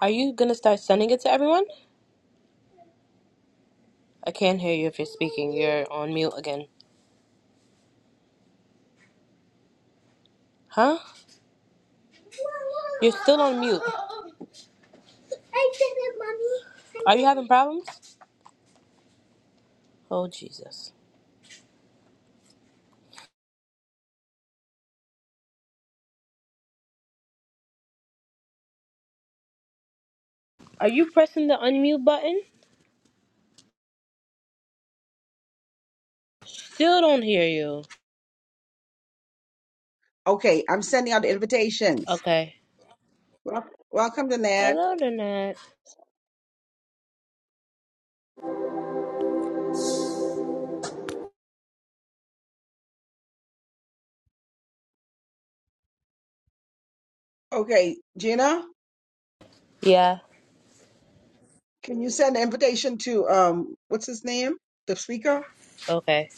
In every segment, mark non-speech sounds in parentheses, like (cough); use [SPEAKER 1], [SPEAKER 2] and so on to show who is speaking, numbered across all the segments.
[SPEAKER 1] Are you gonna start sending it to everyone? I can't hear you if you're speaking. You're on mute again. Huh? You're still on mute. I did it, mommy. Are you having problems? Oh Jesus. Are you pressing the unmute button? Still don't hear you.
[SPEAKER 2] Okay, I'm sending out the invitations.
[SPEAKER 1] Okay.
[SPEAKER 2] Wel- Welcome to Nat.
[SPEAKER 1] Hello, Lynette.
[SPEAKER 2] Okay, Gina,
[SPEAKER 1] Yeah.
[SPEAKER 2] can you send an invitation to um what's his name? The speaker?
[SPEAKER 1] Okay.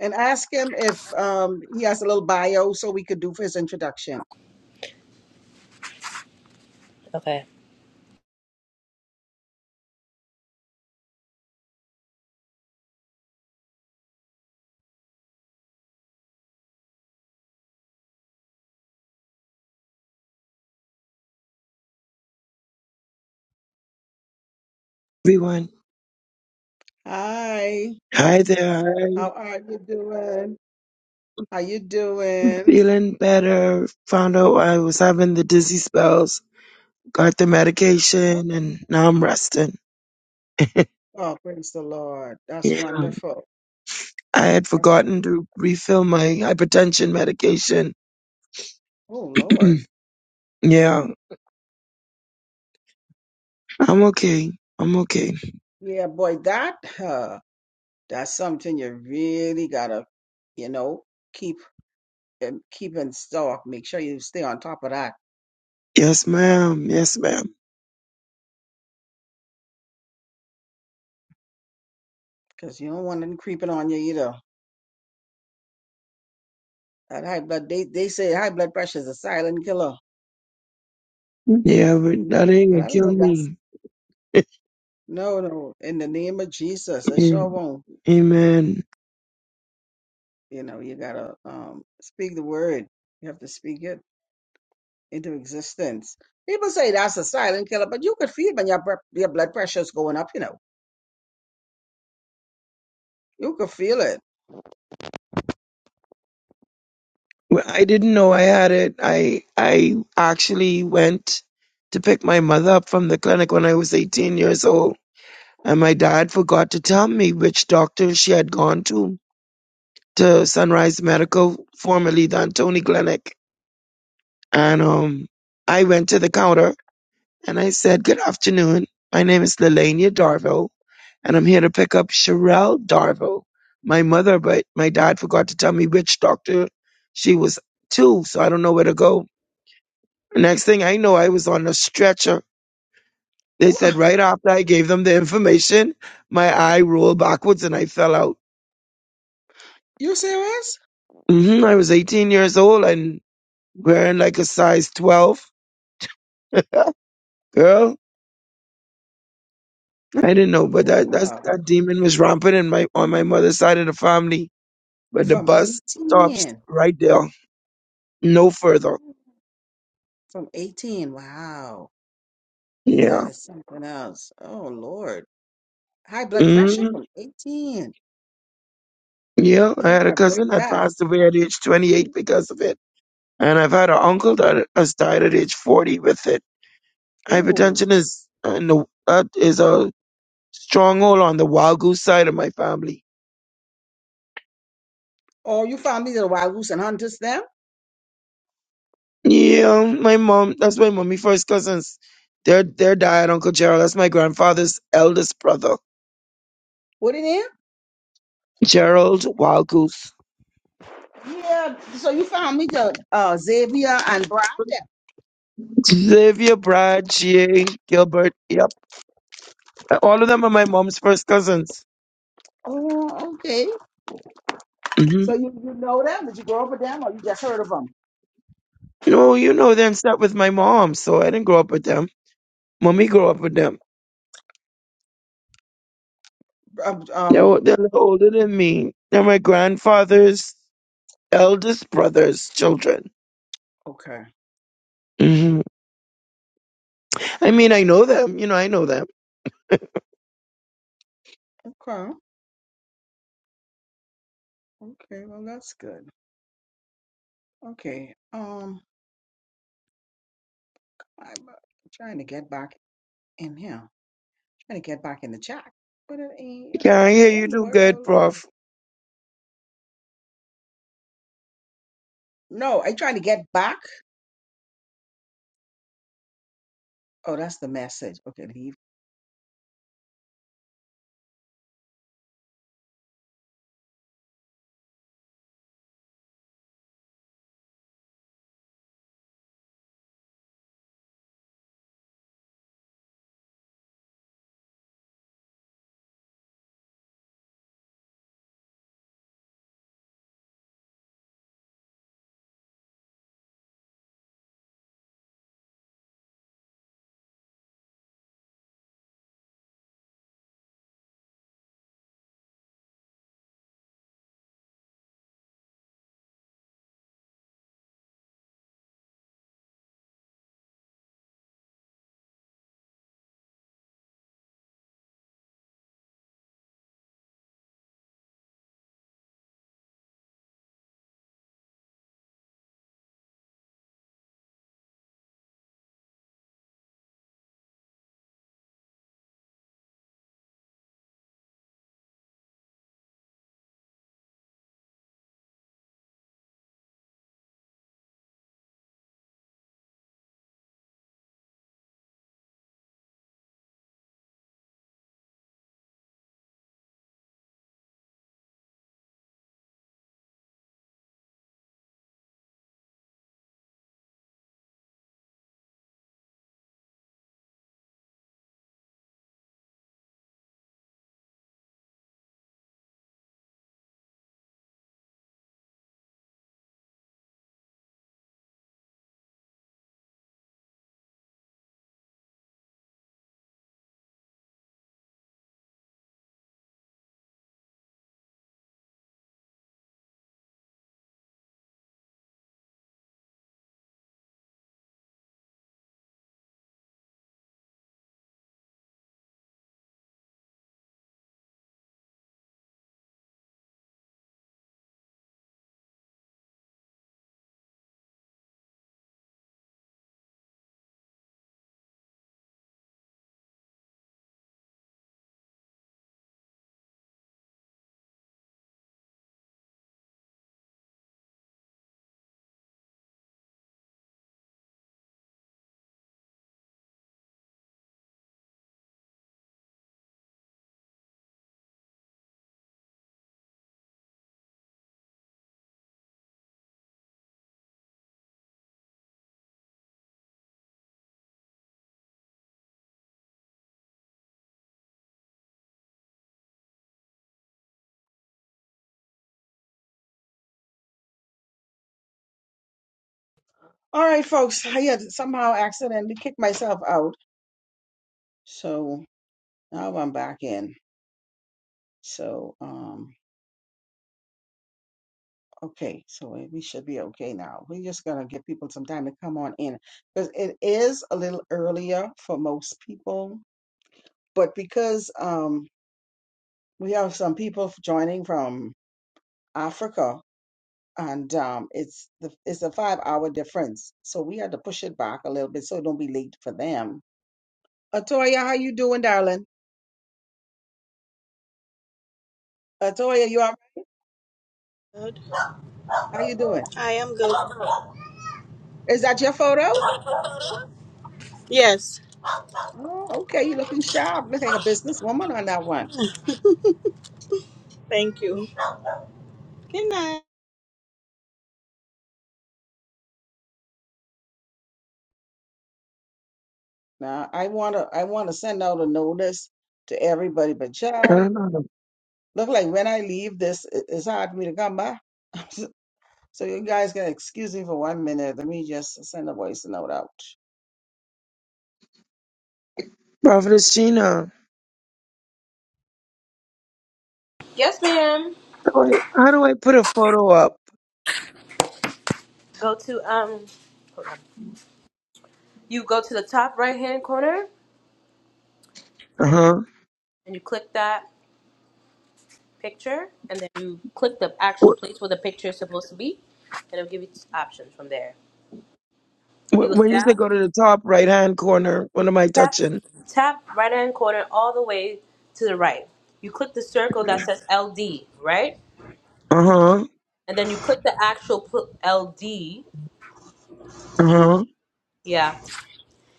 [SPEAKER 2] And ask him if um he has a little bio so we could do for his introduction.
[SPEAKER 1] Okay.
[SPEAKER 3] everyone.
[SPEAKER 2] Hi,
[SPEAKER 3] Hi there.
[SPEAKER 2] how are you doing? How you doing?
[SPEAKER 3] Feeling better. Found out I was having the dizzy spells. Got the medication and now I'm resting. (laughs)
[SPEAKER 2] Oh, praise the Lord. That's
[SPEAKER 3] Yeah.
[SPEAKER 2] wonderful.
[SPEAKER 3] I had
[SPEAKER 2] That's
[SPEAKER 3] forgotten to refill my hypertension medication.
[SPEAKER 2] oh
[SPEAKER 3] (clears throat)
[SPEAKER 2] Lord.
[SPEAKER 3] yeah. I'm okay. I'm okay.
[SPEAKER 2] Yeah, boy, that uh, that's something you really gotta, you know, keep um, keep in stock. Make sure you stay on top of that
[SPEAKER 3] Yes, ma'am. Yes, ma'am.
[SPEAKER 2] because you don't want them creeping on you either. That high blood, they they say high blood pressure is a silent killer,
[SPEAKER 3] Yeah, but that ain't
[SPEAKER 2] but
[SPEAKER 3] gonna
[SPEAKER 2] I don't
[SPEAKER 3] kill
[SPEAKER 2] know if that's
[SPEAKER 3] me.
[SPEAKER 2] no, no. In the name of Jesus, I sure
[SPEAKER 3] (laughs)
[SPEAKER 2] won't.
[SPEAKER 3] Amen.
[SPEAKER 2] You know, you gotta um speak the word. You have to speak it into existence. People say that's a silent killer, but you could feel when your bre- your blood pressure is going up. You know, you could feel it
[SPEAKER 3] Well, I didn't know I had it. I I actually went to pick my mother up from the clinic when I was 18 years old, and my dad forgot to tell me which doctor she had gone to to Sunrise Medical, formerly the Antony Clinic. And um, I went to the counter and I said, "Good afternoon. My name is Lelania Darville, and I'm here to pick up Sherelle Darville, my mother, but my dad forgot to tell me which doctor she was to, so I don't know where to go." Next thing I know, I was on a stretcher. They
[SPEAKER 2] Wha
[SPEAKER 3] said right after I gave them the information, my eye rolled backwards and I fell out.
[SPEAKER 2] You serious?
[SPEAKER 3] hmm I was 18 years old and wearing like a size 12. Girl, I didn't know, but that that's,
[SPEAKER 2] Wow.
[SPEAKER 3] that demon was rampant in my on my mother's side of the family. But the
[SPEAKER 2] From
[SPEAKER 3] bus stops
[SPEAKER 2] 18.
[SPEAKER 3] right there, no further.
[SPEAKER 2] From 18. Wow. That
[SPEAKER 3] Yeah.
[SPEAKER 2] is something else. Oh, Lord. High blood pressure
[SPEAKER 3] hmm
[SPEAKER 2] from 18.
[SPEAKER 3] Yeah,
[SPEAKER 2] Yeah,
[SPEAKER 3] I
[SPEAKER 2] you
[SPEAKER 3] had a
[SPEAKER 2] gotta
[SPEAKER 3] cousin
[SPEAKER 2] break
[SPEAKER 3] that
[SPEAKER 2] that.
[SPEAKER 3] passed away at age 28 because of it. And I've had an uncle that has died at age 40 with it.
[SPEAKER 2] Ooh.
[SPEAKER 3] Hypertension is and the, that is a stronghold on the wild goose side of my family.
[SPEAKER 2] Oh, you found me to the wild goose and hunters them?
[SPEAKER 3] Yeah, my mom. That's my mommy first cousins. Their their dad, Uncle Gerald. That's my grandfather's eldest brother,
[SPEAKER 2] What it is?
[SPEAKER 3] Gerald Wagyu.
[SPEAKER 2] Yeah. So you found me the uh, Xavier and Brad them.
[SPEAKER 3] Xavier, Brad, Jay, Gilbert. Yep, all of them are my mom's first cousins.
[SPEAKER 2] Oh, okay.
[SPEAKER 3] hmm
[SPEAKER 2] So you, you know them? Did you grow up with them or you just heard of them?
[SPEAKER 3] No, you know, they start with my mom, so I didn't grow up with them. Mommy grew up with them.
[SPEAKER 2] Um, um,
[SPEAKER 3] They're they're a little older than me. They're my grandfather's. eldest brother's children.
[SPEAKER 2] okay.
[SPEAKER 3] hmm I mean, I know them. You know, I know them.
[SPEAKER 2] Okay. Okay, well that's good. Okay, um, I'm uh, trying to get back in here, trying to get back in the chat, but it ain't.
[SPEAKER 3] Yeah, I
[SPEAKER 2] oh,
[SPEAKER 3] hear
[SPEAKER 2] What
[SPEAKER 3] you
[SPEAKER 2] in the
[SPEAKER 3] do good,
[SPEAKER 2] world? Wait a minute.
[SPEAKER 3] Prof.
[SPEAKER 2] No, I trying to get back. Oh, that's the message. Okay, leave. All right, folks. I had somehow accidentally kicked myself out, so now I'm back in. So, um, okay, so we we should be okay now. We're just gonna give people some time to come on in because it is a little earlier for most people, but because um. we have some people joining from Africa, and um, it's the it's a five hour difference, so we had to push it back a little bit so it don't be late for them. Atoya, how you doing, darling? Atoya, you all right?
[SPEAKER 4] Good.
[SPEAKER 2] how you doing?
[SPEAKER 4] I am good.
[SPEAKER 2] Is that your photo?
[SPEAKER 4] Yes.
[SPEAKER 2] Oh, okay, you looking sharp. Look like a businesswoman on that one.
[SPEAKER 4] Thank you. Good night.
[SPEAKER 2] Now I wanna I wanna send out a notice to everybody, but
[SPEAKER 3] (clears throat) I
[SPEAKER 2] child,
[SPEAKER 3] don't know.
[SPEAKER 2] look like when I leave this, it- it's hard for me to come back. (laughs) So you guys can excuse me for one minute. Let me just send a voice note out.
[SPEAKER 3] Prophetess Sheena,
[SPEAKER 1] Yes, ma'am.
[SPEAKER 3] how do I, how do I put a photo up?
[SPEAKER 1] Go to um. Hold on. You go to the top right hand corner
[SPEAKER 3] Uh huh.
[SPEAKER 1] and you click that picture, and then you click the actual
[SPEAKER 3] Wh-
[SPEAKER 1] place where the picture is supposed to be, and it'll give you options from there.
[SPEAKER 3] wh-
[SPEAKER 1] You go
[SPEAKER 3] When you say
[SPEAKER 1] down,
[SPEAKER 3] go to the top right hand corner, what am I
[SPEAKER 1] tap,
[SPEAKER 3] touching?
[SPEAKER 1] tap right hand corner all the way to the right. You click the circle that says LD, right?
[SPEAKER 3] Uh huh.
[SPEAKER 1] And then you click the actual pl- LD,
[SPEAKER 3] Uh huh.
[SPEAKER 1] yeah,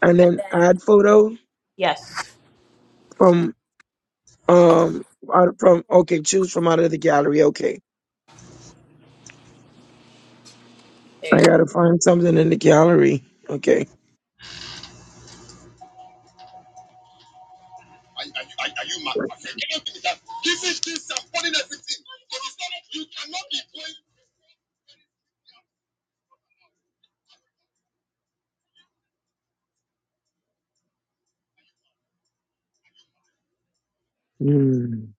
[SPEAKER 3] And
[SPEAKER 1] and
[SPEAKER 3] then
[SPEAKER 1] then
[SPEAKER 3] add photo
[SPEAKER 1] yes.
[SPEAKER 3] from um out from okay, choose from out of the gallery. Okay,
[SPEAKER 1] There you
[SPEAKER 3] I
[SPEAKER 1] go.
[SPEAKER 3] gotta find something in the gallery. Okay.
[SPEAKER 5] Are, are, are, are you mad? I said, cannot do that. Giving things and pulling everything. It is not, you cannot be going.
[SPEAKER 3] Hmm.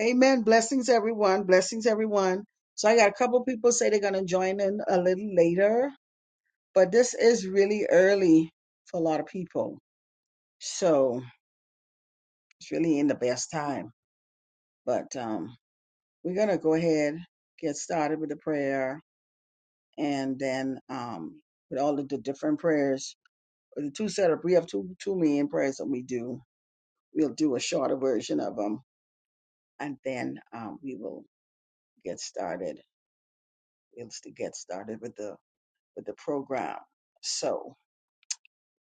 [SPEAKER 2] Amen. Blessings, everyone. Blessings, everyone. So I got a couple people say they're gonna join in a little later, but this is really early for a lot of people. So it's really in the best time. But um, we're gonna go ahead, get started with the prayer, and then um, with all of the different prayers, the two set up. We have two two main prayers that we do. We'll do a shorter version of them and then um, we will get started. We'll s- get started with the with the program. So,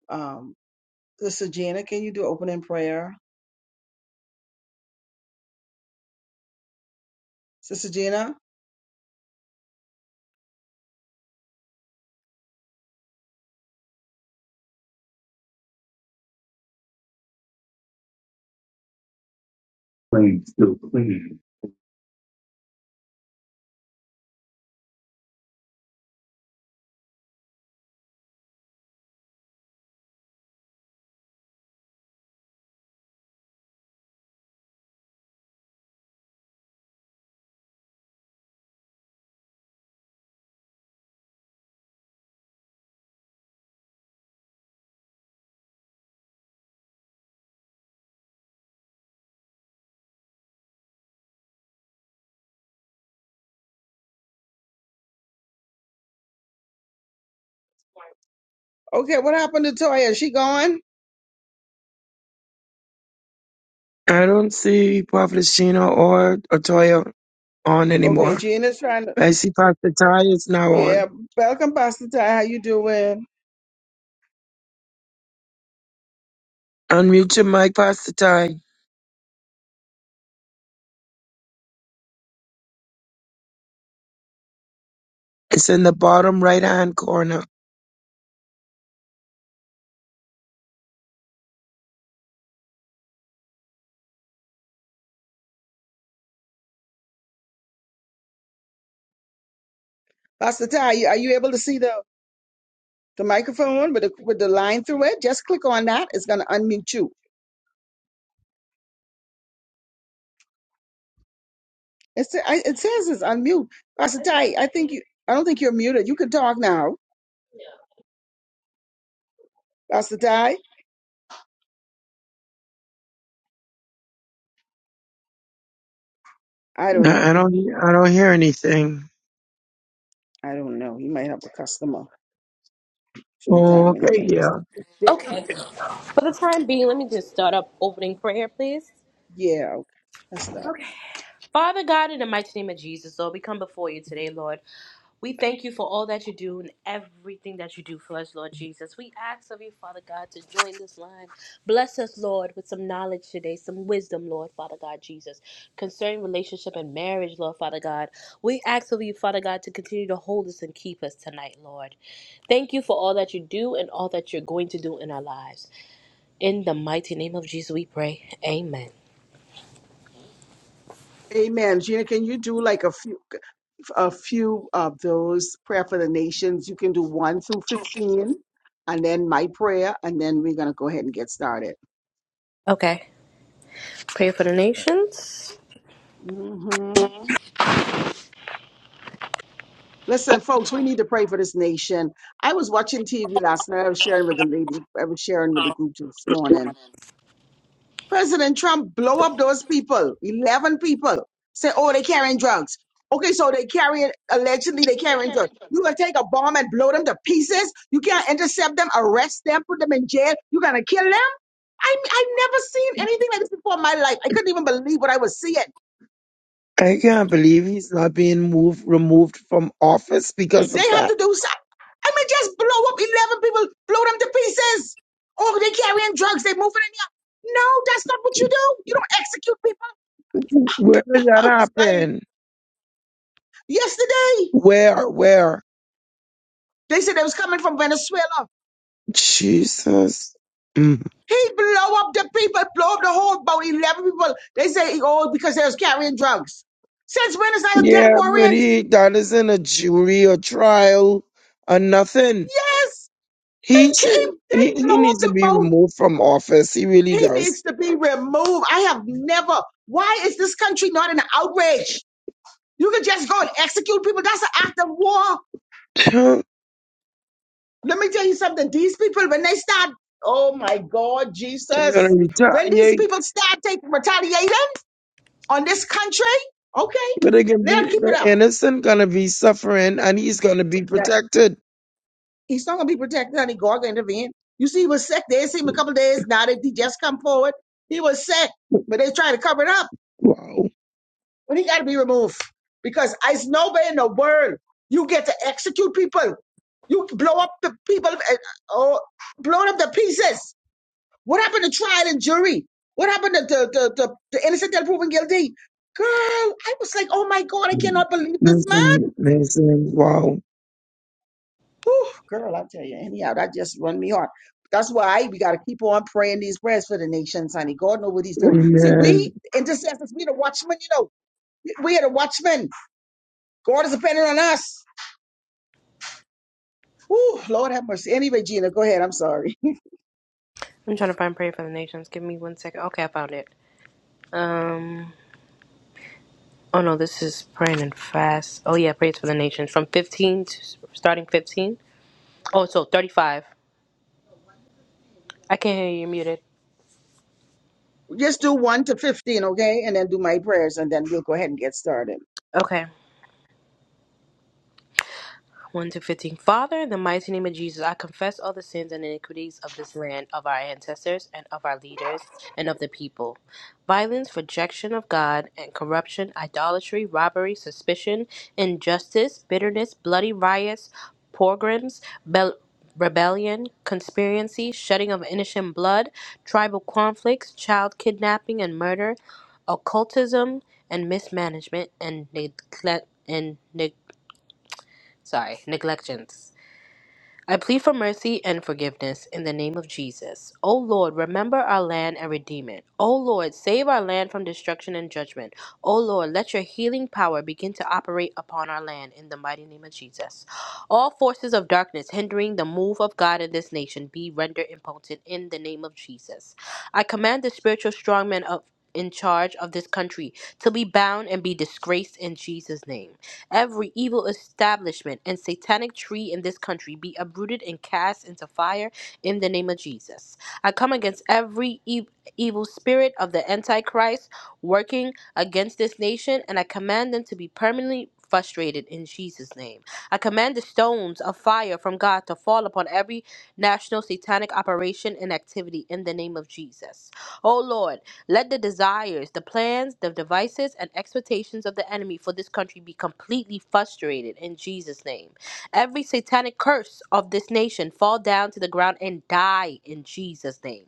[SPEAKER 2] um, Sister Gina, can you do opening prayer? Sister Gina, okay, what happened to Toya? Is she gone?
[SPEAKER 3] I don't see Prophet Sheena or Otoya on
[SPEAKER 2] Okay,
[SPEAKER 3] anymore.
[SPEAKER 2] Gina's trying to.
[SPEAKER 3] I see Pastor Ty is now on.
[SPEAKER 2] Yeah, welcome, Pastor Ty. How you doing,
[SPEAKER 3] Unmute your mic, Pastor Ty. It's in the bottom right hand corner.
[SPEAKER 2] Pastor Ty? you- Are you able to see the the microphone with the with the line through it? Just click on that. It's gonna unmute you. It's, I- it says it's unmute. Pastor Ty, I think you. I don't think you're muted. You can talk now, Pastor Ty. I don't know.
[SPEAKER 3] I I don't hear- I don't hear anything.
[SPEAKER 2] I don't know. He might have a customer
[SPEAKER 3] Oh,
[SPEAKER 2] sometime when he
[SPEAKER 3] okay,
[SPEAKER 2] get a
[SPEAKER 3] yeah.
[SPEAKER 2] customer. They,
[SPEAKER 1] Okay.
[SPEAKER 3] Okay.
[SPEAKER 1] For the time being, let me just start up opening prayer, please.
[SPEAKER 2] yeah, okay. That's not.
[SPEAKER 1] Father God, in the mighty name of Jesus, Lord, we come before you today, Lord. We thank you for all that you do and everything that you do for us, Lord Jesus. We ask of you, Father God, to join this line. Bless us, Lord, with some knowledge today, some wisdom, Lord, Father God, Jesus, concerning relationship and marriage, Lord, Father God. We ask of you, Father God, to continue to hold us and keep us tonight, Lord. Thank you for all that you do and all that you're going to do in our lives. In the mighty name of Jesus, we pray. Amen.
[SPEAKER 2] Amen. Gina, can you do like a few a few of those prayer for the nations? You can do one through fifteen, and then my prayer, and then we're gonna go ahead and get started.
[SPEAKER 1] Okay, pray for the nations.
[SPEAKER 2] hmm Listen, folks, we need to pray for this nation. I was watching TV last night. I was sharing with the lady. I was sharing with the group this morning. President Trump blow up those people, 11 people, say, oh, they carrying drugs. Okay, so they carrying, allegedly they carrying drugs. You gonna take a bomb and blow them to pieces? You can't intercept them, arrest them, put them in jail. You gonna kill them? I, I never seen anything like this before in my life. I couldn't even believe what I was seeing.
[SPEAKER 3] I can't believe he's not being moved removed from office
[SPEAKER 1] Mm.
[SPEAKER 3] because
[SPEAKER 2] They
[SPEAKER 3] of
[SPEAKER 2] have
[SPEAKER 3] that.
[SPEAKER 2] to do something. I mean, just blow up 11 people, blow them to pieces. Oh, they carrying drugs, they moving in here. No, that's not what you do. You don't execute people.
[SPEAKER 3] Where did
[SPEAKER 2] (laughs)
[SPEAKER 3] that
[SPEAKER 2] I was like,
[SPEAKER 3] happen?
[SPEAKER 2] yesterday.
[SPEAKER 3] Where? Where?
[SPEAKER 2] They said they was coming from Venezuela.
[SPEAKER 3] Jesus. Mm.
[SPEAKER 2] He blow up the people, blow up the whole boat, 11 people. They say, oh, because they was carrying drugs. Since when is that a death
[SPEAKER 3] Yeah, but
[SPEAKER 2] warrant?
[SPEAKER 3] he that isn't a jury or trial or nothing.
[SPEAKER 2] Yes,
[SPEAKER 3] He
[SPEAKER 2] he came.
[SPEAKER 3] should he,
[SPEAKER 2] They
[SPEAKER 3] he
[SPEAKER 2] blow up
[SPEAKER 3] needs to
[SPEAKER 2] the
[SPEAKER 3] be
[SPEAKER 2] boat.
[SPEAKER 3] removed from office. He really
[SPEAKER 2] He
[SPEAKER 3] does.
[SPEAKER 2] needs to be removed. I have never. Why is this country not an outrage? You can just go and execute people. That's an act of war.
[SPEAKER 3] They're
[SPEAKER 2] Let me tell you something. These people, when they start, oh my God,
[SPEAKER 3] gonna
[SPEAKER 2] Jesus. When these
[SPEAKER 3] retaliate,
[SPEAKER 2] people start taking retaliation, on this country? Okay,
[SPEAKER 3] but they can
[SPEAKER 2] let
[SPEAKER 3] be
[SPEAKER 2] him keep it
[SPEAKER 3] the
[SPEAKER 2] up.
[SPEAKER 3] innocent gonna be suffering and he's gonna be
[SPEAKER 2] That
[SPEAKER 3] protected.
[SPEAKER 2] he's not gonna be protected, honey. God gonna intervene. You see, he was sick. They didn't see him a couple of days. Now that he just come forward, he was sick, but they try to cover it up.
[SPEAKER 3] Wow.
[SPEAKER 2] But he got to be removed because there's nobody in the world you get to execute people. You blow up the people, uh, oh, blowing up the pieces. What happened to trial and jury? What happened to the the, the, the innocent until proven guilty? Girl, I was like, oh my God, I cannot believe this
[SPEAKER 3] That's amazing. Wow.
[SPEAKER 2] Whew, girl, I tell you, anyhow, that just run me hard. That's why we got to keep on praying these prayers for the nations, honey. God knows what He's doing. See, we
[SPEAKER 3] Amen.
[SPEAKER 2] intercessors, we the watchmen, you know. We are the watchmen. God is depending on us. Whew, Lord have mercy. Anyway, Gina, go ahead. I'm sorry.
[SPEAKER 1] I'm trying to find prayer for the nations. Give me one second. Okay, I found it. Um. Oh no, this is praying and fast. Oh yeah, praise for the nations from 15 to starting 15. Oh, so 35. I can't hear you. You're muted.
[SPEAKER 2] (laughs) Just do one to fifteen, okay, and then do my prayers, and then we'll go ahead and get started.
[SPEAKER 1] Okay. 1 to 15. Father, in the mighty name of Jesus, I confess all the sins and iniquities of this land, of our ancestors, and of our leaders, and of the people. Violence, rejection of God, and corruption, idolatry, robbery, suspicion, injustice, bitterness, bloody riots, pogroms, bel- rebellion, conspiracy, shedding of innocent blood, tribal conflicts, child kidnapping and murder, occultism and mismanagement, and neglect and neg- sorry neglections. I plead for mercy and forgiveness in the name of Jesus. O Lord, remember our land and redeem it. O Lord, save our land from destruction and judgment. O Lord, let your healing power begin to operate upon our land in the mighty name of Jesus. All forces of darkness hindering the move of God in this nation be rendered impotent in the name of Jesus. I command the spiritual strongmen of in charge of this country to be bound and be disgraced in Jesus' name. Every evil establishment and satanic tree in this country be uprooted and cast into fire in the name of Jesus. I come against every e- evil spirit of the Antichrist working against this nation, and I command them to be permanently frustrated in Jesus' name. I command the stones of fire from God to fall upon every national satanic operation and activity in the name of Jesus. Oh Lord. Let the desires, the plans, the devices, and expectations of the enemy for this country be completely frustrated in Jesus' name. Every satanic curse of this nation fall down to the ground and die in Jesus' name.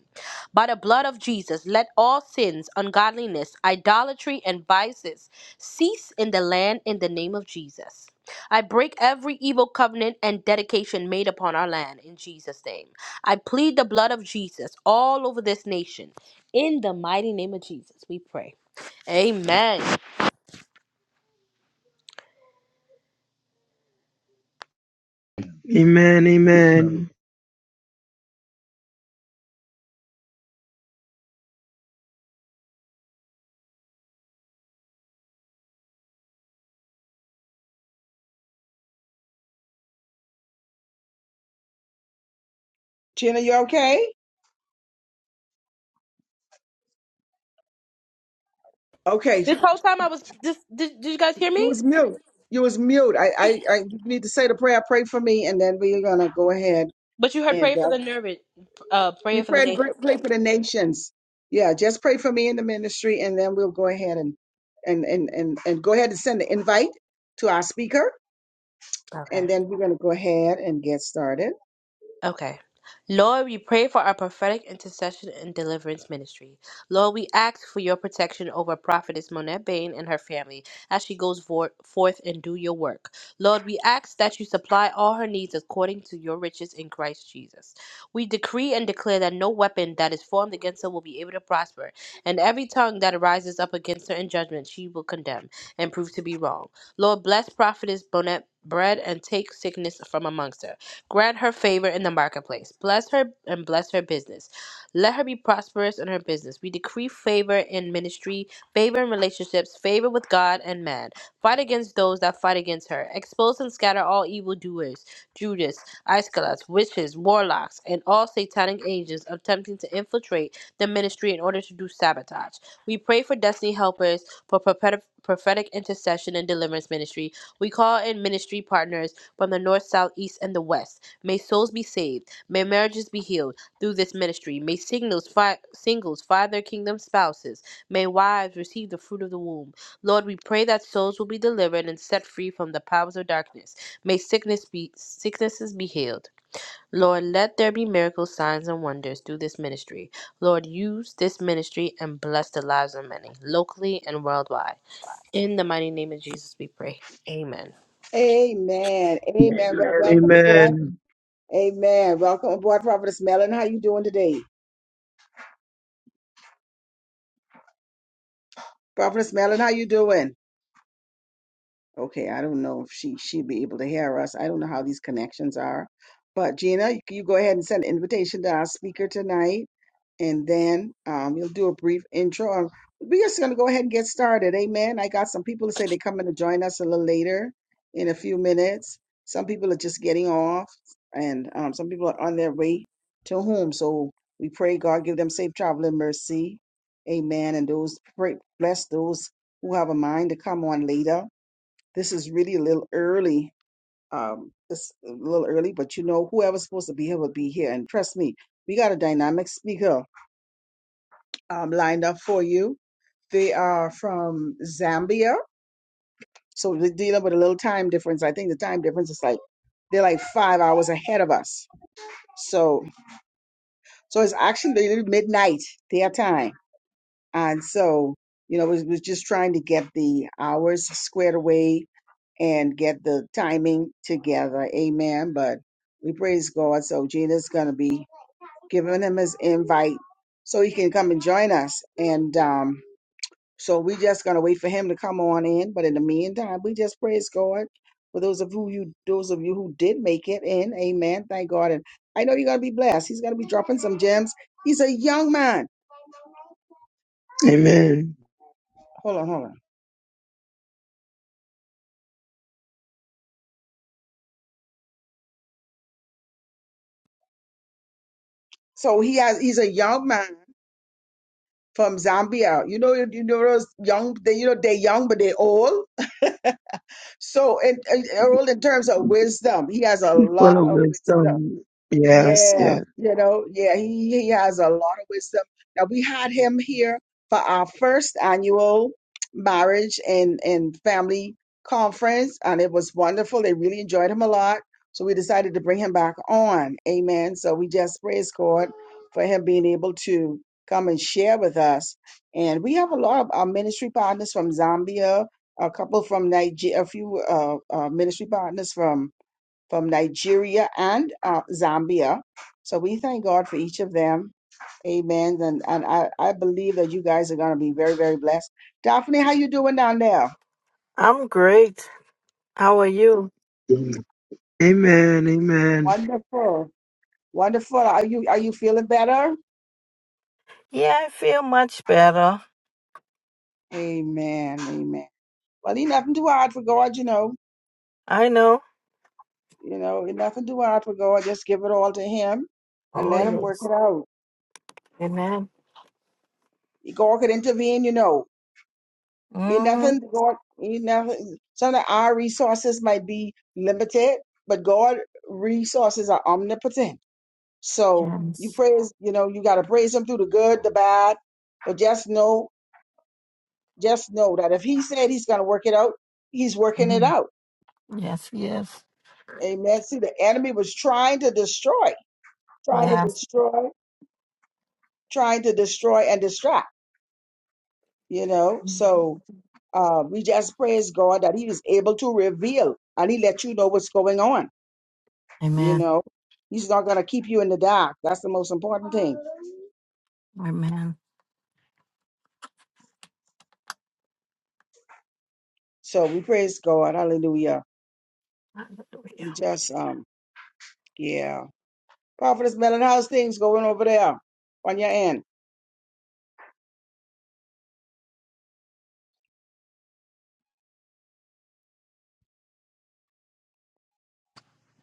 [SPEAKER 1] By the blood of Jesus, let all sins, ungodliness, idolatry, and vices cease in the land in the name of Jesus. I break every evil covenant and dedication made upon our land in Jesus' name. I plead the blood of Jesus all over this nation in the mighty name of Jesus, we pray. Amen.
[SPEAKER 3] Amen. Amen.
[SPEAKER 2] Gina, you okay? Okay,
[SPEAKER 1] This whole time I was just did, did you guys hear
[SPEAKER 2] you
[SPEAKER 1] me?
[SPEAKER 2] was mute. You was mute. I, I, I need to say the prayer. Pray for me, and then we're gonna go ahead.
[SPEAKER 1] But you heard prayer
[SPEAKER 2] and.
[SPEAKER 1] for the nervous uh
[SPEAKER 2] We
[SPEAKER 1] prayer for the
[SPEAKER 2] pray,
[SPEAKER 1] nation.
[SPEAKER 2] pray for the nations. Yeah, just pray for me in the ministry, and then we'll go ahead and and and and, and go ahead and send the invite to our speaker,
[SPEAKER 1] Okay.
[SPEAKER 2] and then we're going to go ahead and get started.
[SPEAKER 1] Okay. Lord, we pray for our prophetic intercession and deliverance ministry. Lord, we ask for your protection over Prophetess Monette Bain and her family as she goes vor- forth and do your work. Lord, we ask that you supply all her needs according to your riches in Christ Jesus. We decree and declare that no weapon that is formed against her will be able to prosper, and every tongue that rises up against her in judgment she will condemn and prove to be wrong. Lord, bless Prophetess Bonette bread and take sickness from amongst her. Grant her favor in the marketplace. Bless her and bless her business. Let her be prosperous in her business. We decree favor in ministry, favor in relationships, favor with God and man. Fight against those that fight against her. Expose and scatter all evildoers, Judas, Iscariot, witches, warlocks, and all satanic agents attempting to infiltrate the ministry in order to do sabotage. We pray for destiny helpers, for prophetic prophetic intercession and deliverance ministry. We call in ministry partners from the north, south, east, and the west. May souls be saved. May marriages be healed through this ministry. May singles, fi- singles find their kingdom spouses. May wives receive the fruit of the womb. Lord, we pray that souls will be delivered and set free from the powers of darkness. May sickness be sicknesses be healed. Lord, let there be miracles, signs, and wonders through this ministry. Lord, use this ministry and bless the lives of many, locally and worldwide. In the mighty name of Jesus, we pray. Amen.
[SPEAKER 2] Amen. Amen. Well,
[SPEAKER 3] Amen.
[SPEAKER 2] welcome aboard.
[SPEAKER 3] Amen.
[SPEAKER 2] Amen. Welcome aboard, Prophetess Mellon. How you doing today, Prophetess Mellon? How you doing? Okay, I don't know if she she'd be able to hear us. I don't know how these connections are, but Gina, you, you go ahead and send an invitation to our speaker tonight, and then um, you'll do a brief intro. Um, We're just gonna go ahead and get started. Amen. I got some people to say they're coming to join us a little later in a few minutes. Some people are just getting off, and um, some people are on their way to home. So we pray God give them safe travel and mercy. Amen. And those pray bless those who have a mind to come on later this is really a little early. Um, it's a little early, but you know, whoever's supposed to be here will be here. And trust me, we got a dynamic speaker um, lined up for you. They are from Zambia. So they're dealing with a little time difference. I think the time difference is like they're like five hours ahead of us. So so it's actually really midnight their time. And so, you know, was was just trying to get the hours squared away and get the timing together. Amen. But we praise God. So Gina's gonna be giving him his invite so he can come and join us. And um, so we just gonna wait for him to come on in. But in the meantime, we just praise God. For those of who you those of you who did make it in, amen. Thank God. And I know you're gonna be blessed. He's gonna be dropping some gems. He's a young man.
[SPEAKER 3] Amen.
[SPEAKER 2] Hold on, hold on. So he has he's a young man from Zambia. You know, you know those young they you know they're young but they're old. So and, and old in terms of wisdom. He has a
[SPEAKER 3] Full
[SPEAKER 2] lot
[SPEAKER 3] of
[SPEAKER 2] of wisdom.
[SPEAKER 3] wisdom. Yes,
[SPEAKER 2] Yeah,
[SPEAKER 3] yes.
[SPEAKER 2] you know, yeah, he, he has a lot of wisdom. Now we had him here for our first annual marriage and and family conference, and it was wonderful. They really enjoyed him a lot, so we decided to bring him back on. Amen. So we just praise God for him being able to come and share with us. And we have a lot of our ministry partners from Zambia, a couple from Nigeria, a few uh, uh, ministry partners from from Nigeria and uh, Zambia. So we thank God for each of them. Amen. And and I, I believe that you guys are going to be very very blessed. Daphne, how you doing down there?
[SPEAKER 6] I'm great. How are you?
[SPEAKER 3] Amen. Amen.
[SPEAKER 2] Wonderful, wonderful. Are you are you feeling better?
[SPEAKER 6] Yeah, I feel much better.
[SPEAKER 2] Amen. Amen. Well, ain't nothing too hard for God, you know.
[SPEAKER 6] I know.
[SPEAKER 2] You know, ain't nothing too hard for God. Just give it all to Him and
[SPEAKER 6] Oh,
[SPEAKER 2] let Him work it
[SPEAKER 6] yes.
[SPEAKER 2] out.
[SPEAKER 6] Amen.
[SPEAKER 2] God could intervene, you know. In
[SPEAKER 6] Mm-hmm.
[SPEAKER 2] nothing, God, in nothing, some of our resources might be limited, but God resources are omnipotent. So you
[SPEAKER 6] Yes.
[SPEAKER 2] praise, you know, you gotta praise him through the good, the bad. But just know, just know that if he said he's gonna work it out, he's working it
[SPEAKER 6] Mhm.
[SPEAKER 2] out.
[SPEAKER 6] Yes, yes.
[SPEAKER 2] Amen. See, the enemy was trying to destroy, trying to
[SPEAKER 6] Yes.
[SPEAKER 2] destroy, trying to destroy and distract, you know.
[SPEAKER 6] Mhm.
[SPEAKER 2] So uh, we just praise God that he was able to reveal and he let you know what's going on You
[SPEAKER 6] Amen.
[SPEAKER 2] know, he's not going to keep you in the dark. That's the most important thing.
[SPEAKER 6] Amen.
[SPEAKER 2] So we praise God. Hallelujah. We just, um, yeah. Prophetess Melon, how's things going over there on your end?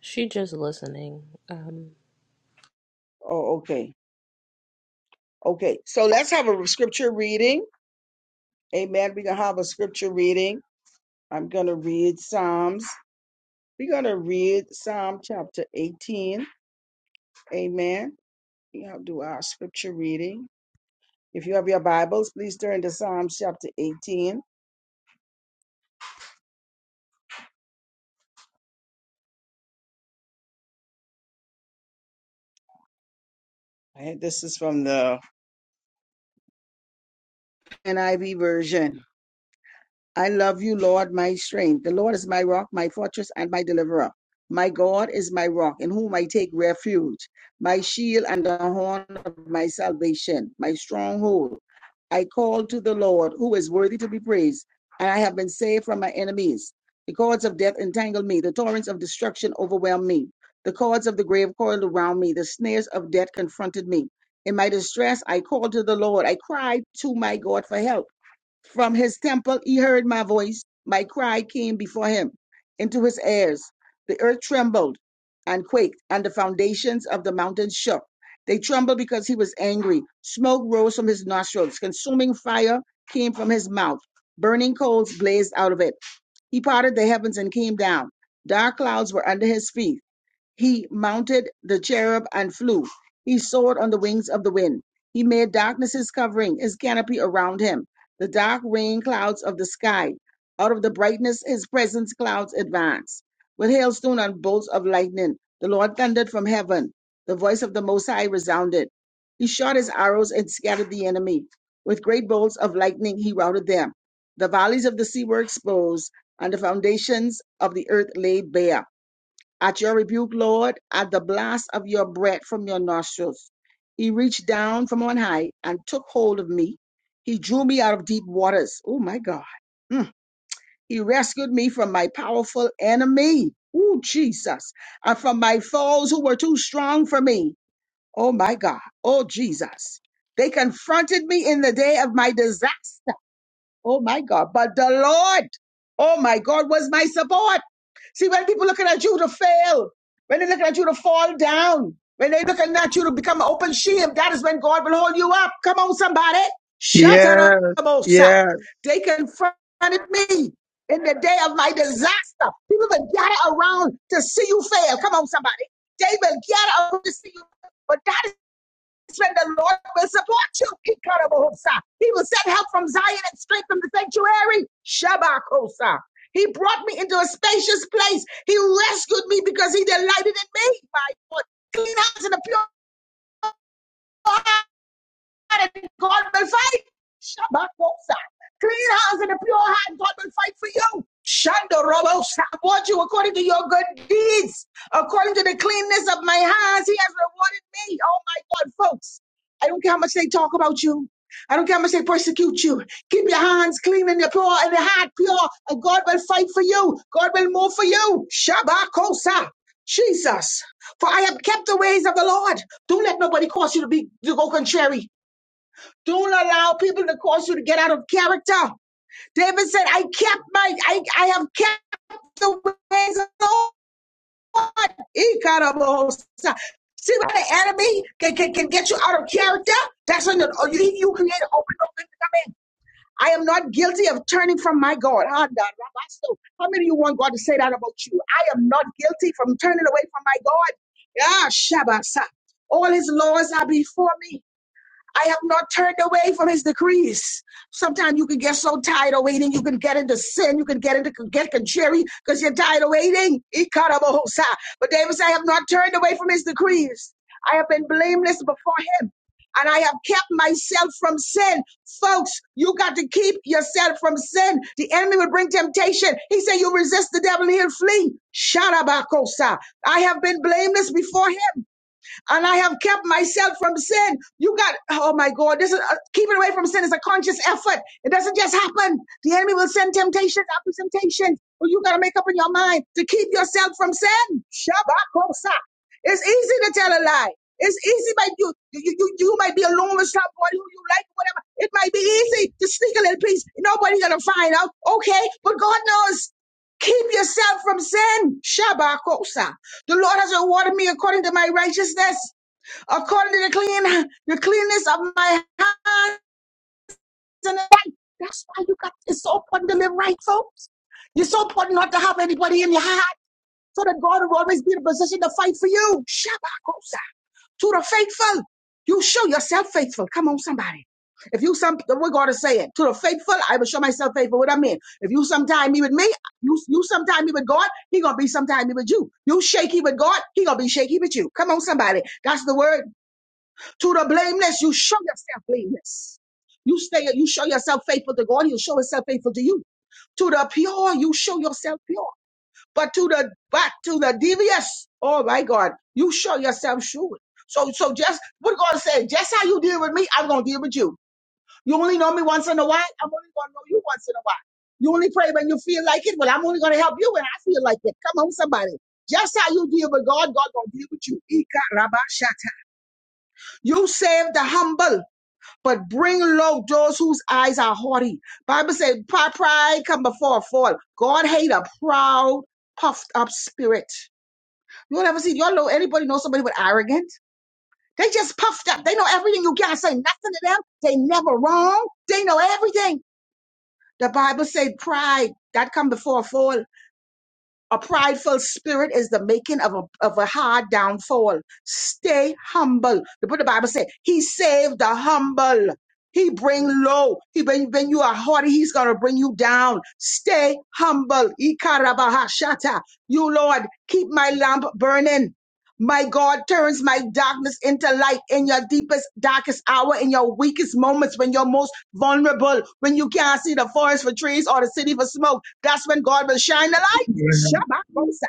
[SPEAKER 1] She just listening. Um,
[SPEAKER 2] Oh, okay. Okay. So let's have a scripture reading. Amen. We're going to have a scripture reading. I'm going to read Psalms. We're going to read Psalm chapter 18. Amen. We have to do our scripture reading. If you have your Bibles, please turn to Psalms chapter 18. All right, This is from the NIV version. I love you, Lord, my strength. The Lord is my rock, my fortress, and my deliverer. My God is my rock, in whom I take refuge, my shield and the horn of my salvation, my stronghold. I call to the Lord, who is worthy to be praised, and I have been saved from my enemies. The cords of death entangled me, the torrents of destruction overwhelmed me, the cords of the grave coiled around me, the snares of death confronted me. In my distress, I called to the Lord, I cried to my God for help. From his temple he heard my voice. My cry came before him into his ears. The earth trembled and quaked, and the foundations of the mountains shook. They trembled because he was angry. Smoke rose from his nostrils. Consuming fire came from his mouth. Burning coals blazed out of it. He parted the heavens and came down. Dark clouds were under his feet. He mounted the cherub and flew. He soared on the wings of the wind. He made darkness his covering, his canopy around him, the dark rain clouds of the sky. Out of the brightness, his presence clouds advance. With hailstone and bolts of lightning, the Lord thundered from heaven. The voice of the Most High resounded. He shot his arrows and scattered the enemy. With great bolts of lightning, he routed them. The valleys of the sea were exposed, and the foundations of the earth laid bare. At your rebuke, Lord, at the blast of your breath from your nostrils, he reached down from on high and took hold of me. He drew me out of deep waters. Oh my God. Mm. He rescued me from my powerful enemy. Oh, Jesus. And from my foes who were too strong for me. Oh my God. Oh, Jesus. They confronted me in the day of my disaster Oh my God. But the Lord, oh my God, was my support. See, when people looking at you to fail, when they're looking at you to fall down, when they're looking at you to become an open shield, that is when God will hold you up. Come on, somebody. Shut
[SPEAKER 3] Yes,
[SPEAKER 2] up, Osa.
[SPEAKER 3] yes.
[SPEAKER 2] They confronted me in the day of my disaster. People will gather around to see you fail. Come on, somebody. They will gather around to see you. fail. But that is when the Lord will support you. Ikarabohosa. He will send help from Zion and strength from the sanctuary. Shabakosa. He brought me into a spacious place. He rescued me because he delighted in me. My Lord, Clean house and a pure heart. God and God will fight. Shabakosa. Clean house and a pure heart, God will fight for you. Shando robo reward you according to your good deeds, according to the cleanness of my hands. He has rewarded me. Oh my God, folks. I don't care how much they talk about you. I don't care how much they persecute you. Keep your hands clean and your pure and your heart pure, and God will fight for you. God will move for you. Shabakosa. Jesus. For I have kept the ways of the Lord. Don't let nobody cause you to be to go contrary. Don't allow people to cause you to get out of character. David said, I kept my, I, I have kept the ways of the Lord. Ikarabosa. See when the enemy can, can, can get you out of character? That's when the- you, you create an open door for him to come in. I am not guilty of turning from my God. Ah, How many of you want God to say that about you? I am not guilty from turning away from my God. Yeah, Shabasa. All his laws are before me. I have not turned away from his decrees. Sometimes you can get so tired of waiting, you can get into sin, you can get into get jerry because you're tired of waiting. Ikarabohosa. But David said, I have not turned away from his decrees. I have been blameless before him. And I have kept myself from sin. Folks, you got to keep yourself from sin. The enemy will bring temptation. He said, You resist the devil, he'll flee. Sharabakosa. I have been blameless before him and I have kept myself from sin. You got, oh my God, this is uh, keeping away from sin is a conscious effort. It doesn't just happen. The enemy will send temptations after temptations, but you got to make up in your mind to keep yourself from sin. Shabakosa. It's easy to tell a lie. It's easy by you. You, you, you you might be alone with somebody who you like, whatever. It might be easy to sneak a little piece. Nobody's gonna find out. Okay, but God knows. Keep yourself from sin. Shabakosa. The Lord has rewarded me according to my righteousness according to the clean the cleanness of my hands and the right. That's why you got it's so important to live right, folks. It's so important not to have anybody in your heart, so that God will always be in a position to fight for you. Shabakosa to the faithful. You show yourself faithful. Come on, somebody. If you some the way God is saying, to the faithful, I will show myself faithful. What I mean, if you sometime me with me, you you sometime me with God, He gonna be sometime me with you. You shaky with God, He gonna be shaky with you. Come on, somebody. That's the word. To the blameless, you show yourself blameless. You stay, you show yourself faithful to God, he'll show himself faithful to you. To the pure, you show yourself pure. But to the but to the devious, oh my God, you show yourself shrewd. So so just what God said, just how you deal with me, I'm gonna deal with you. You only know me once in a while, I'm only gonna know you once in a while. You only pray when you feel like it. Well, I'm only gonna help you when I feel like it. Come on, somebody. Just how you deal with God, God gonna deal with you. Ikarabashata. You save the humble but bring low those whose eyes are haughty. Bible says, pride, come before a fall. God hate a proud, puffed up spirit. You don't ever see y'all know anybody know somebody with arrogant? They just puffed up. They know everything. You can't say nothing to them. They never wrong. They know everything. The Bible said pride that come before a fall. A prideful spirit is the making of a, of a hard downfall. Stay humble. The what the Bible said, He saved the humble. He bring low. He bring when you are haughty, he's gonna bring you down. Stay humble. Ikarabahashata. You Lord, keep my lamp burning. My God turns my darkness into light in your deepest, darkest hour, in your weakest moments, when you're most vulnerable, when you can't see the forest for trees or the city for smoke. That's when God will shine the light. Shabakosa.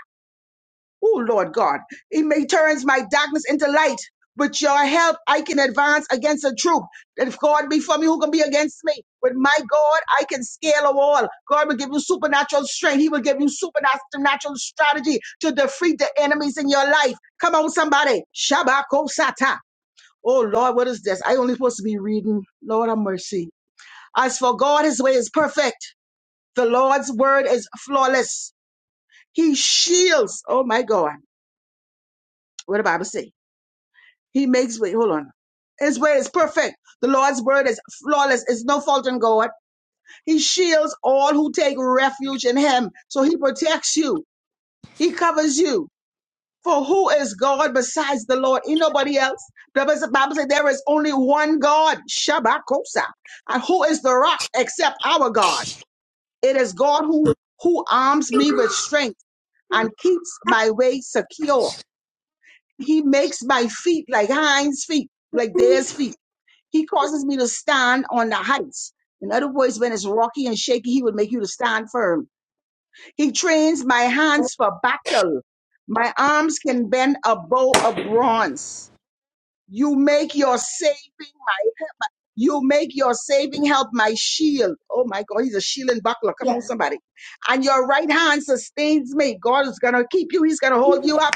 [SPEAKER 2] Oh, Lord God. He may turns my darkness into light. With your help, I can advance against a troop. If God be for me, who can be against me? With my God, I can scale a wall. God will give you supernatural strength. He will give you supernatural strategy to defeat the enemies in your life. Come on, somebody. Shabakosata. Oh, Lord, what is this? I only supposed to be reading. Lord, have mercy. As for God, his way is perfect. The Lord's word is flawless. He shields. Oh, my God. What the Bible say? He makes way. Hold on. His way is perfect. The Lord's word is flawless. It's no fault in God. He shields all who take refuge in him. So he protects you. He covers you. For who is God besides the Lord? Ain't nobody else. The Bible Bible says there is only one God, Shabbakosa. And who is the rock except our God? It is God who, who arms me with strength and keeps my way secure. He makes my feet like hinds feet, like theirs feet. He causes me to stand on the heights. In other words, when it's rocky and shaky, he would make you to stand firm. He trains my hands for battle. My arms can bend a bow of bronze. You make your saving, you make your saving help my shield. Oh my God, he's a shield and buckler. Come
[SPEAKER 7] Amen.
[SPEAKER 2] on, somebody. And your right hand sustains me. God is gonna keep you, he's gonna hold you up.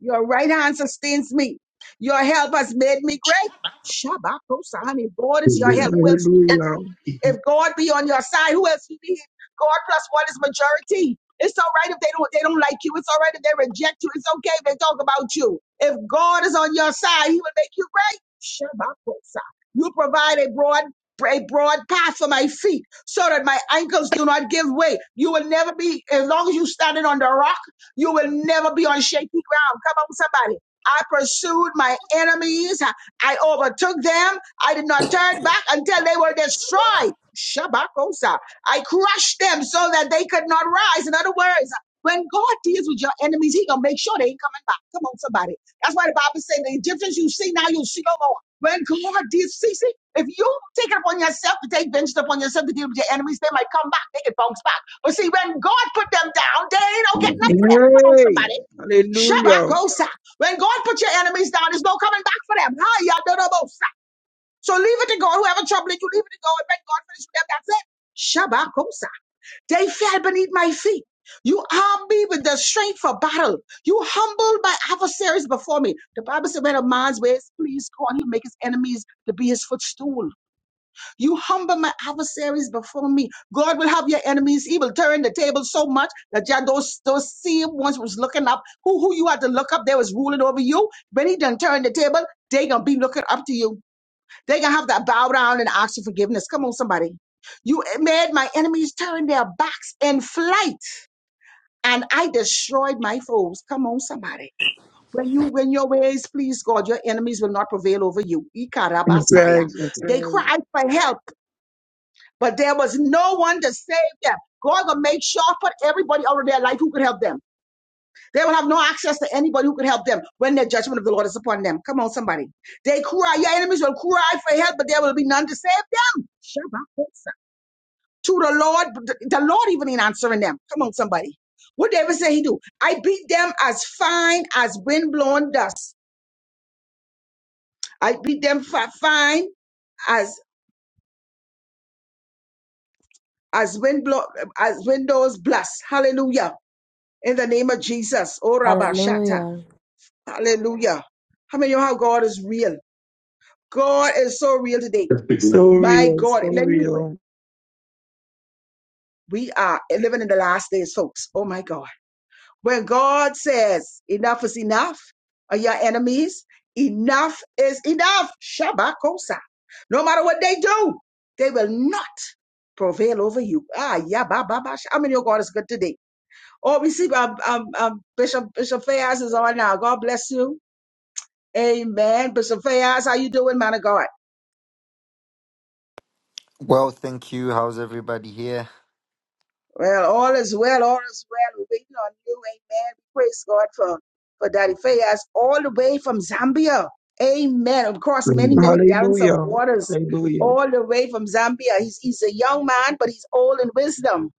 [SPEAKER 2] Your right hand sustains me. Your help has made me great. Shabbat, Osani, God is your help. Who else?
[SPEAKER 3] Hallelujah.
[SPEAKER 2] If God be on your side, who else you need? God plus one is majority. It's all right if they don't they don't like you. It's all right if they reject you. It's okay if they talk about you. If God is on your side, He will make you great. Shabbakosa. You provide a broad a broad path for my feet so that my ankles do not give way. You will never be, as long as you standing on the rock, you will never be on shaky ground. Come on, somebody. I pursued my enemies. I I overtook them. I did not turn back until they were destroyed. Shabakosa. I crushed them so that they could not rise. In other words, when God deals with your enemies, He gonna make sure they ain't coming back. Come on, somebody. That's why the Bible says the Egyptians you see now, you'll see no more. When God deals, see, see, if you take it upon yourself to take vengeance upon yourself to deal with your enemies, they might come back. They can bounce back. But see, when God put them down, they ain't no getting up for them. Come on,
[SPEAKER 3] Yay.
[SPEAKER 2] somebody.
[SPEAKER 3] Hallelujah.
[SPEAKER 2] Shabakosa. When God put your enemies down, there's no coming back for them. Hi, so leave it to God. Whoever trouble it, you leave it to God and let God finish with them. That's it. Shabakosa. They fell beneath my feet. You arm me with the strength for battle. You humbled my adversaries before me. The Bible said, when a man's ways please God, he make his enemies to be his footstool. You humble my adversaries before me. God will have your enemies. He will turn the table so much that yeah, those, those same ones was looking up. Who, who you had to look up, they was ruling over you. When he done turn the table, they gonna be looking up to you. They're gonna have to bow down and ask for forgiveness. Come on, somebody. You made my enemies turn their backs in flight, and I destroyed my foes. Come on, somebody. When you when your ways please God, your enemies will not prevail over you.
[SPEAKER 3] That's
[SPEAKER 2] Ikarabasaya.
[SPEAKER 3] right. That's
[SPEAKER 2] They
[SPEAKER 3] right.
[SPEAKER 2] cried for help, but there was no one to save them. God will make sure for everybody out of their life who could help them. They will have no access to anybody who could help them when the judgment of the Lord is upon them. Come on, somebody. They cry. Your enemies will cry for help, but there will be none to save them. Shabbatisa. To the Lord, the Lord even ain't answering them. Come on, somebody. What David say he do? I beat them as fine as windblown dust. I beat them fi- fine as as wind blow, as windows blast. Hallelujah. In the name of Jesus. Oh, Rabba Shatta.
[SPEAKER 1] Hallelujah.
[SPEAKER 2] Hallelujah. How many of you know how God is real? God is so real today.
[SPEAKER 3] So
[SPEAKER 2] My
[SPEAKER 3] real.
[SPEAKER 2] God,
[SPEAKER 3] So
[SPEAKER 2] let you.
[SPEAKER 3] real.
[SPEAKER 2] We are living in the last days, folks. Oh my God. When God says enough is enough, are your enemies? Enough is enough. Shabakosa. No matter what they do, they will not prevail over you. Ah, yeah, ba, ba, ba. How many of God is good today? Oh, we see um, um, um, Bishop Bishop Fayaz is on now. God bless you. Amen. Bishop Fayaz, how you doing, man of God?
[SPEAKER 8] Well, thank you. How's everybody here?
[SPEAKER 2] Well, all is well, all is well. We're waiting on you, amen. We Praise God for, for Daddy Fayaz all the way from Zambia. Amen. Across many, many gallons of
[SPEAKER 3] Hallelujah.
[SPEAKER 2] waters,
[SPEAKER 3] Hallelujah.
[SPEAKER 2] all the way from Zambia. He's, he's a young man, but he's old in wisdom.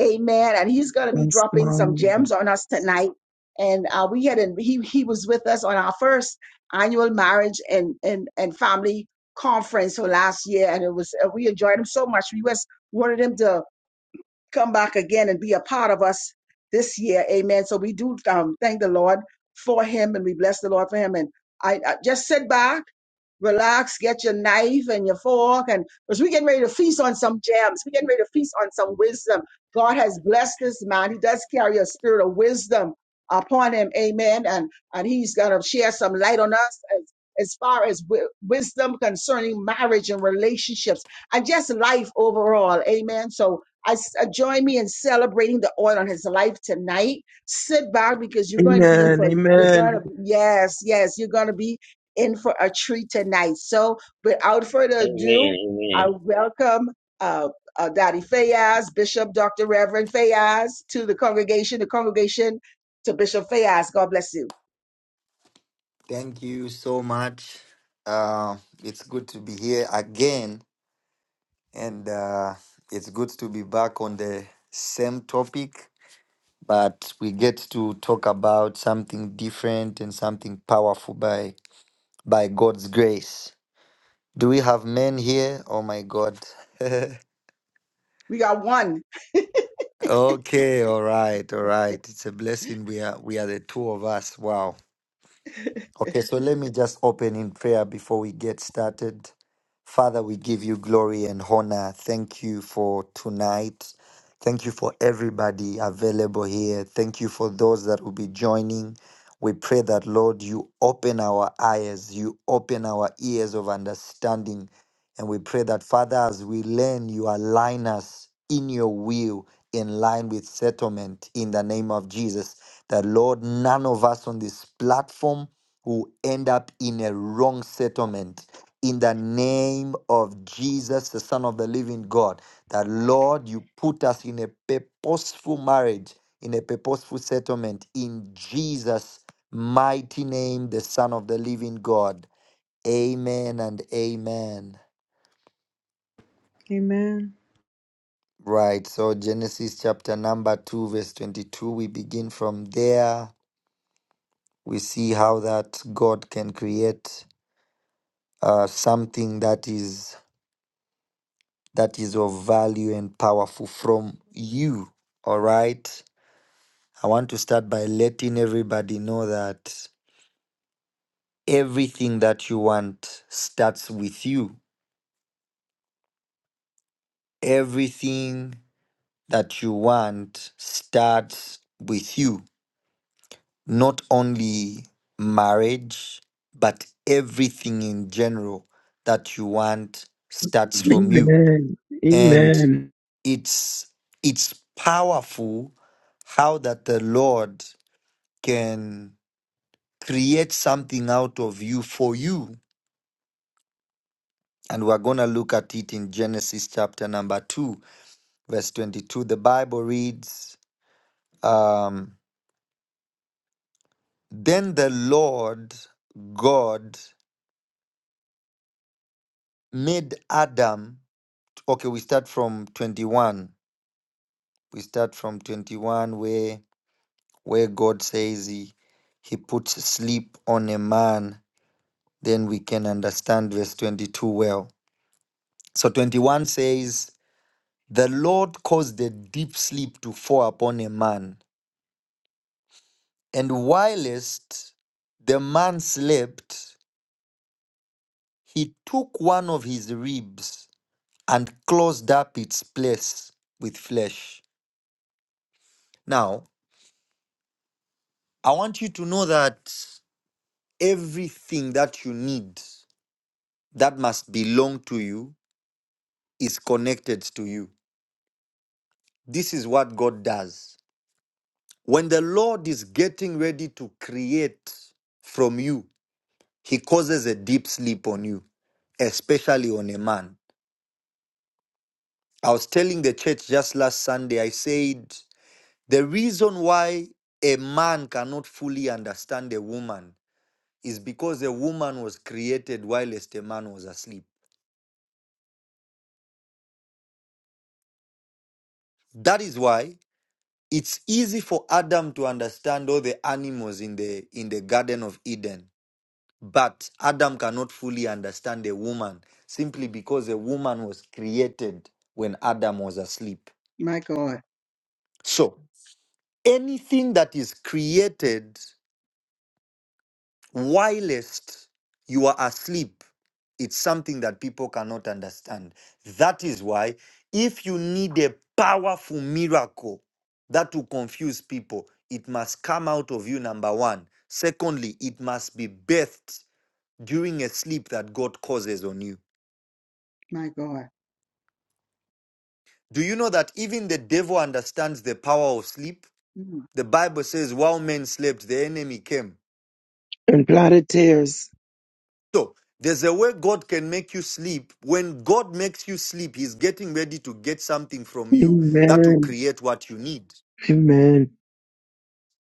[SPEAKER 2] Amen. And he's going to be
[SPEAKER 3] Thanks,
[SPEAKER 2] dropping
[SPEAKER 3] God.
[SPEAKER 2] some gems on us tonight. And uh, we had, and he, he was with us on our first annual marriage and, and, and family conference for last year. And it was, uh, we enjoyed him so much. We was wanted him to come back again and be a part of us this year. Amen. So we do um, thank the Lord for him and we bless the Lord for him. And I, I just sit back, relax, get your knife and your fork. And because we're getting ready to feast on some gems, we're getting ready to feast on some wisdom. God has blessed this man. He does carry a spirit of wisdom upon him. Amen. And, and he's going to share some light on us as, as far as wi- wisdom concerning marriage and relationships and just life overall. Amen. So, I s- uh, join me in celebrating the oil on his life tonight. Sit back because you're going to be in
[SPEAKER 3] Amen.
[SPEAKER 2] for you're going to
[SPEAKER 3] Amen.
[SPEAKER 2] yes, yes, you're going to be in for a treat tonight. So, without further
[SPEAKER 5] Amen.
[SPEAKER 2] ado, I
[SPEAKER 5] Amen.
[SPEAKER 2] welcome uh, uh, Daddy Fayaz, Bishop Dr. Reverend Fayaz, to the congregation. The congregation to Bishop Fayaz. God bless you.
[SPEAKER 8] Thank you so much. Uh, it's good to be here again, and uh, it's good to be back on the same topic, but we get to talk about something different and something powerful by by God's grace. Do we have men here? Oh my God.
[SPEAKER 2] We got one.
[SPEAKER 8] (laughs) okay, all right, all right. It's a blessing. We are we are the two of us. Wow. Okay, so let me just open in prayer before we get started. Father, we give you glory and honor. Thank you for tonight. Thank you for everybody available here. Thank you for those that will be joining. We pray that, Lord, you open our eyes, you open our ears of understanding. And we pray that, Father, as we learn, you align us in your will, in line with settlement in the name of Jesus. That, Lord, none of us on this platform who end up in a wrong settlement. In the name of Jesus, the Son of the living God, that Lord, you put us in a purposeful marriage, in a purposeful settlement. In Jesus' mighty name, the Son of the living God. Amen and amen.
[SPEAKER 7] Amen.
[SPEAKER 8] Right, so Genesis chapter number 2, verse 22, we begin from there. We see how that God can create uh, something that is that is of value and powerful from you. All right. I want to start by letting everybody know that everything that you want starts with you. Everything that you want starts with you. Not only marriage, but everything in general that you want starts from you.
[SPEAKER 3] Amen.
[SPEAKER 8] And
[SPEAKER 3] Amen.
[SPEAKER 8] it's it's powerful how that the Lord can create something out of you for you. And we're going to look at it in Genesis chapter number 2, verse 22. The Bible reads um, Then the Lord God made Adam. Okay, we start from 21. We start from 21, where, where God says he, he puts sleep on a man. Then we can understand verse 22 well. So 21 says, The Lord caused a deep sleep to fall upon a man, and whilst the man slept, he took one of his ribs and closed up its place with flesh. Now, I want you to know that everything that you need that must belong to you is connected to you. This is what God does. When the Lord is getting ready to create from you, He causes a deep sleep on you. especially on a man. I was telling the church just last Sunday, I said, the reason why a man cannot fully understand a woman is because a woman was created whilst a man was asleep. That is why it's easy for Adam to understand all the animals in the in the Garden of Eden, but Adam cannot fully understand a woman simply because a woman was created when Adam was asleep.
[SPEAKER 2] My God.
[SPEAKER 8] So anything that is created whilst you are asleep, it's something that people cannot understand. That is why, if you need a powerful miracle that will confuse people, it must come out of you, number one. Secondly, it must be birthed during a sleep that God causes on you.
[SPEAKER 2] My God.
[SPEAKER 8] Do you know that even the devil understands the power of sleep?
[SPEAKER 2] Mm.
[SPEAKER 8] The Bible says, while men slept, the enemy came.
[SPEAKER 3] And blood of tears.
[SPEAKER 8] So there's a way God can make you sleep. When God makes you sleep, He's getting ready to get something from you that will
[SPEAKER 3] Amen.
[SPEAKER 8] create what you need.
[SPEAKER 3] Amen.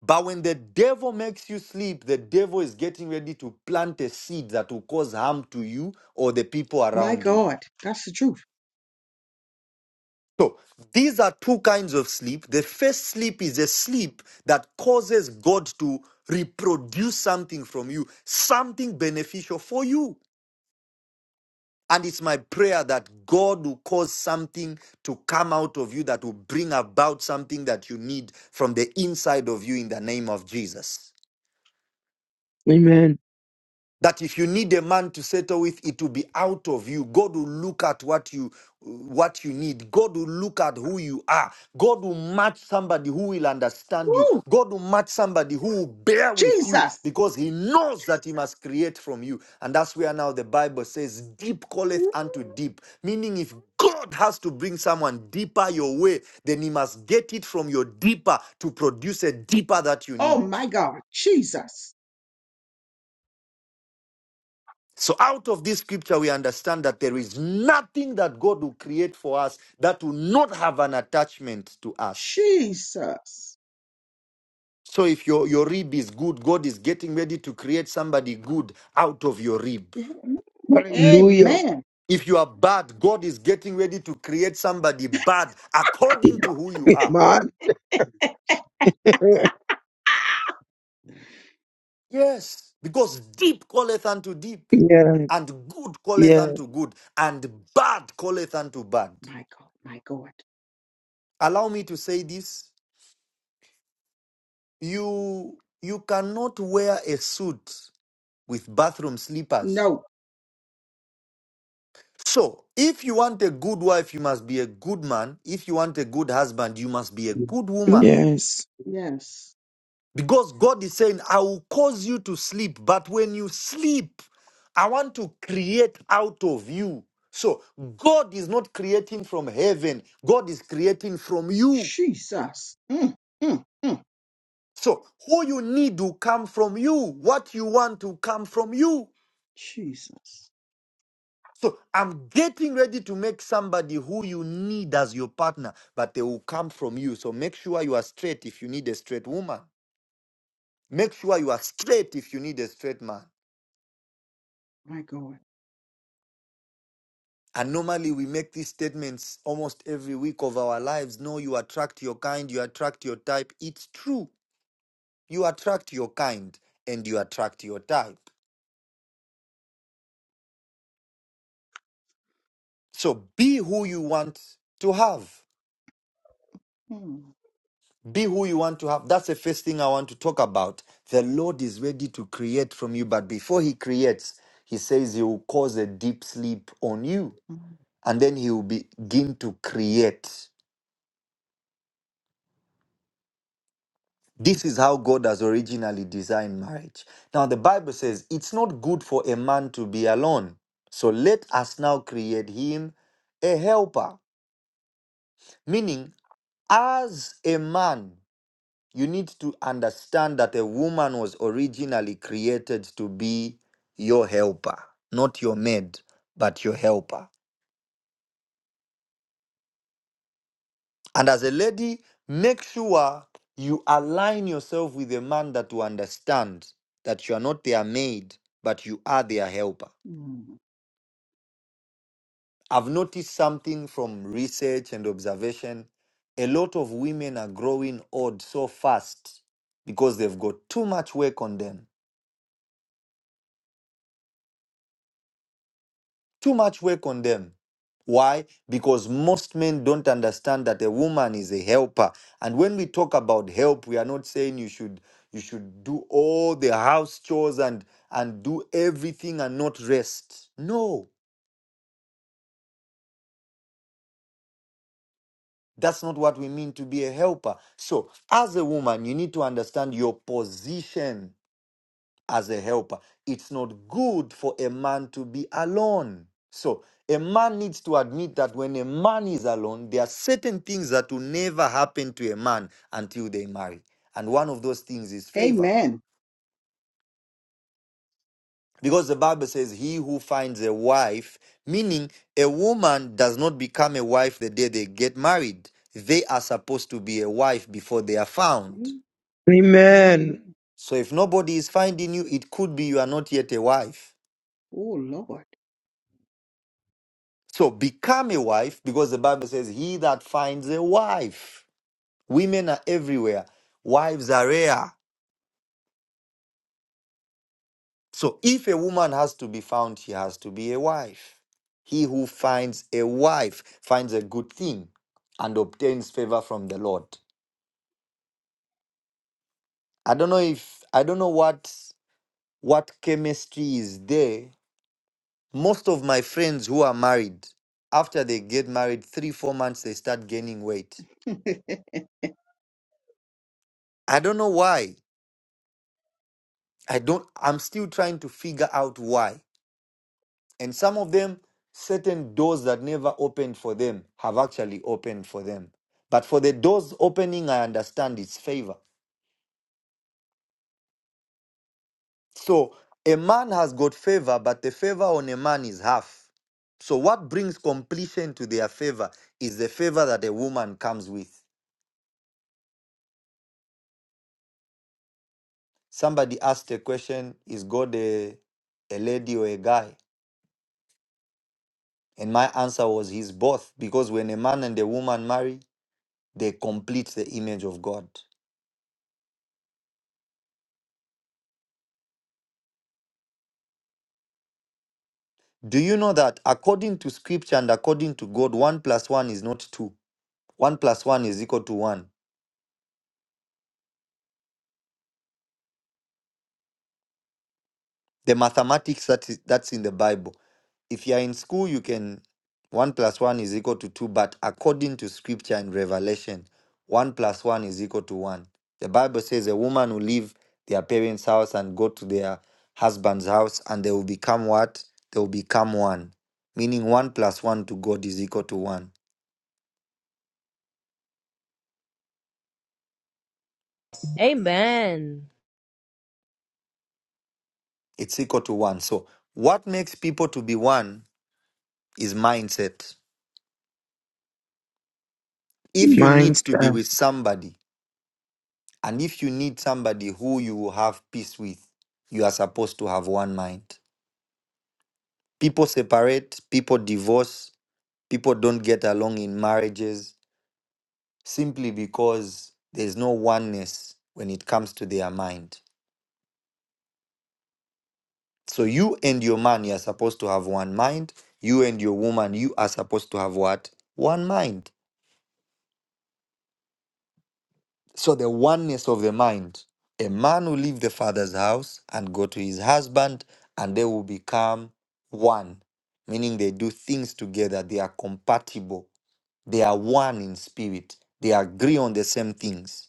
[SPEAKER 8] But when the devil makes you sleep, the devil is getting ready to plant a seed that will cause harm to you or the people
[SPEAKER 2] My
[SPEAKER 8] around you.
[SPEAKER 2] God. That's the truth.
[SPEAKER 8] So these are two kinds of sleep. The first sleep is a sleep that causes God to reproduce something from you, something beneficial for you. And it's my prayer that God will cause something to come out of you that will bring about something that you need from the inside of you in the name of Jesus
[SPEAKER 3] Amen.
[SPEAKER 8] that if you need a man to settle with it will be out of you god will look at what you what you need god will look at who you are god will match somebody who will understand you
[SPEAKER 2] Woo!
[SPEAKER 8] god will match somebody who will bear with you
[SPEAKER 2] Jesus.
[SPEAKER 8] because he knows that he must create from you and that's where now the bible says deep calleth unto deep meaning if god has to bring someone deeper your way then he must get it from your deeper to produce a deeper that you
[SPEAKER 2] Oh
[SPEAKER 8] need
[SPEAKER 2] my God. Jesus.
[SPEAKER 8] So, out of this scripture, we understand that there is nothing that God will create for us that will not have an attachment to us.
[SPEAKER 2] Jesus.
[SPEAKER 8] So, if your, your rib is good, God is getting ready to create somebody good out of your rib.
[SPEAKER 2] Yeah.
[SPEAKER 3] Hallelujah.
[SPEAKER 2] Amen.
[SPEAKER 8] If you are bad, God is getting ready to create somebody bad according to who you
[SPEAKER 3] (laughs)
[SPEAKER 8] are.
[SPEAKER 3] Amen. (laughs)
[SPEAKER 8] Yes, because deep calleth unto deep,
[SPEAKER 3] yeah.
[SPEAKER 8] and good calleth
[SPEAKER 3] Yes.
[SPEAKER 8] unto good, and bad calleth unto bad.
[SPEAKER 2] My God. My God.
[SPEAKER 8] Allow me to say this you you cannot wear a suit with bathroom slippers
[SPEAKER 2] No.
[SPEAKER 8] so if you want a good wife you must be a good man if you want a good husband you must be a good woman
[SPEAKER 3] Yes.
[SPEAKER 2] Yes.
[SPEAKER 8] because god is saying i will cause you to sleep but when you sleep i want to create out of you so god is not creating from heaven god is creating from you
[SPEAKER 2] Jesus. Mm, mm, mm.
[SPEAKER 8] so who you need to come from you what you want to come from you
[SPEAKER 2] Jesus.
[SPEAKER 8] So I'm getting ready to make somebody who you need as your partner, but they will come from you. So make sure you are straight if you need a straight woman. Make sure you are straight if you need a straight man.
[SPEAKER 2] My God.
[SPEAKER 8] And normally we make these statements almost every week of our lives. No, you attract your kind, you attract your type. It's true. You attract your kind and you attract your type. So be who you want to have.
[SPEAKER 2] Mm,
[SPEAKER 8] Be who you want to have. That's the first thing I want to talk about. The Lord is ready to create from you, but before He creates, He says He will cause a deep sleep on you,
[SPEAKER 2] mm,
[SPEAKER 8] and then He will begin to create. This is how God has originally designed marriage. Now, the Bible says it's not good for a man to be alone. So let us now create him a helper, meaning, as a man. you need to understand that a woman was originally created to be your helper, not your maid, but your helper. And as a lady, make sure you align yourself with a man that will understand that you are not their maid, but you are their helper.
[SPEAKER 2] mm.
[SPEAKER 8] I've noticed something from research and observation. A lot of women are growing old so fast because they've got too much work on them Too much work on them. Why? Because most men don't understand that a woman is a helper. And when we talk about help, we are not saying you should you should do all the house chores and and do everything and not rest. No, that's not what we mean to be a helper. So, as a woman, you need to understand your position as a helper. It's not good for a man to be alone. So, a man needs to admit that when a man is alone, there are certain things that will never happen to a man until they marry. And one of those things is favor.
[SPEAKER 2] Amen.
[SPEAKER 8] Because the Bible says, He who finds a wife, meaning a woman does not become a wife the day they get married. They are supposed to be a wife before they are found.
[SPEAKER 2] Mm,
[SPEAKER 3] Amen.
[SPEAKER 2] Amen.
[SPEAKER 8] So if nobody is finding you, it could be you are not yet a wife.
[SPEAKER 2] Oh Lord.
[SPEAKER 8] So become a wife because the Bible says, He that finds a wife. Women are everywhere, wives are rare. So if a woman has to be found, she has to be a wife. He who finds a wife finds a good thing and obtains favor from the Lord. I don't know if I don't know what what chemistry is there. Most of my friends who are married, after they get married, three, four months they start gaining weight.
[SPEAKER 2] (laughs)
[SPEAKER 8] I don't know why. I don't, I'm still trying to figure out why. And some of them, certain doors that never opened for them have actually opened for them. But for the doors opening, I understand it's favor. So a man has got favor, but the favor on a man is half. So what brings completion to their favor is the favor that a woman comes with. Somebody asked a question, is God a, a lady or a guy? And my answer was he's both, because when a man and a woman marry, They complete the image of God. Do you know that according to scripture and according to God, one plus one is not two? One plus one is equal to one. The mathematics that is, that's in the Bible. If you are in school, you can one plus one is equal to two, but according to scripture and revelation, one plus one is equal to one. The Bible says a woman will leave their parents' house and go to their husband's house, and they will become what? They will become one. Meaning one plus one to God is equal to one.
[SPEAKER 1] Amen.
[SPEAKER 8] it's equal to one. So what makes people to be one is mindset. If you need
[SPEAKER 3] Mindset.
[SPEAKER 8] to be with somebody, and if you need somebody who you will have peace with, you are supposed to have one mind. People separate, people divorce, people don't get along in marriages simply because there's no oneness when it comes to their mind. So you and your man, you are supposed to have one mind. You and your woman, you are supposed to have what? One mind. So the oneness of the mind. A man will leave the father's house and go to his husband, and they will become one, meaning they do things together. They are compatible. They are one in spirit. They agree on the same things.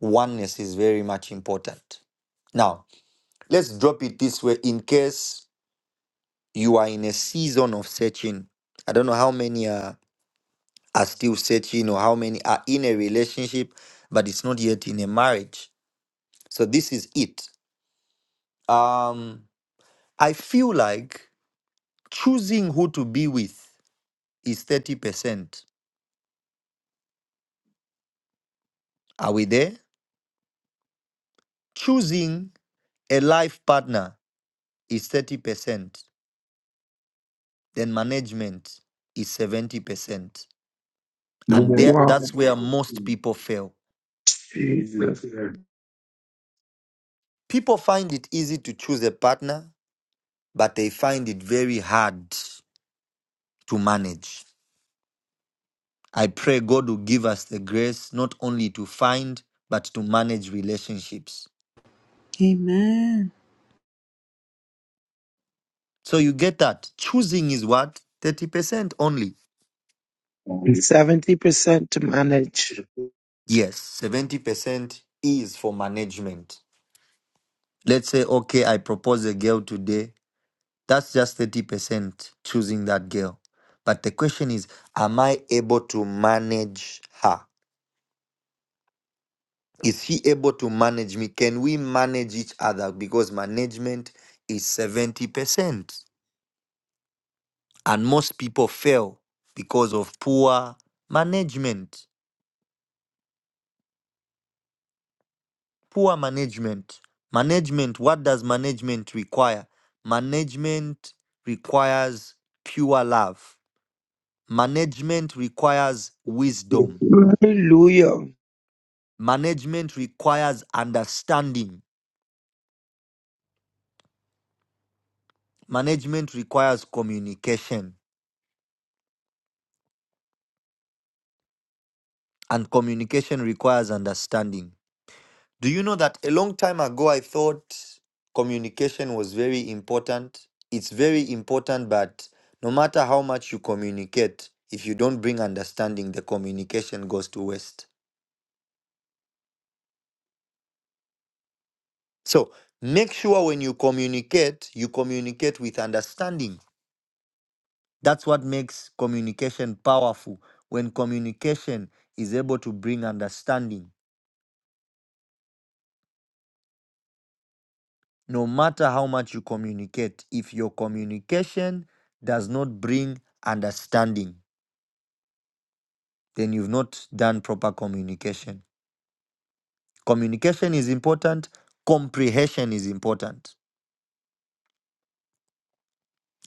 [SPEAKER 8] Oneness is very much important. Now, let's drop it this way in case you are in a season of searching. I don't know how many are, are still searching or how many are in a relationship, but it's not yet in a marriage So this is it. Um, I feel like choosing who to be with is 30%. Are we there? Choosing a life partner is 30%. Then management is 70%.
[SPEAKER 3] that
[SPEAKER 8] And there,
[SPEAKER 3] wow,
[SPEAKER 8] that's where most people fail.
[SPEAKER 3] Jesus,
[SPEAKER 8] People find it easy to choose a partner, but they find it very hard to manage. I pray God will give us the grace not only to find, but to manage relationships
[SPEAKER 7] Amen.
[SPEAKER 8] So you get that. Choosing is what? 30% only.
[SPEAKER 3] And seventy percent to manage.
[SPEAKER 8] Yes, 70% is for management. Let's say, okay, I propose a girl today. That's just 30% choosing that girl. But the question is, am I able to manage her? Is he able to manage me? Can we manage each other? Because management is 70%. And most people fail because of poor management. poor management. Management, what does management require? Management requires pure love. Management requires wisdom.
[SPEAKER 3] Hallelujah.
[SPEAKER 8] Management requires understanding. Management requires communication, and communication requires understanding. Do you know that a long time ago I thought communication was very important? It's very important, but no matter how much you communicate, if you don't bring understanding, the communication goes to waste. So make sure when you communicate, you communicate with understanding. That's what makes communication powerful. When communication is able to bring understanding, no matter how much you communicate, if your communication does not bring understanding, then you've not done proper communication. Communication is important, comprehension is important.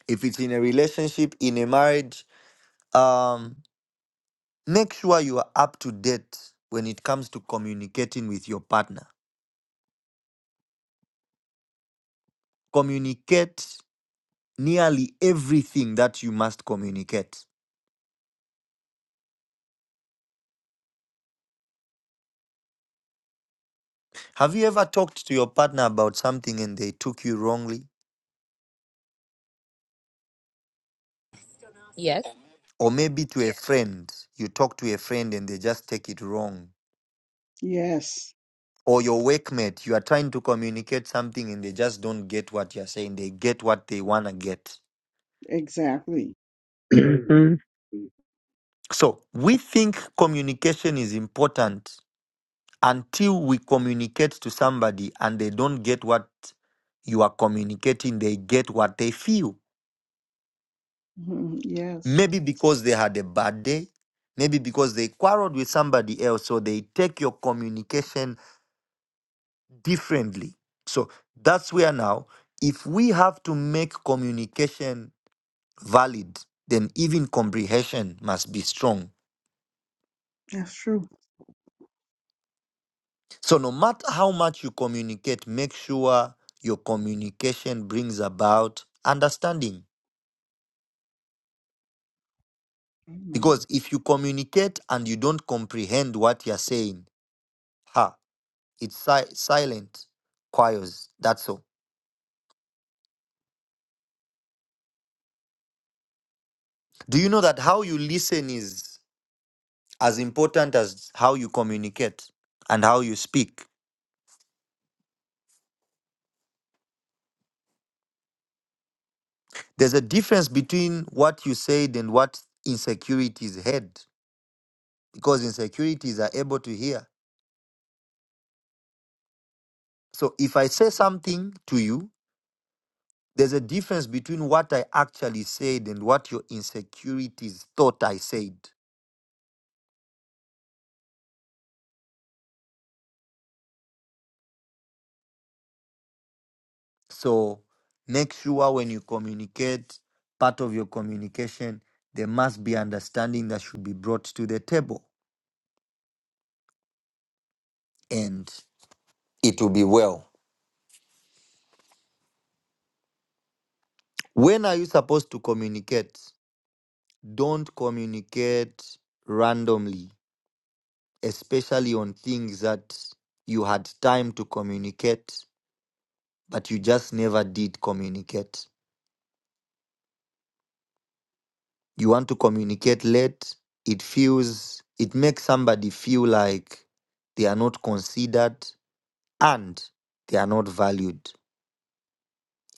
[SPEAKER 8] If it's in a relationship, in a marriage, um, make sure you are up to date when it comes to communicating with your partner. Communicate nearly everything that you must communicate. Have you ever talked to your partner about something and they took you wrongly?
[SPEAKER 1] Yes.
[SPEAKER 8] Or maybe to a friend, you talk to a friend and they just take it wrong
[SPEAKER 2] yes.
[SPEAKER 8] or your workmate, you are trying to communicate something and they just don't get what you're saying. They get what they want to get.
[SPEAKER 2] Exactly.
[SPEAKER 3] Mhm.
[SPEAKER 8] So we think communication is important until we communicate to somebody and they don't get what you are communicating, they get what they feel.
[SPEAKER 2] Mhm. Yes.
[SPEAKER 8] Maybe because they had a bad day, maybe because they quarreled with somebody else, so they take your communication differently. So that's where now, if we have to make communication valid, then even comprehension must be strong.
[SPEAKER 2] That's true.
[SPEAKER 8] So, no matter how much you communicate, make sure your communication brings about understanding. Because
[SPEAKER 2] Amen.
[SPEAKER 8] if you communicate and you don't comprehend what you're saying, ha, it's si- silent, choirs. That's all. Do you know that how you listen is as important as how you communicate and how you speak? There's a difference between what you said and what insecurities is heard because insecurities are able to hear. So if I say something to you, there's a difference between what I actually said and what your insecurities thought I said. So make sure when you communicate, part of your communication, there must be understanding that should be brought to the table and it will be well. When are you supposed to communicate? Don't communicate randomly especially on things that you had time to communicate, but you just never did communicate. You want to communicate late, it feels, it makes somebody feel like they are not considered and they are not valued,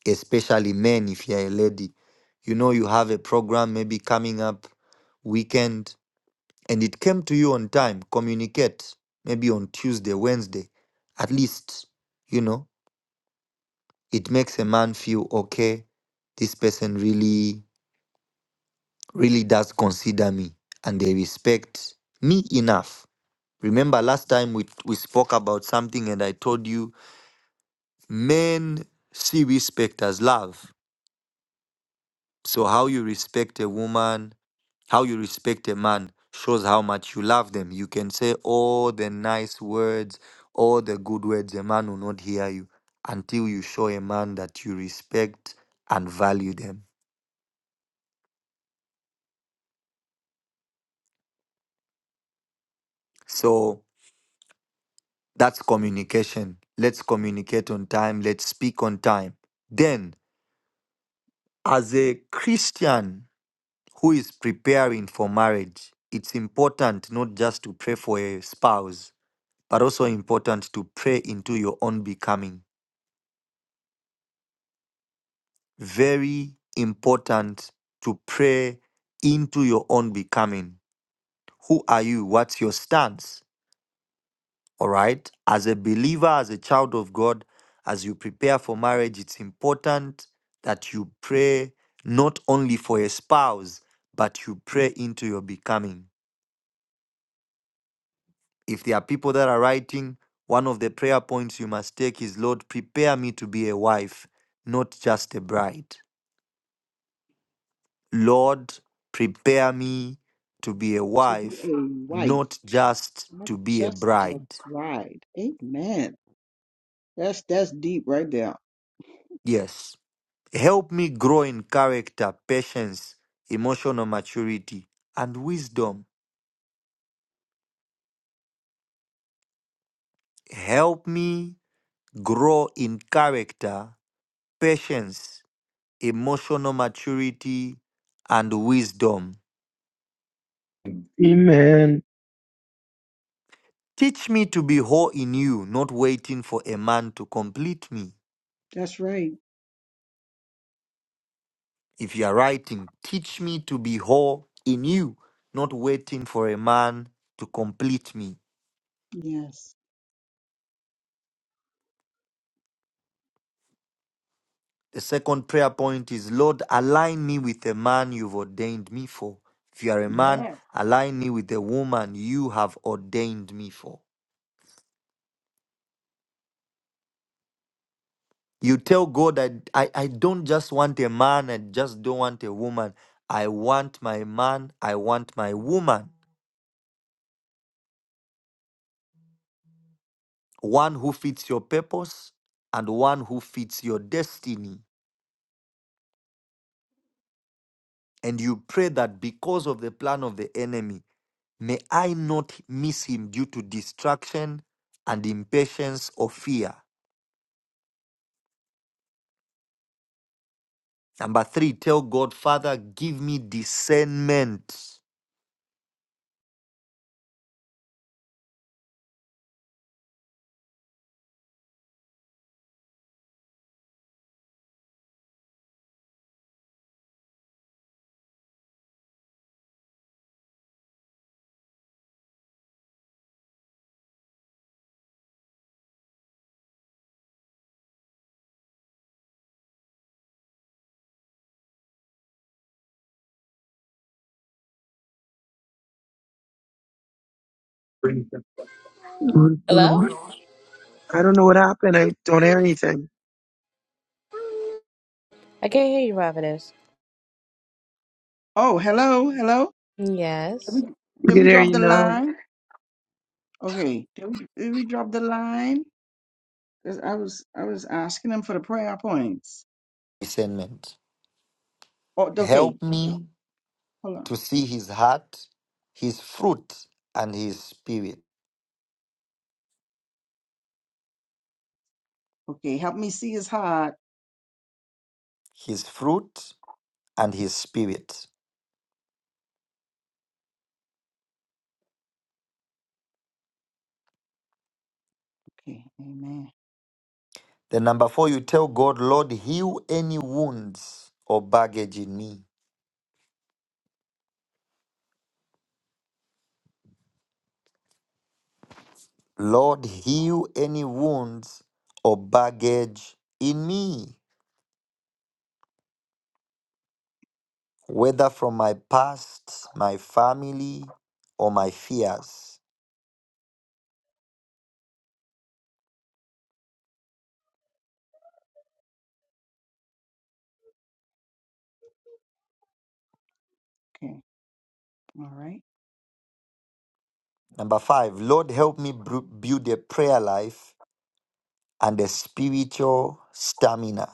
[SPEAKER 8] especially men if you're a lady. You know, you have a program maybe coming up weekend and it came to you on time, communicate maybe on Tuesday, Wednesday, at least, you know It makes a man feel okay, this person really, really does consider me and they respect me enough. Remember last time we, we spoke about something and I told you men see respect as love. So, how you respect a woman, how you respect a man shows how much you love them. You can say all the nice words, all the good words, a man will not hear you until you show a man that you respect and value them. So, That's communication. Let's communicate on time. Let's speak on time. Then, as a Christian who is preparing for marriage, it's important not just to pray for a spouse, but also important to pray into your own becoming. Very important to pray into your own becoming. Who are you? What's your stance? All right. As a believer, as a child of God, as you prepare for marriage, it's important that you pray not only for a spouse, but you pray into your becoming. If there are people that are writing, one of the prayer points you must take is Lord, prepare me to be a wife, not just a bride. Lord, prepare me to be a
[SPEAKER 2] To be a
[SPEAKER 8] wife,
[SPEAKER 2] wife,
[SPEAKER 8] not just
[SPEAKER 2] not
[SPEAKER 8] to be a
[SPEAKER 2] just a
[SPEAKER 8] bride.
[SPEAKER 2] bride. Amen. That's that's deep right there.
[SPEAKER 8] Yes. Help me grow in character, patience, emotional maturity, and wisdom. Help me grow in character, patience, emotional maturity, and wisdom.
[SPEAKER 3] Amen.
[SPEAKER 8] Teach me to be whole in you, not waiting for a man to complete me.
[SPEAKER 2] That's right.
[SPEAKER 8] If you are writing, teach me to be whole in you, not waiting for a man to complete me.
[SPEAKER 2] Yes.
[SPEAKER 8] The second prayer point is Lord, align me with the man you've ordained me for. If you are a man,
[SPEAKER 2] Yes.
[SPEAKER 8] align me with the woman you have ordained me for. You tell God, I, I, I don't just want a man, I just don't want a woman. I want my man, I want my woman. One who fits your purpose and one who fits your destiny. And you pray that because of the plan of the enemy, May I not miss him due to distraction and impatience or fear. Number three, tell God, Father, give me discernment.
[SPEAKER 3] Lord,
[SPEAKER 1] Hello?
[SPEAKER 3] Lord. I don't know what happened. I don't hear anything.
[SPEAKER 1] I can't hear you, Providence.
[SPEAKER 2] Oh, hello, hello. Did we,
[SPEAKER 1] Yes.
[SPEAKER 3] We
[SPEAKER 2] did
[SPEAKER 3] can
[SPEAKER 2] we
[SPEAKER 3] hear
[SPEAKER 2] drop
[SPEAKER 3] you
[SPEAKER 2] the
[SPEAKER 3] now.
[SPEAKER 2] line? Okay. Did we, did we drop the line? 'Cause I was I was asking them for the prayer points.
[SPEAKER 8] Discernment.
[SPEAKER 2] Oh, okay.
[SPEAKER 8] Help me
[SPEAKER 2] Hold on.
[SPEAKER 8] to see his heart, his fruit, and his spirit.
[SPEAKER 2] Okay, help me see his heart.
[SPEAKER 8] His fruit and his spirit.
[SPEAKER 2] Okay, amen.
[SPEAKER 8] Then, number four, you tell God, Lord, heal any wounds or baggage in me. Lord, heal any wounds or baggage in me. whether from my past, my family, or my fears.
[SPEAKER 2] Okay, all right.
[SPEAKER 8] Number five, Lord, help me bru- build a prayer life and a spiritual stamina.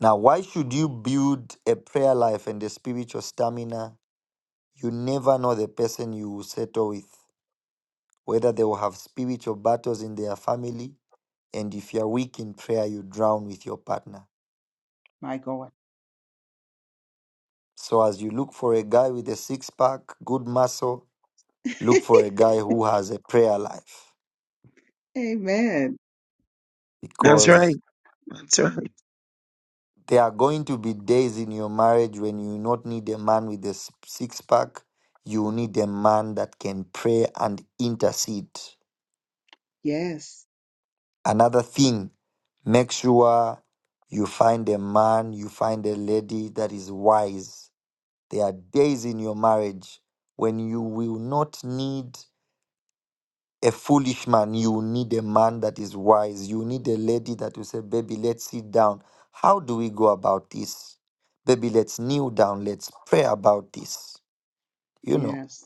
[SPEAKER 8] Now, why should you build a prayer life and a spiritual stamina? You never know the person you will settle with, whether they will have spiritual battles in their family, and if you're weak in prayer, you drown with your partner.
[SPEAKER 2] My God.
[SPEAKER 8] So, as you look for a guy with a six pack, good muscle, Look
[SPEAKER 2] (laughs)
[SPEAKER 8] for a guy who has a prayer life
[SPEAKER 2] Amen.
[SPEAKER 3] That's right.
[SPEAKER 8] because
[SPEAKER 3] That's right.
[SPEAKER 8] there are going to be days in your marriage when you not need a man with a s- six pack. You need a man that can pray and intercede.
[SPEAKER 2] Yes,
[SPEAKER 8] Another thing, make sure you find a man, you find a lady that is wise. There are days in your marriage when you will not need a foolish man, you need a man that is wise. You need a lady that will say, Baby, let's sit down. How do we go about this? Baby, let's kneel down. Let's pray about this. You know.
[SPEAKER 2] yes.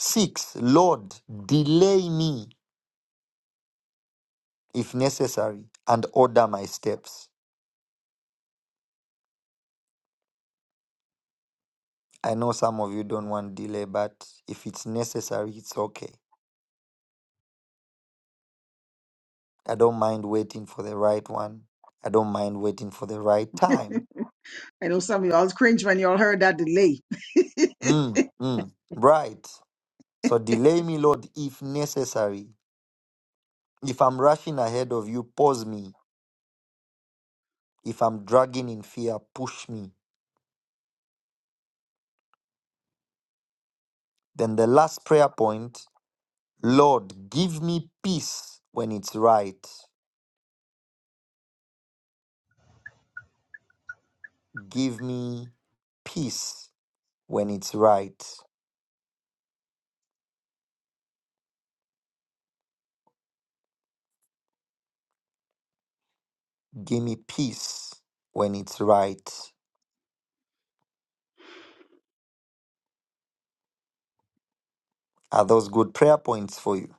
[SPEAKER 8] Six, Lord, delay me if necessary and order my steps. I know some of you don't want delay, but if it's necessary, it's okay. I don't mind waiting for the right one. I don't mind waiting for the right time.
[SPEAKER 2] I know some of y'all was cringe when y'all heard that delay.
[SPEAKER 8] Mm, mm, right. So delay me, Lord, if necessary. If I'm rushing ahead of you, pause me. If I'm dragging in fear, push me. Then the last prayer point Lord, give me peace when it's right. Give me peace when it's right. Give me peace when it's right. Are those good prayer points for you?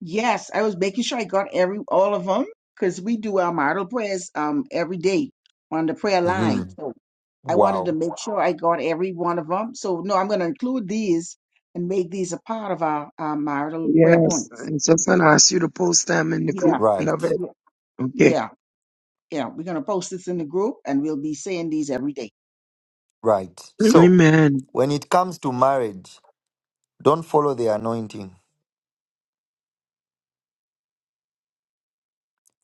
[SPEAKER 2] Yes, I was making sure I got every all of them because we do our model prayers um every day on the prayer line.
[SPEAKER 8] Mhm.
[SPEAKER 2] So I wanted to
[SPEAKER 8] Wow.
[SPEAKER 2] make sure I got every one of them. So no, I'm going to include these and make these a part of our, our marital prayer
[SPEAKER 3] Yes.
[SPEAKER 2] points.
[SPEAKER 3] And so I asked you to post them in the
[SPEAKER 2] Yeah,
[SPEAKER 3] group. Love
[SPEAKER 8] Right.
[SPEAKER 3] it.
[SPEAKER 2] yeah,
[SPEAKER 3] Okay.
[SPEAKER 2] yeah. Yeah, we're gonna post this in the group and we'll be saying these every day.
[SPEAKER 8] Right. So,
[SPEAKER 3] Amen.
[SPEAKER 8] when it comes to marriage, don't follow the anointing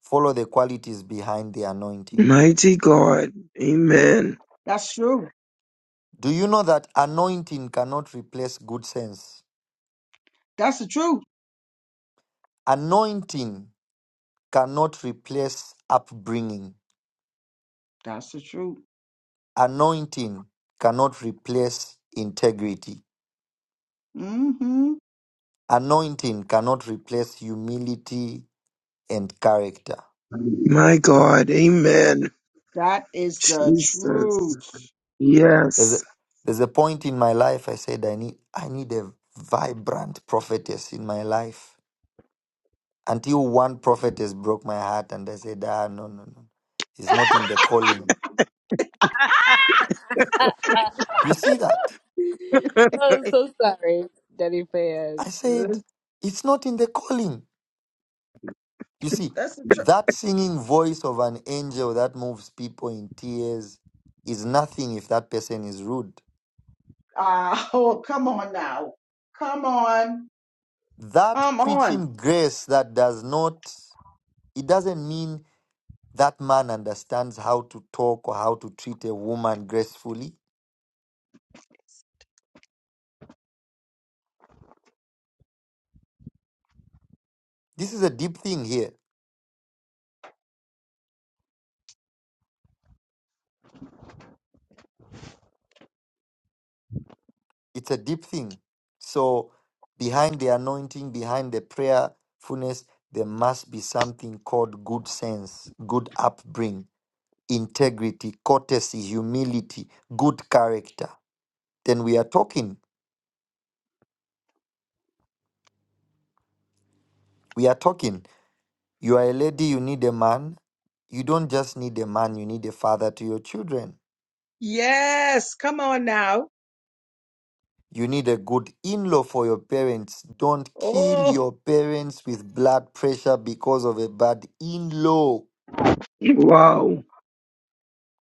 [SPEAKER 8] Follow the qualities behind the anointing.
[SPEAKER 3] Mighty God. Amen.
[SPEAKER 2] That's true.
[SPEAKER 8] Do you know that anointing cannot replace good sense?
[SPEAKER 2] That's the truth.
[SPEAKER 8] Anointing cannot replace upbringing.
[SPEAKER 2] That's the truth.
[SPEAKER 8] Anointing cannot replace integrity.
[SPEAKER 2] Mm-hmm.
[SPEAKER 8] Anointing cannot replace humility and character.
[SPEAKER 3] My God. Amen.
[SPEAKER 2] That is the
[SPEAKER 3] Jesus.
[SPEAKER 2] truth.
[SPEAKER 8] There's a,
[SPEAKER 3] Yes.
[SPEAKER 8] there's a point in my life I said I need I need a vibrant prophetess in my life. Until one prophetess broke my heart and I said, ah no no no. It's not in the calling.
[SPEAKER 1] I,
[SPEAKER 8] You see that?
[SPEAKER 1] I'm so sorry, Daddy Fans.
[SPEAKER 8] I said,
[SPEAKER 2] That's
[SPEAKER 8] it's not in the calling. You see,
[SPEAKER 2] that's the truth.
[SPEAKER 8] that singing voice of an angel that moves people in tears is nothing if that person is rude.
[SPEAKER 2] Ah, (laughs) oh, come on now. Come on.
[SPEAKER 8] That
[SPEAKER 2] Come on.
[SPEAKER 8] preaching grace that does not, it doesn't mean that man understands how to talk or how to treat a woman gracefully. This is a deep thing here. It's a deep thing. So behind the anointing, behind the prayerfulness, there must be something called good sense, good upbringing, integrity, courtesy, humility, good character. Then we are talking. We are talking. You are a lady, you need a man. You don't just need a man, you need a father to your children.
[SPEAKER 2] Yes, come on now.
[SPEAKER 8] You need a good in law for your parents. Don't kill
[SPEAKER 2] Oh
[SPEAKER 8] your parents with blood pressure because of a bad in law
[SPEAKER 3] Wow.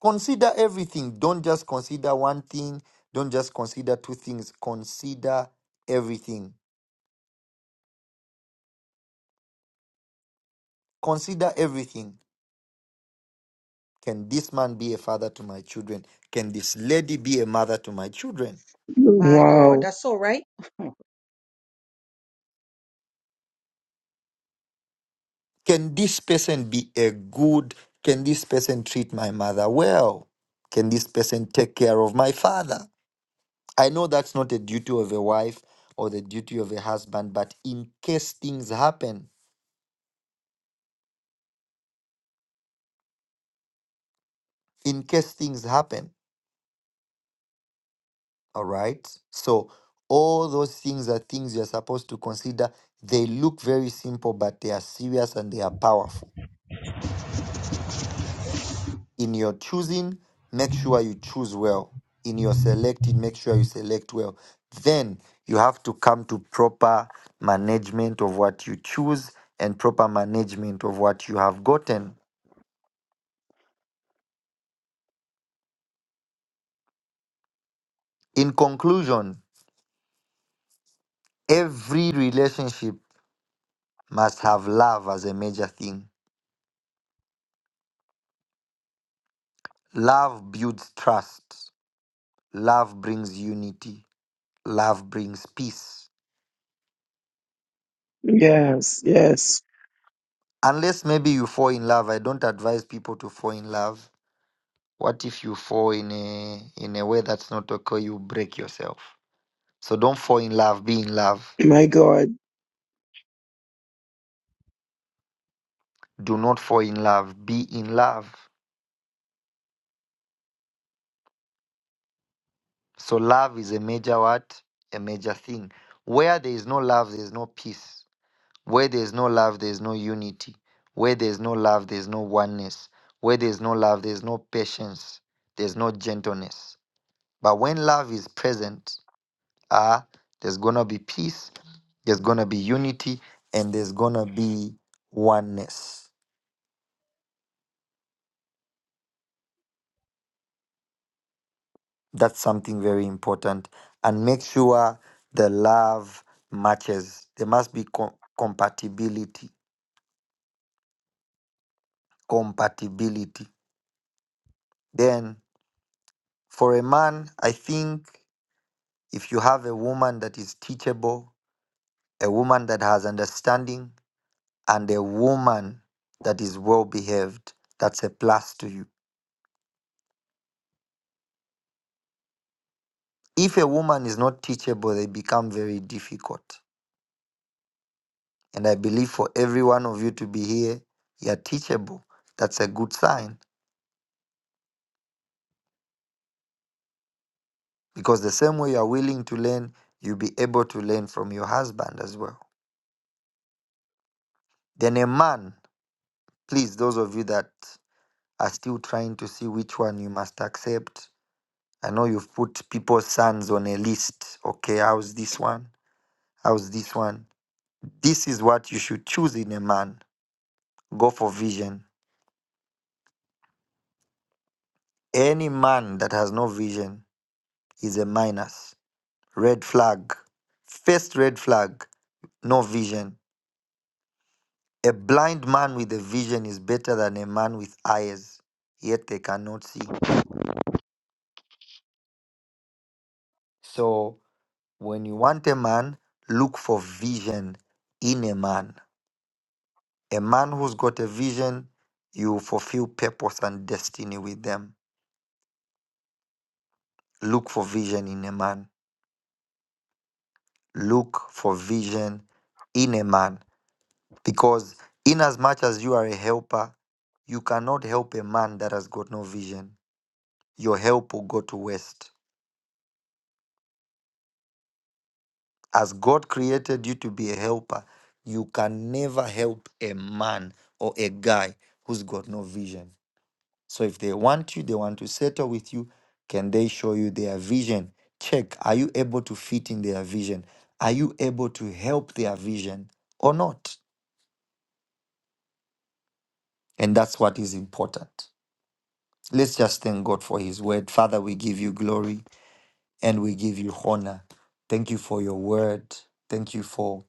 [SPEAKER 8] Consider everything. Don't just consider one thing. Don't just consider two things. Consider everything. Consider everything. Can this man be a father to my children? Can this lady be a mother to my children?
[SPEAKER 2] my God.
[SPEAKER 3] Wow.
[SPEAKER 2] That's all right.
[SPEAKER 8] Can this person be a good? Can this person treat my mother well? Can this person take care of my father? I know that's not the duty of a wife or the duty of a husband, but in case things happen, in case things happen. All right. So all those things are things you're supposed to consider. They look very simple, but they are serious and they are powerful. In your choosing, make sure you choose well. In your selecting, make sure you select well. Then you have to come to proper management of what you choose and proper management of what you have gotten. In conclusion, every relationship must have love as a major thing. Love builds trust. Love brings unity, love brings peace.
[SPEAKER 3] Yes. Yes.
[SPEAKER 8] Unless maybe you fall in love, I don't advise people to fall in love. What if you fall in a in a way that's not okay, you break yourself. So don't fall in love, be in love.
[SPEAKER 3] My God.
[SPEAKER 8] Do not fall in love, be in love. So love is a major what? A major thing. Where there is no love, there is no peace. Where there is no love, there is no unity. Where there is no love, there is no oneness. Where there is no love, there is no patience. There's no gentleness. But when love is present, ah, there's gonna be peace, there's gonna be unity, and there's gonna be oneness. That's something very important. And make sure the love matches. There must be co- compatibility. Compatibility. Then, for a man, I think if you have a woman that is teachable, a woman that has understanding, and a woman that is well behaved, that's a plus to you If a woman is not teachable, they become very difficult. And I believe for every one of you to be here, you are teachable. That's a good sign because the same way you are willing to learn, you'll be able to learn from your husband as well. Then a man, please, those of you that are still trying to see which one you must accept. I know you've put people's sons on a list. Okay, how's this one? How's this one? This is what you should choose in a man. Go for vision. Any man that has no vision is a minus. Red flag. First red flag, no vision. A blind man with a vision is better than a man with eyes, yet they cannot see. So, when you want a man, look for vision in a man. A man who's got a vision, you fulfill purpose and destiny with them. Look for vision in a man. Look for vision in a man. Because inasmuch as you are a helper, you cannot help a man that has got no vision. Your help will go to waste. As God created you to be a helper, you can never help a man or a guy who's got no vision. So if they want you, they want to settle with you, can they show you their vision? Check, are you able to fit in their vision? Are you able to help their vision or not? And that's what is important. Let's just thank God for his word. Father, we give you glory and we give you honor. Thank you for your word. Thank you for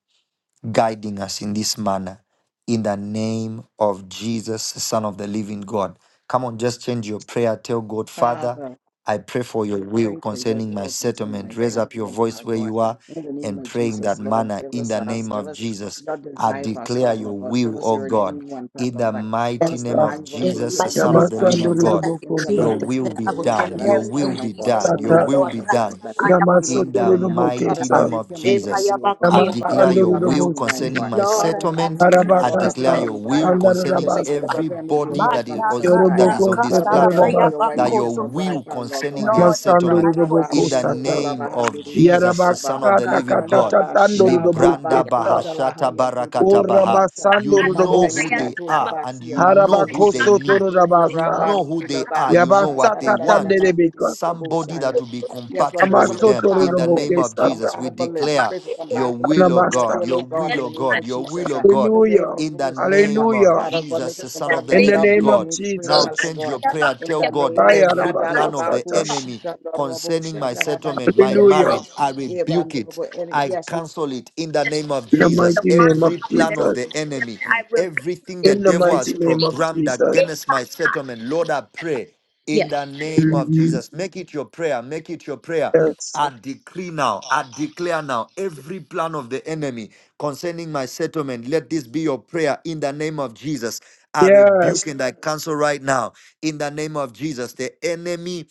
[SPEAKER 8] guiding us in this manner. In the name of Jesus, the Son of the living God. Come on, just change your prayer. Tell God, Father,
[SPEAKER 2] Father.
[SPEAKER 8] I pray for your
[SPEAKER 2] We pray
[SPEAKER 8] will
[SPEAKER 2] for your
[SPEAKER 8] concerning my
[SPEAKER 2] will concerning my
[SPEAKER 8] settlement. Raise up your
[SPEAKER 2] settlement,
[SPEAKER 8] voice
[SPEAKER 2] Father
[SPEAKER 8] where
[SPEAKER 2] God.
[SPEAKER 8] you are
[SPEAKER 2] In the name
[SPEAKER 8] and
[SPEAKER 2] of
[SPEAKER 8] pray in that
[SPEAKER 2] Jesus, Lord,
[SPEAKER 8] manner.
[SPEAKER 2] give
[SPEAKER 8] In
[SPEAKER 2] us
[SPEAKER 8] the
[SPEAKER 2] us,
[SPEAKER 8] name
[SPEAKER 2] give
[SPEAKER 8] of
[SPEAKER 2] us
[SPEAKER 8] Jesus,
[SPEAKER 2] your
[SPEAKER 8] I
[SPEAKER 2] desire for us,
[SPEAKER 8] declare
[SPEAKER 2] Father Lord
[SPEAKER 8] your
[SPEAKER 2] God. Give
[SPEAKER 8] will,
[SPEAKER 2] us
[SPEAKER 8] O
[SPEAKER 2] your
[SPEAKER 8] God.
[SPEAKER 2] ordained one, Father
[SPEAKER 8] In
[SPEAKER 2] Lord
[SPEAKER 8] the
[SPEAKER 2] God. Give
[SPEAKER 8] mighty
[SPEAKER 2] us the
[SPEAKER 8] name
[SPEAKER 3] Tata.
[SPEAKER 8] of
[SPEAKER 2] mind you
[SPEAKER 1] In the
[SPEAKER 2] ordained to
[SPEAKER 8] Jesus, the
[SPEAKER 2] be
[SPEAKER 1] mighty
[SPEAKER 2] with
[SPEAKER 8] Son
[SPEAKER 1] name
[SPEAKER 8] of
[SPEAKER 2] us,
[SPEAKER 8] the
[SPEAKER 1] of
[SPEAKER 2] Father
[SPEAKER 8] living
[SPEAKER 2] Lord
[SPEAKER 1] Jesus,
[SPEAKER 2] God.
[SPEAKER 8] God,
[SPEAKER 1] I
[SPEAKER 2] Give me the
[SPEAKER 1] decree
[SPEAKER 3] Yamasandorobokosata.
[SPEAKER 1] and
[SPEAKER 8] your
[SPEAKER 2] mind that
[SPEAKER 8] will
[SPEAKER 1] declare
[SPEAKER 2] came for
[SPEAKER 8] be
[SPEAKER 1] I will
[SPEAKER 2] me
[SPEAKER 1] get
[SPEAKER 2] to
[SPEAKER 8] done. Your
[SPEAKER 1] married
[SPEAKER 8] will
[SPEAKER 1] in
[SPEAKER 2] understand, oh
[SPEAKER 8] be
[SPEAKER 2] God.
[SPEAKER 1] Jesus'
[SPEAKER 8] done.
[SPEAKER 2] Bone of
[SPEAKER 8] Your
[SPEAKER 2] my
[SPEAKER 3] Tata.
[SPEAKER 1] name,
[SPEAKER 8] will
[SPEAKER 2] bone,
[SPEAKER 1] Lord.
[SPEAKER 8] be
[SPEAKER 2] flesh of my
[SPEAKER 8] done
[SPEAKER 2] flesh.
[SPEAKER 1] Kayaba,
[SPEAKER 2] And you open
[SPEAKER 8] in
[SPEAKER 2] me
[SPEAKER 8] the
[SPEAKER 2] right now. Father
[SPEAKER 8] mighty
[SPEAKER 2] God, may
[SPEAKER 3] Yamasotorobokesa.
[SPEAKER 8] name
[SPEAKER 2] you
[SPEAKER 8] of
[SPEAKER 2] hear my
[SPEAKER 1] eh,
[SPEAKER 2] cry to
[SPEAKER 8] Jesus.
[SPEAKER 2] be, oh God.
[SPEAKER 8] I
[SPEAKER 2] Father,
[SPEAKER 8] declare
[SPEAKER 2] may
[SPEAKER 1] oh.
[SPEAKER 2] you
[SPEAKER 8] your
[SPEAKER 2] not pass
[SPEAKER 8] will
[SPEAKER 2] me by, oh
[SPEAKER 3] Yamasandorobosi.
[SPEAKER 8] concerning
[SPEAKER 2] God.
[SPEAKER 8] my
[SPEAKER 2] Father,
[SPEAKER 1] Lord, I
[SPEAKER 2] remove every
[SPEAKER 1] ask
[SPEAKER 8] settlement.
[SPEAKER 1] of
[SPEAKER 2] hindrance
[SPEAKER 1] you,
[SPEAKER 2] and
[SPEAKER 8] I
[SPEAKER 2] Lord,
[SPEAKER 1] Jesus.
[SPEAKER 2] prepare
[SPEAKER 8] declare
[SPEAKER 2] me,
[SPEAKER 3] Arabakasa.
[SPEAKER 2] oh
[SPEAKER 8] your
[SPEAKER 2] God,
[SPEAKER 8] will
[SPEAKER 2] huh, to be a
[SPEAKER 8] concerning
[SPEAKER 2] sanctuary.
[SPEAKER 1] Shatayamanama.
[SPEAKER 3] Andarabasta.
[SPEAKER 2] Lord, prepare me to be a
[SPEAKER 8] everybody
[SPEAKER 2] wife,
[SPEAKER 8] that
[SPEAKER 2] not
[SPEAKER 8] is,
[SPEAKER 2] just a bride.
[SPEAKER 8] that
[SPEAKER 2] Huh.
[SPEAKER 8] is on this
[SPEAKER 2] Father, prepare me to
[SPEAKER 8] platform,
[SPEAKER 1] Matakatakatarabaya
[SPEAKER 2] be a wife,
[SPEAKER 3] Yorobokosotorobosi.
[SPEAKER 8] that
[SPEAKER 2] not just
[SPEAKER 8] your
[SPEAKER 2] a bride,
[SPEAKER 1] bakotosi.
[SPEAKER 8] will
[SPEAKER 2] Father, Lord
[SPEAKER 8] concerning
[SPEAKER 2] God. huh.
[SPEAKER 8] their
[SPEAKER 1] Lord, that is my
[SPEAKER 8] settlement
[SPEAKER 2] Randa ba
[SPEAKER 1] portion
[SPEAKER 8] in the
[SPEAKER 2] shi
[SPEAKER 1] again.
[SPEAKER 3] Masandorobokosata.
[SPEAKER 2] gotula
[SPEAKER 8] name
[SPEAKER 2] bahandi
[SPEAKER 8] of
[SPEAKER 2] bibi
[SPEAKER 1] Jesus,
[SPEAKER 8] Jesus, the
[SPEAKER 2] usha
[SPEAKER 8] Son
[SPEAKER 2] baba.
[SPEAKER 8] of
[SPEAKER 1] Father
[SPEAKER 8] the
[SPEAKER 3] Yarabakata
[SPEAKER 1] God.
[SPEAKER 8] living
[SPEAKER 2] Randa
[SPEAKER 8] God.
[SPEAKER 3] katata
[SPEAKER 2] ba sha baba
[SPEAKER 8] Libranda
[SPEAKER 3] tandorobokesa.
[SPEAKER 2] kutala
[SPEAKER 8] Bahashata
[SPEAKER 2] haya bibi bibi
[SPEAKER 8] Barakata Baha.
[SPEAKER 2] kubosa.
[SPEAKER 8] You
[SPEAKER 1] Yes,
[SPEAKER 2] Manda
[SPEAKER 8] know who
[SPEAKER 3] Oramasandorobosi.
[SPEAKER 1] yes,
[SPEAKER 2] ika
[SPEAKER 8] they
[SPEAKER 2] tula
[SPEAKER 8] are and
[SPEAKER 2] basi ya
[SPEAKER 8] you
[SPEAKER 2] bibi
[SPEAKER 8] know
[SPEAKER 2] bibi
[SPEAKER 8] who they
[SPEAKER 2] shi.
[SPEAKER 8] need. You
[SPEAKER 2] Ura
[SPEAKER 3] Harabakosotorobasa.
[SPEAKER 8] know who they
[SPEAKER 2] bandula
[SPEAKER 8] are.
[SPEAKER 2] ba
[SPEAKER 8] You know
[SPEAKER 2] sha
[SPEAKER 8] what they
[SPEAKER 3] Yabasata
[SPEAKER 2] taradadada
[SPEAKER 8] want
[SPEAKER 2] mandi
[SPEAKER 3] tandelebeka.
[SPEAKER 2] bibi
[SPEAKER 3] Yabatsatatandelebeka.
[SPEAKER 8] somebody
[SPEAKER 2] kubosa
[SPEAKER 8] that
[SPEAKER 2] ya.
[SPEAKER 8] will be
[SPEAKER 2] Yes, Lord, give
[SPEAKER 8] compatible
[SPEAKER 2] us
[SPEAKER 8] with
[SPEAKER 2] somebody
[SPEAKER 8] them in
[SPEAKER 2] compatible
[SPEAKER 8] the
[SPEAKER 2] with.
[SPEAKER 8] name of
[SPEAKER 3] Amasotorodoboke-sata.
[SPEAKER 8] Jesus. We
[SPEAKER 2] Compatible with. We
[SPEAKER 8] declare
[SPEAKER 2] pray for
[SPEAKER 8] your will,
[SPEAKER 2] compatibility.
[SPEAKER 8] O
[SPEAKER 2] Your
[SPEAKER 8] God,
[SPEAKER 3] Anamasta.
[SPEAKER 2] will, oh
[SPEAKER 8] your
[SPEAKER 2] God,
[SPEAKER 8] will,
[SPEAKER 2] in the
[SPEAKER 8] O
[SPEAKER 2] name
[SPEAKER 8] God,
[SPEAKER 2] of
[SPEAKER 8] your
[SPEAKER 2] Jesus.
[SPEAKER 8] will, O
[SPEAKER 2] Uh,
[SPEAKER 8] God,
[SPEAKER 2] move your
[SPEAKER 3] Hallelujah.
[SPEAKER 2] hands,
[SPEAKER 8] in
[SPEAKER 2] move
[SPEAKER 8] the
[SPEAKER 2] your strength, and love.
[SPEAKER 8] name of
[SPEAKER 3] Hallelujah.
[SPEAKER 2] Father God, make
[SPEAKER 8] Jesus,
[SPEAKER 2] us
[SPEAKER 8] the Son
[SPEAKER 2] compatible.
[SPEAKER 8] of the
[SPEAKER 2] That
[SPEAKER 3] In the
[SPEAKER 2] love
[SPEAKER 8] living
[SPEAKER 2] be
[SPEAKER 3] name of
[SPEAKER 8] God.
[SPEAKER 2] reign supreme,
[SPEAKER 8] Now
[SPEAKER 2] Father
[SPEAKER 3] Jesus.
[SPEAKER 8] change
[SPEAKER 2] God.
[SPEAKER 8] your prayer.
[SPEAKER 2] In
[SPEAKER 8] Tell
[SPEAKER 2] the
[SPEAKER 8] God
[SPEAKER 2] name
[SPEAKER 8] every
[SPEAKER 3] Ayarabako
[SPEAKER 8] plan of the
[SPEAKER 2] Adalabaku
[SPEAKER 3] sata.
[SPEAKER 8] enemy
[SPEAKER 2] Shika Robo
[SPEAKER 8] concerning my settlement, my
[SPEAKER 2] Shatarabandibete.
[SPEAKER 3] Hallelujah.
[SPEAKER 8] marriage, I rebuke it.
[SPEAKER 2] Evandolobo and
[SPEAKER 8] I
[SPEAKER 2] yes, we
[SPEAKER 8] cancel it in the name of
[SPEAKER 3] In the
[SPEAKER 1] Every
[SPEAKER 8] Jesus.
[SPEAKER 3] mighty
[SPEAKER 1] demonic
[SPEAKER 3] name of
[SPEAKER 8] Every
[SPEAKER 1] power that
[SPEAKER 8] plan
[SPEAKER 1] is
[SPEAKER 8] of
[SPEAKER 3] Jesus.
[SPEAKER 8] the
[SPEAKER 1] against them,
[SPEAKER 8] enemy,
[SPEAKER 1] I rebuke
[SPEAKER 8] everything the
[SPEAKER 1] it.
[SPEAKER 3] In the
[SPEAKER 8] devil has
[SPEAKER 3] mighty name of
[SPEAKER 8] programmed
[SPEAKER 3] Jesus.
[SPEAKER 8] against my settlement, Lord, I pray in
[SPEAKER 1] Yes.
[SPEAKER 8] the name of
[SPEAKER 3] Mhm.
[SPEAKER 8] Jesus. Make it your prayer. Make it your prayer
[SPEAKER 3] Yes.
[SPEAKER 8] I decree now, I declare now every plan of the enemy concerning my settlement. Let this be your prayer in the name of Jesus. I
[SPEAKER 3] Yes.
[SPEAKER 8] rebuke and I cancel right now in the name of Jesus. The enemy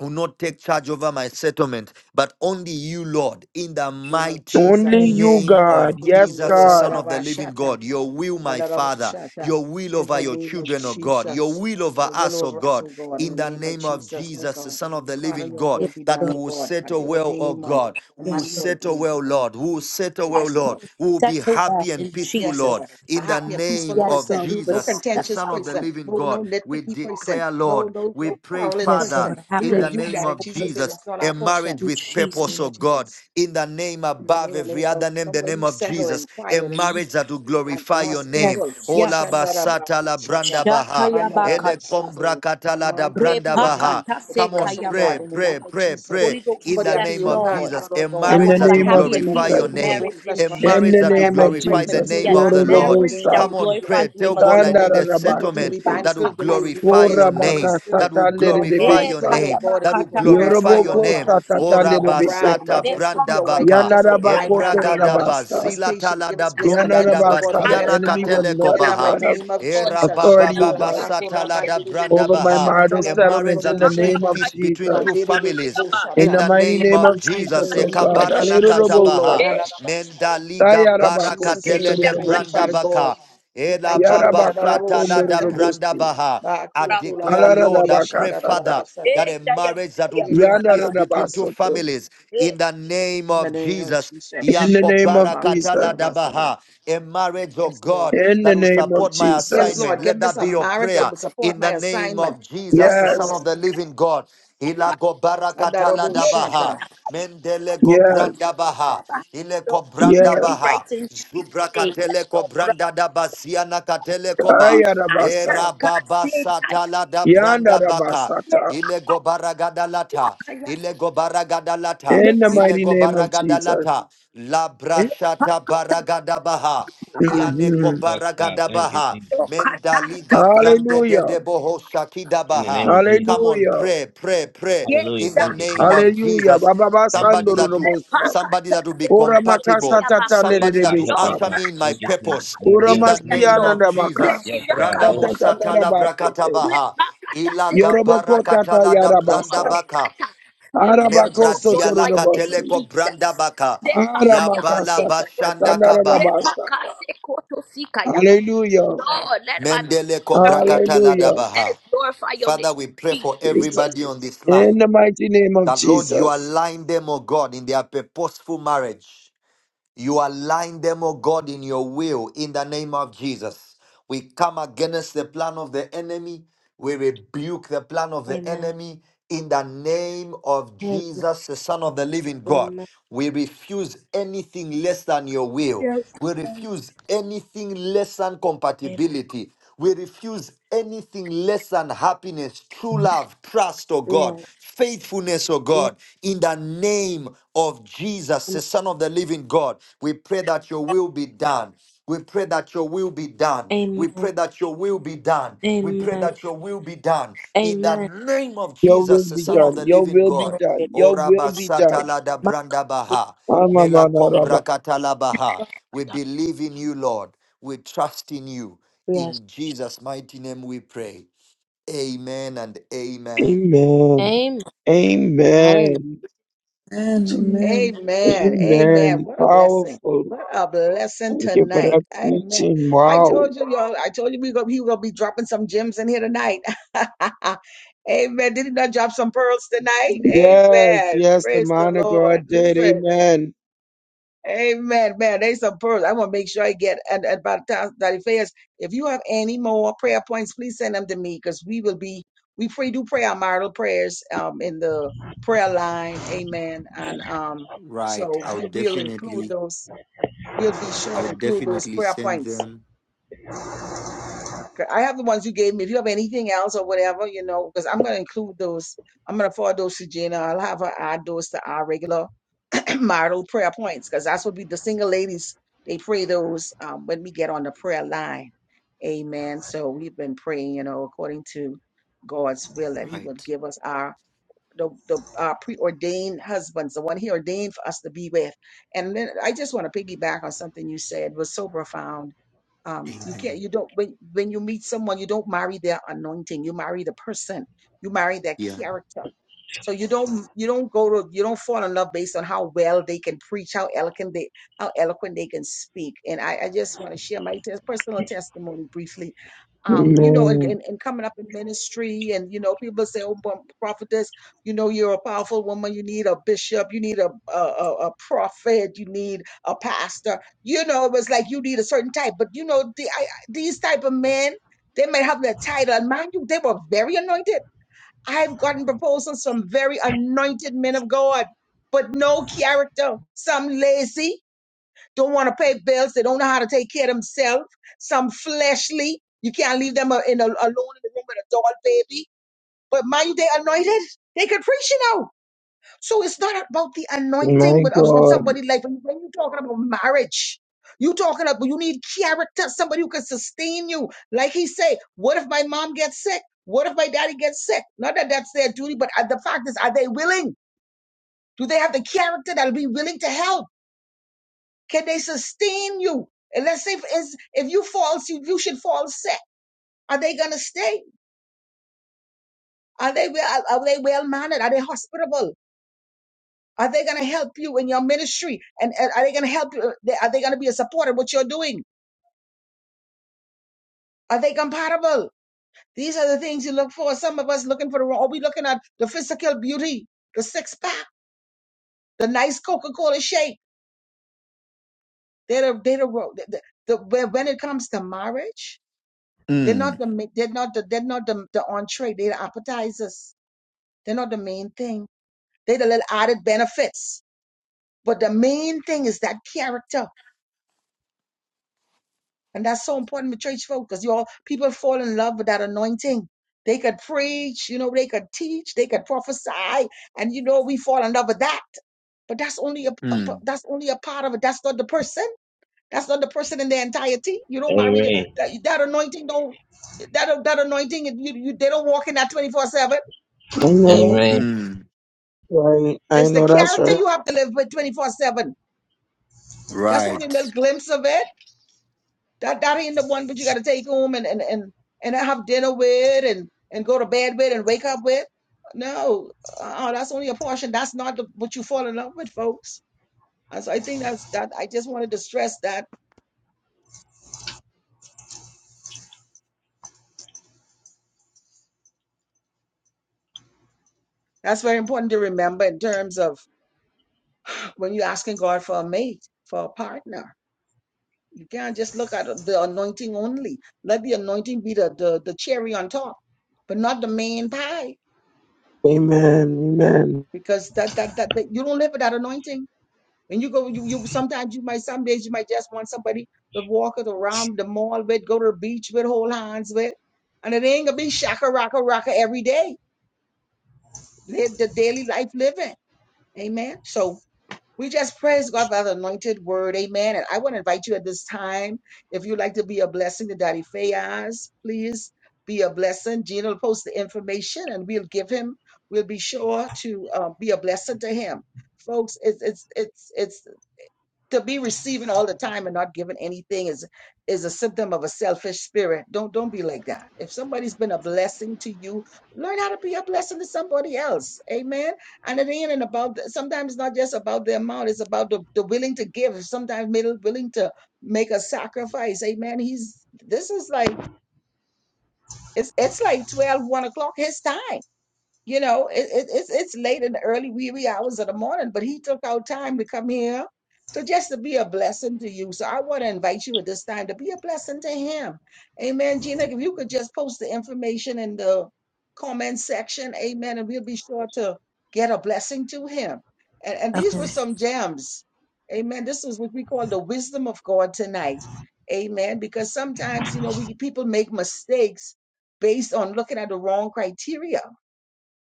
[SPEAKER 8] will not take charge over my settlement, but only you, Lord, in the
[SPEAKER 2] in the name of
[SPEAKER 8] mighty
[SPEAKER 3] Only
[SPEAKER 2] Jesus.
[SPEAKER 3] you,
[SPEAKER 1] Amen.
[SPEAKER 8] name of
[SPEAKER 3] God.
[SPEAKER 2] Open
[SPEAKER 3] Yes,
[SPEAKER 2] you,
[SPEAKER 8] Jesus,
[SPEAKER 2] Lord,
[SPEAKER 8] the
[SPEAKER 3] God.
[SPEAKER 8] Son of the living
[SPEAKER 2] Adarabashata,
[SPEAKER 8] God. Your will, my Father,
[SPEAKER 2] Madarabashata.
[SPEAKER 8] your will
[SPEAKER 2] In
[SPEAKER 8] over
[SPEAKER 2] the
[SPEAKER 8] your
[SPEAKER 2] name of
[SPEAKER 8] children, oh God, your
[SPEAKER 2] Jesus.
[SPEAKER 8] will over
[SPEAKER 2] Your will
[SPEAKER 8] us, oh
[SPEAKER 2] over us, O
[SPEAKER 8] God,
[SPEAKER 2] God, in the
[SPEAKER 8] in the
[SPEAKER 2] name of
[SPEAKER 8] name of
[SPEAKER 2] Jesus, O
[SPEAKER 8] Jesus, the
[SPEAKER 2] God.
[SPEAKER 8] Son of the
[SPEAKER 2] Father,
[SPEAKER 8] living
[SPEAKER 2] your
[SPEAKER 8] God,
[SPEAKER 1] Yes,
[SPEAKER 2] will be
[SPEAKER 8] that
[SPEAKER 2] done,
[SPEAKER 8] we
[SPEAKER 1] Lord.
[SPEAKER 2] O
[SPEAKER 8] will
[SPEAKER 2] God, at the
[SPEAKER 8] settle well, oh
[SPEAKER 2] ordained one,
[SPEAKER 8] God.
[SPEAKER 2] the
[SPEAKER 8] We will
[SPEAKER 2] man
[SPEAKER 1] Yes,
[SPEAKER 2] you
[SPEAKER 1] Lord.
[SPEAKER 8] settle
[SPEAKER 2] ordained.
[SPEAKER 8] well, Lord. We will settle
[SPEAKER 1] I
[SPEAKER 8] well,
[SPEAKER 2] Yes, Lord.
[SPEAKER 8] Lord. We will be
[SPEAKER 1] Settle well
[SPEAKER 8] happy and
[SPEAKER 1] in
[SPEAKER 8] peaceful,
[SPEAKER 2] Yes,
[SPEAKER 1] Jesus.
[SPEAKER 8] Lord,
[SPEAKER 2] Lord. A
[SPEAKER 8] in the
[SPEAKER 2] happy and peaceful
[SPEAKER 8] name of
[SPEAKER 2] person. No
[SPEAKER 8] Jesus.
[SPEAKER 1] Yes.
[SPEAKER 8] Jesus, the
[SPEAKER 2] contentious
[SPEAKER 8] Son of the
[SPEAKER 2] person.
[SPEAKER 8] living
[SPEAKER 2] No,
[SPEAKER 8] God.
[SPEAKER 2] no
[SPEAKER 8] We
[SPEAKER 2] nitpicky person.
[SPEAKER 8] declare, Lord,
[SPEAKER 2] No, no,
[SPEAKER 8] we
[SPEAKER 2] no
[SPEAKER 8] pray,
[SPEAKER 2] quarreling
[SPEAKER 1] Yes,
[SPEAKER 8] Father,
[SPEAKER 2] person.
[SPEAKER 1] Lord.
[SPEAKER 2] We
[SPEAKER 8] in
[SPEAKER 1] Happy
[SPEAKER 8] the
[SPEAKER 1] and
[SPEAKER 2] rebuke
[SPEAKER 8] name
[SPEAKER 2] that in
[SPEAKER 8] of
[SPEAKER 1] peaceful
[SPEAKER 2] Jesus' name.
[SPEAKER 1] person
[SPEAKER 8] Jesus,
[SPEAKER 2] That's not
[SPEAKER 8] a
[SPEAKER 2] our portion.
[SPEAKER 8] marriage
[SPEAKER 1] in
[SPEAKER 8] with
[SPEAKER 2] In the
[SPEAKER 1] Jesus.
[SPEAKER 8] purpose,
[SPEAKER 2] name
[SPEAKER 8] oh
[SPEAKER 2] of
[SPEAKER 8] God,
[SPEAKER 2] Jesus.
[SPEAKER 8] in the name
[SPEAKER 2] In the
[SPEAKER 8] above
[SPEAKER 2] name of the
[SPEAKER 8] every
[SPEAKER 2] neighbor,
[SPEAKER 8] other name, the
[SPEAKER 2] somebody
[SPEAKER 8] name
[SPEAKER 2] who's
[SPEAKER 8] of
[SPEAKER 2] settled
[SPEAKER 8] Jesus,
[SPEAKER 2] and
[SPEAKER 8] a
[SPEAKER 2] quiet and meek
[SPEAKER 8] marriage that will
[SPEAKER 2] and, and
[SPEAKER 8] glorify your name.
[SPEAKER 2] hospitable.
[SPEAKER 1] Yes.
[SPEAKER 8] Ola
[SPEAKER 1] Yes.
[SPEAKER 2] Shandaraba,
[SPEAKER 8] basata la
[SPEAKER 2] Shata,
[SPEAKER 8] branda baha.
[SPEAKER 1] Shakaya
[SPEAKER 2] Mandarabo,
[SPEAKER 8] Ele
[SPEAKER 1] bakaya.
[SPEAKER 8] kombra
[SPEAKER 2] Shodo, a
[SPEAKER 8] katala da
[SPEAKER 2] man or
[SPEAKER 8] branda
[SPEAKER 2] preordained
[SPEAKER 8] baha.
[SPEAKER 1] Repakata
[SPEAKER 2] the
[SPEAKER 8] Come
[SPEAKER 2] people that's
[SPEAKER 8] on,
[SPEAKER 2] so
[SPEAKER 8] pray,
[SPEAKER 2] God in the
[SPEAKER 8] pray,
[SPEAKER 2] name
[SPEAKER 1] sekayamatayaba.
[SPEAKER 2] of
[SPEAKER 8] pray,
[SPEAKER 2] Jesus.
[SPEAKER 8] pray
[SPEAKER 1] Holy
[SPEAKER 8] in
[SPEAKER 1] Ghost,
[SPEAKER 2] Somebody
[SPEAKER 8] the
[SPEAKER 2] after
[SPEAKER 1] yes,
[SPEAKER 8] name
[SPEAKER 2] your own
[SPEAKER 8] of
[SPEAKER 2] heart,
[SPEAKER 1] Lord.
[SPEAKER 2] Father
[SPEAKER 8] Jesus.
[SPEAKER 2] Lord
[SPEAKER 8] A
[SPEAKER 1] I
[SPEAKER 2] God.
[SPEAKER 3] In
[SPEAKER 2] uh,
[SPEAKER 1] will
[SPEAKER 8] marriage
[SPEAKER 3] the
[SPEAKER 1] have a
[SPEAKER 8] that will
[SPEAKER 3] name
[SPEAKER 2] Somebody you
[SPEAKER 3] of
[SPEAKER 1] happy
[SPEAKER 2] can
[SPEAKER 1] and
[SPEAKER 2] make
[SPEAKER 8] glorify
[SPEAKER 2] us
[SPEAKER 3] Jesus.
[SPEAKER 2] a
[SPEAKER 1] peaceful
[SPEAKER 8] your
[SPEAKER 2] bone of
[SPEAKER 8] name,
[SPEAKER 1] marriage
[SPEAKER 2] bone,
[SPEAKER 1] in
[SPEAKER 2] flesh
[SPEAKER 8] a
[SPEAKER 2] of a flesh.
[SPEAKER 3] In
[SPEAKER 8] marriage
[SPEAKER 1] Jesus'
[SPEAKER 3] the
[SPEAKER 8] that
[SPEAKER 2] May
[SPEAKER 8] will
[SPEAKER 2] I
[SPEAKER 3] name
[SPEAKER 1] mighty
[SPEAKER 2] might
[SPEAKER 3] of
[SPEAKER 1] name.
[SPEAKER 2] may,
[SPEAKER 8] glorify
[SPEAKER 2] may,
[SPEAKER 8] the
[SPEAKER 3] Jesus.
[SPEAKER 2] may the
[SPEAKER 8] name
[SPEAKER 1] Yes,
[SPEAKER 8] of
[SPEAKER 2] man
[SPEAKER 8] the
[SPEAKER 3] Glory
[SPEAKER 2] that
[SPEAKER 3] to
[SPEAKER 2] God
[SPEAKER 8] Lord.
[SPEAKER 3] God.
[SPEAKER 1] marriage
[SPEAKER 2] ordained
[SPEAKER 1] that
[SPEAKER 2] me
[SPEAKER 1] will
[SPEAKER 8] Come
[SPEAKER 2] to be
[SPEAKER 8] on,
[SPEAKER 2] with
[SPEAKER 1] glorify
[SPEAKER 8] pray.
[SPEAKER 1] the
[SPEAKER 2] locate me
[SPEAKER 8] Tell
[SPEAKER 2] in
[SPEAKER 1] name of the
[SPEAKER 8] God,
[SPEAKER 2] Jesus'
[SPEAKER 8] I
[SPEAKER 3] Stand at
[SPEAKER 2] name.
[SPEAKER 1] Lord.
[SPEAKER 8] need a
[SPEAKER 3] the
[SPEAKER 2] May he go deal
[SPEAKER 8] settlement
[SPEAKER 2] me
[SPEAKER 3] back.
[SPEAKER 2] bind the
[SPEAKER 8] that will
[SPEAKER 2] spirit of
[SPEAKER 1] Rakata
[SPEAKER 2] delay. We come
[SPEAKER 8] glorify
[SPEAKER 2] against
[SPEAKER 3] Ora
[SPEAKER 8] your
[SPEAKER 2] every hindering
[SPEAKER 8] name,
[SPEAKER 3] baka
[SPEAKER 1] sekayabakayaba.
[SPEAKER 2] spirit.
[SPEAKER 8] that will
[SPEAKER 3] satande de
[SPEAKER 2] Lord
[SPEAKER 3] de
[SPEAKER 2] God,
[SPEAKER 8] glorify
[SPEAKER 2] we
[SPEAKER 8] your
[SPEAKER 2] pray,
[SPEAKER 3] besa.
[SPEAKER 2] oh
[SPEAKER 8] name,
[SPEAKER 2] God, that
[SPEAKER 8] that will
[SPEAKER 2] you will
[SPEAKER 1] Ekayabakata
[SPEAKER 2] prepare us,
[SPEAKER 8] glorify
[SPEAKER 2] Father
[SPEAKER 8] your
[SPEAKER 2] Lord
[SPEAKER 3] Yoroboko
[SPEAKER 2] God,
[SPEAKER 8] name.
[SPEAKER 1] lamasokoto
[SPEAKER 2] uh, to be
[SPEAKER 8] Ora
[SPEAKER 3] satatande de
[SPEAKER 2] a
[SPEAKER 1] sikayaba.
[SPEAKER 2] bride,
[SPEAKER 3] bekosa.
[SPEAKER 8] basata
[SPEAKER 2] not just to be a
[SPEAKER 8] branda
[SPEAKER 2] wife, not
[SPEAKER 1] Repakata
[SPEAKER 8] baka.
[SPEAKER 2] just a bride, Father
[SPEAKER 3] Yanarabakoto
[SPEAKER 2] Lord
[SPEAKER 8] Embragada
[SPEAKER 2] God.
[SPEAKER 1] sekayatayaba.
[SPEAKER 2] Give
[SPEAKER 3] rabasa.
[SPEAKER 2] us
[SPEAKER 8] bazila
[SPEAKER 2] patience. Give
[SPEAKER 8] talada
[SPEAKER 2] us wisdom.
[SPEAKER 8] bronda
[SPEAKER 2] Give
[SPEAKER 8] da
[SPEAKER 2] us, oh
[SPEAKER 1] Nakatika
[SPEAKER 2] God, the
[SPEAKER 3] Yanarabasa. The
[SPEAKER 2] prayer
[SPEAKER 8] badiana
[SPEAKER 1] alaba.
[SPEAKER 3] enemy
[SPEAKER 2] stamina.
[SPEAKER 3] will
[SPEAKER 8] katele
[SPEAKER 3] not,
[SPEAKER 1] Lord,
[SPEAKER 2] In
[SPEAKER 1] I
[SPEAKER 3] oh
[SPEAKER 2] the
[SPEAKER 1] will
[SPEAKER 8] kobaha.
[SPEAKER 3] God,
[SPEAKER 2] mighty
[SPEAKER 3] have
[SPEAKER 1] marry,
[SPEAKER 2] name of
[SPEAKER 1] Lord.
[SPEAKER 8] Era
[SPEAKER 2] Jesus.
[SPEAKER 8] Baba
[SPEAKER 1] And I
[SPEAKER 3] authority, oh
[SPEAKER 8] Baba
[SPEAKER 1] will marry
[SPEAKER 3] God,
[SPEAKER 1] your name.
[SPEAKER 8] satala
[SPEAKER 1] Yes,
[SPEAKER 8] da
[SPEAKER 2] Shatalabakurabandiribe.
[SPEAKER 8] branda
[SPEAKER 3] over
[SPEAKER 1] Lord.
[SPEAKER 3] my
[SPEAKER 8] baha.
[SPEAKER 3] marital
[SPEAKER 8] A marriage
[SPEAKER 3] settlement
[SPEAKER 8] that
[SPEAKER 3] in
[SPEAKER 2] Shatalamandorobo
[SPEAKER 8] will
[SPEAKER 3] the
[SPEAKER 8] bring
[SPEAKER 3] name
[SPEAKER 2] Shata.
[SPEAKER 3] of
[SPEAKER 8] peace between two
[SPEAKER 3] Jesus.
[SPEAKER 2] Mandiribe
[SPEAKER 8] families.
[SPEAKER 2] kubo
[SPEAKER 1] Rakakayaba.
[SPEAKER 3] In
[SPEAKER 8] In
[SPEAKER 2] Shata.
[SPEAKER 3] the
[SPEAKER 8] the
[SPEAKER 3] mighty
[SPEAKER 8] name
[SPEAKER 3] name
[SPEAKER 8] of
[SPEAKER 3] of Jesus,
[SPEAKER 2] In
[SPEAKER 8] Jesus,
[SPEAKER 2] the
[SPEAKER 3] oh
[SPEAKER 2] name
[SPEAKER 3] God.
[SPEAKER 2] of
[SPEAKER 8] ekabarana
[SPEAKER 2] Jesus, oh Lord.
[SPEAKER 8] katabaha.
[SPEAKER 3] Alelorobosata.
[SPEAKER 2] Adalabasaya.
[SPEAKER 8] Mendaliga
[SPEAKER 2] In Jesus'
[SPEAKER 3] Tayarabakoso
[SPEAKER 2] name,
[SPEAKER 8] barakatele
[SPEAKER 2] we
[SPEAKER 8] de
[SPEAKER 2] thank you,
[SPEAKER 8] branda
[SPEAKER 2] Father
[SPEAKER 3] tororobosi.
[SPEAKER 2] God.
[SPEAKER 8] baka.
[SPEAKER 2] We
[SPEAKER 8] Ela
[SPEAKER 2] thank you, Lord.
[SPEAKER 8] baba
[SPEAKER 2] Adarabo
[SPEAKER 3] Yarabakaso
[SPEAKER 8] shatala da
[SPEAKER 2] Shata.
[SPEAKER 8] branda
[SPEAKER 3] nororobosi.
[SPEAKER 8] baha. I declare, Lord,
[SPEAKER 2] Bakutulabandiribe
[SPEAKER 8] I pray, Father,
[SPEAKER 3] Alarabakasata.
[SPEAKER 8] that
[SPEAKER 2] shikatalabasatete.
[SPEAKER 8] a marriage that will bring peace between two
[SPEAKER 3] Yanarabasoto.
[SPEAKER 8] families in the name
[SPEAKER 2] In the
[SPEAKER 8] of
[SPEAKER 2] name of
[SPEAKER 8] Jesus.
[SPEAKER 3] In
[SPEAKER 2] Jesus.
[SPEAKER 3] the name of
[SPEAKER 8] Yakobara
[SPEAKER 3] Jesus.
[SPEAKER 8] katala
[SPEAKER 2] Shatalabakutulabasaya.
[SPEAKER 8] dabaha. A marriage, oh
[SPEAKER 2] Yes, Lord.
[SPEAKER 8] God,
[SPEAKER 3] In
[SPEAKER 8] that
[SPEAKER 3] the
[SPEAKER 8] will
[SPEAKER 3] name of
[SPEAKER 8] support my
[SPEAKER 2] Yes,
[SPEAKER 3] Jesus.
[SPEAKER 8] assignment.
[SPEAKER 2] Lord. Give
[SPEAKER 8] Let
[SPEAKER 2] me
[SPEAKER 8] that be
[SPEAKER 2] some
[SPEAKER 8] your
[SPEAKER 2] marriage that
[SPEAKER 8] prayer
[SPEAKER 2] will support
[SPEAKER 8] in
[SPEAKER 2] my
[SPEAKER 8] the name
[SPEAKER 2] assignment.
[SPEAKER 8] of Jesus,
[SPEAKER 2] Yes,
[SPEAKER 8] the Son
[SPEAKER 2] Lord.
[SPEAKER 3] Yes,
[SPEAKER 8] of the Living God. Ila gobara katala
[SPEAKER 2] Adarabo
[SPEAKER 8] dabaha.
[SPEAKER 2] shata.
[SPEAKER 8] Mendele
[SPEAKER 3] yes,
[SPEAKER 8] gobranda baha. Ile kobranda
[SPEAKER 1] Every
[SPEAKER 3] yes.
[SPEAKER 1] right
[SPEAKER 8] baha.
[SPEAKER 1] in Jesus'
[SPEAKER 8] Zubra
[SPEAKER 1] name,
[SPEAKER 8] katele
[SPEAKER 1] yes, Lord, brother.
[SPEAKER 8] kobranda dabasiana katele koba.
[SPEAKER 1] I
[SPEAKER 3] Ayarabasa.
[SPEAKER 8] Era
[SPEAKER 1] can't
[SPEAKER 8] baba
[SPEAKER 1] say that.
[SPEAKER 8] satala da branda baka.
[SPEAKER 3] Yandarabasata.
[SPEAKER 1] Yes,
[SPEAKER 8] Ile go baragadalata. Ile go baragadalata.
[SPEAKER 3] In the
[SPEAKER 8] Ile
[SPEAKER 3] mighty
[SPEAKER 8] go
[SPEAKER 3] name of Jesus.
[SPEAKER 8] baragadalata. La brashata baragadabaha. Ianeko
[SPEAKER 3] hmm
[SPEAKER 5] Yes,
[SPEAKER 8] baragadabaha. Mendaliga
[SPEAKER 5] yes,
[SPEAKER 8] brande de
[SPEAKER 3] Hallelujah.
[SPEAKER 8] deboho
[SPEAKER 5] in the name
[SPEAKER 8] shakidabaha.
[SPEAKER 5] of Jesus.
[SPEAKER 8] Come on,
[SPEAKER 3] Hallelujah.
[SPEAKER 8] pray, pray, pray
[SPEAKER 5] Hallelujah.
[SPEAKER 8] in the
[SPEAKER 5] Thank you,
[SPEAKER 8] name of
[SPEAKER 5] Jesus.
[SPEAKER 3] Hallelujah.
[SPEAKER 8] Jesus.
[SPEAKER 5] Thank you,
[SPEAKER 8] Somebody that
[SPEAKER 5] Jesus.
[SPEAKER 8] will,
[SPEAKER 3] Bababasandorobosa.
[SPEAKER 8] somebody that will be
[SPEAKER 3] Ora makasa
[SPEAKER 8] compatible,
[SPEAKER 3] tata
[SPEAKER 5] Yes,
[SPEAKER 8] somebody
[SPEAKER 5] God.
[SPEAKER 8] that will
[SPEAKER 5] Help me,
[SPEAKER 3] nerebesa.
[SPEAKER 8] usher
[SPEAKER 5] God.
[SPEAKER 8] me in my
[SPEAKER 5] Thank you, Jesus.
[SPEAKER 8] purpose
[SPEAKER 5] In the
[SPEAKER 3] Ora
[SPEAKER 8] in
[SPEAKER 5] name
[SPEAKER 8] the
[SPEAKER 5] of
[SPEAKER 1] I can't say
[SPEAKER 5] Jesus.
[SPEAKER 8] name
[SPEAKER 3] masiana
[SPEAKER 8] of
[SPEAKER 3] namaka.
[SPEAKER 8] Jesus.
[SPEAKER 5] Yes, God.
[SPEAKER 8] Rana
[SPEAKER 5] Thank
[SPEAKER 3] Tata
[SPEAKER 5] you.
[SPEAKER 1] Lord,
[SPEAKER 3] tata
[SPEAKER 8] Mosatala
[SPEAKER 3] rabasete.
[SPEAKER 8] Brakatabaha. Ilaga
[SPEAKER 3] Yoroboko tata
[SPEAKER 8] parakatala da branda
[SPEAKER 3] yarabasa.
[SPEAKER 8] baka.
[SPEAKER 1] And marriage that
[SPEAKER 3] Arabako
[SPEAKER 8] Membra
[SPEAKER 1] will
[SPEAKER 8] diala
[SPEAKER 1] glorify your name,
[SPEAKER 3] sotorobosi.
[SPEAKER 8] kateleko branda
[SPEAKER 1] Jesus.
[SPEAKER 8] baka.
[SPEAKER 1] Sepakayama
[SPEAKER 8] Yabala
[SPEAKER 1] sekata.
[SPEAKER 8] bashanda kaba.
[SPEAKER 3] Aramakasakatanarabasa.
[SPEAKER 1] Repakasekoto sikayama.
[SPEAKER 3] Hallelujah.
[SPEAKER 1] Lord, let my marriage
[SPEAKER 8] Mendeleko
[SPEAKER 1] glorify,
[SPEAKER 8] brakatala da
[SPEAKER 3] Hallelujah.
[SPEAKER 1] let it
[SPEAKER 8] baha.
[SPEAKER 1] glorify your name,
[SPEAKER 8] Father, we pray for
[SPEAKER 1] Jesus.
[SPEAKER 3] Jesus.
[SPEAKER 8] everybody on this
[SPEAKER 3] In the
[SPEAKER 8] line
[SPEAKER 3] mighty name of
[SPEAKER 8] that Lord, you
[SPEAKER 3] Jesus.
[SPEAKER 8] align them, O God, in their purposeful marriage. You align them, oh God, in your will in the name of Jesus. We come against the plan of the enemy. We rebuke the plan of the enemy in the name of Jesus, the Son of the living God. We refuse anything less than your will. We refuse anything less than
[SPEAKER 1] Amen.
[SPEAKER 8] compatibility. We refuse anything less than happiness, true love, trust, oh God,
[SPEAKER 1] Yes.
[SPEAKER 8] faithfulness, oh
[SPEAKER 1] Yes.
[SPEAKER 8] God, in the name of Jesus, the Son of the living God. We pray that your will be done. We pray that your will be done. We
[SPEAKER 1] Amen.
[SPEAKER 8] pray that your will be done. We pray
[SPEAKER 1] Amen.
[SPEAKER 8] that your will be done. In the
[SPEAKER 1] Amen.
[SPEAKER 8] name of
[SPEAKER 3] Your will
[SPEAKER 8] Jesus, the
[SPEAKER 3] be
[SPEAKER 8] Son
[SPEAKER 1] Yes.
[SPEAKER 8] of
[SPEAKER 3] done.
[SPEAKER 8] the
[SPEAKER 3] Your
[SPEAKER 8] living
[SPEAKER 3] will be
[SPEAKER 8] God.
[SPEAKER 3] done.
[SPEAKER 8] O
[SPEAKER 3] Your will
[SPEAKER 8] Rabba
[SPEAKER 3] be done.
[SPEAKER 8] Satala da Branda Baha. Mela Kombra
[SPEAKER 3] Amamanaraba.
[SPEAKER 8] Katala Baha. We believe in you, Lord. We trust in you.
[SPEAKER 1] Yes.
[SPEAKER 8] In Jesus' mighty name we pray. Amen and amen.
[SPEAKER 3] Amen.
[SPEAKER 1] Amen. Hallelujah.
[SPEAKER 3] Amen.
[SPEAKER 7] Amen.
[SPEAKER 2] Amen. Amen.
[SPEAKER 3] Amen.
[SPEAKER 2] What a blessing.
[SPEAKER 3] Powerful.
[SPEAKER 2] What a blessing
[SPEAKER 3] Thank you for
[SPEAKER 2] tonight.
[SPEAKER 3] that
[SPEAKER 2] Amen.
[SPEAKER 3] preaching.
[SPEAKER 2] I
[SPEAKER 3] Wow.
[SPEAKER 2] told you, y'all, I told you we go, he will be dropping some gems in here tonight. (laughs) Amen. Did he not drop some pearls tonight?
[SPEAKER 3] Yes,
[SPEAKER 2] Amen.
[SPEAKER 3] yes, the
[SPEAKER 2] Praise the
[SPEAKER 3] man of
[SPEAKER 2] Lord.
[SPEAKER 3] God did.
[SPEAKER 2] Listen.
[SPEAKER 3] Amen.
[SPEAKER 2] Amen, man. They some pearls. I want to make sure I get and, and by the time that it fails, if you have any more prayer points, please send them to me because we will be we pray do pray our marital prayers um in the prayer line. Amen. And um
[SPEAKER 8] Right.
[SPEAKER 2] so
[SPEAKER 8] I
[SPEAKER 2] we
[SPEAKER 8] would
[SPEAKER 2] will include
[SPEAKER 8] definitely,
[SPEAKER 2] those. We'll be
[SPEAKER 8] I
[SPEAKER 2] sure to
[SPEAKER 8] would
[SPEAKER 2] include those
[SPEAKER 8] definitely
[SPEAKER 2] prayer
[SPEAKER 8] send
[SPEAKER 2] points.
[SPEAKER 8] them.
[SPEAKER 2] 'Kay, I have the ones you gave me. If you have anything else or whatever, you know, because I'm gonna include those. I'm gonna forward those to Gina. I'll have her add those to our regular (clears throat) model prayer points because that's what we the single ladies they pray those um, when we get on the prayer line amen so we've been praying you know according to god's will that he would
[SPEAKER 8] Right.
[SPEAKER 2] give us our the, the our preordained husbands the one he ordained for us to be with and then i just want to piggyback on something you said was so profound um, you can't
[SPEAKER 8] Amen.
[SPEAKER 2] you don't when, when you meet someone you don't marry their anointing you marry the person you marry their
[SPEAKER 8] Yeah.
[SPEAKER 2] character so you don't you don't go to you don't fall in love based on how well they can preach, how eloquent they how eloquent they can speak. And I, I just want to share my tes- personal testimony briefly. Um, you know, and,
[SPEAKER 3] Amen.
[SPEAKER 2] and, and coming up in ministry, and you know, people say, "Oh, but prophetess, you know, you're a powerful woman. You need a bishop. You need a a, a a prophet. You need a pastor." You know, it was like you need a certain type. But you know, the, I, I- these type of men, they may have that title. And mind you, they were very anointed I've gotten proposals from very anointed men of God, but no character. Some lazy, don't want to pay bills, they don't know how to take care of themselves. Some fleshly, you can't leave them a- in a, alone in the room with a doll baby. But mind you, they anointed. They could preach, you know so it's not about the anointing,
[SPEAKER 3] My
[SPEAKER 2] but of of
[SPEAKER 3] God.
[SPEAKER 2] somebody's life. When when you're talking about marriage, you talking about you need character, somebody who can sustain you. Like he say, what if my mom gets sick? What if my daddy gets sick? Not that that's their duty, but uh, the fact is, are they willing? Do they have the character that'll be willing to help? Can they sustain you? And let's say, if, it's- if you fall, you you should fall sick. Are they gonna stay? Are they well? Are they well mannered? Are they hospitable? Are they going to help you in your ministry? And, and are they going to help you? uh, They- Are they going to be a supporter of what you're doing? Are they compatible? These are the things you look for. Some of us looking for the wrong. Are we looking at the physical beauty, the six pack, the nice Coca Cola shake? They're the, they're the, ro- the, the, the when when it comes to marriage, they're not
[SPEAKER 8] Mm,
[SPEAKER 2] the ma- they're not the, they're not the, the entree. They're the appetizers. They're not the main thing. They're the little added benefits. But the main thing is that character And that's so important with church folk because y'all people fall in love with that anointing. They could preach, you know, they could teach, they could prophesy, and you know we fall in love with that. But that's only a, a p-
[SPEAKER 8] mm,
[SPEAKER 2] that's only a part of it. That's not the person. That's not the person in their entirety. You don't marry the,
[SPEAKER 5] Amen.
[SPEAKER 2] that that anointing. Don't that that anointing. You, you they don't walk in that twenty four seven.
[SPEAKER 3] I know
[SPEAKER 2] (laughs)
[SPEAKER 3] that's
[SPEAKER 5] Amen.
[SPEAKER 8] mm.
[SPEAKER 3] right. I
[SPEAKER 2] It's the
[SPEAKER 3] know that's
[SPEAKER 2] character
[SPEAKER 3] right.
[SPEAKER 2] you have to live with twenty four seven. That's only a little
[SPEAKER 8] Right.
[SPEAKER 2] glimpse of it That that ain't the one that you gotta take home and and and, and have dinner with and and go to bed with and wake up with. No, uh, that's only a portion. That's not the, what you fall in love with, folks. And so I think that's that. I just wanted to stress that. That's very important to remember in terms of when you're asking God for a mate, for a partner. You can't just look at the anointing only. Let the anointing be the the, the cherry on top, but not the main pie,
[SPEAKER 3] Amen.
[SPEAKER 2] because that that that, that you don't live without anointing When you go, you, you sometimes you might some days you might just want somebody to walk it around the mall with, go to the beach with, hold hands with, and it ain't gonna be shaka rocka rocka every day. Live the daily life living, amen. So we just praise God for the anointed word, amen. And I want to invite you at this time if you'd like to be a blessing to Daddy Fayaz, please be a blessing. Gina will post the information, and we'll give him. We'll be sure to uh, be a blessing to him folks it's it's it's it's to be receiving all the time and not giving anything is is a symptom of a selfish spirit don't don't be like that if somebody's been a blessing to you learn how to be a blessing to somebody else amen and it ain't and about sometimes it's not just about the amount it's about the, the willing to give sometimes middle willing to make a sacrifice amen he's this is like it's it's like twelve one o'clock his time you know, it, it, it's it's late in the early wee wee hours of the morning, but he took out time to come here to just to be a blessing to you. So I want to invite you at this time to be a blessing to him. Amen. Gina, if you could just post the information in the comment section, amen, and we'll be sure to get a blessing to him. And and these were some gems. Amen. This is what we call the wisdom of God tonight. Amen. Because sometimes, you know, we people make mistakes based on looking at the wrong criteria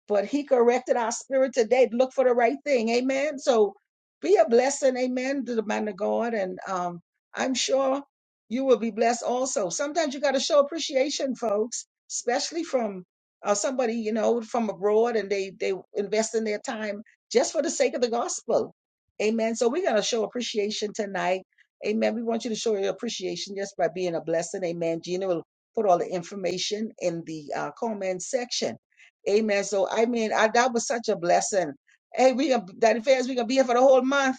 [SPEAKER 2] but he corrected our spirit today to look for the right thing. Amen. So be a blessing. Amen. To the man of God. And um, I'm sure you will be blessed also. Sometimes you got to show appreciation, folks, especially from uh, somebody, you know, from abroad and they, they invest in their time just for the sake of the gospel. Amen. So we're going to show appreciation tonight. Amen. We want you to show your appreciation just by being a blessing. Amen. Gina will put all the information in the uh, comment section. Amen. So I mean, I, that was such a blessing. Hey, we can Daddy Fairs, we can be here for the whole month.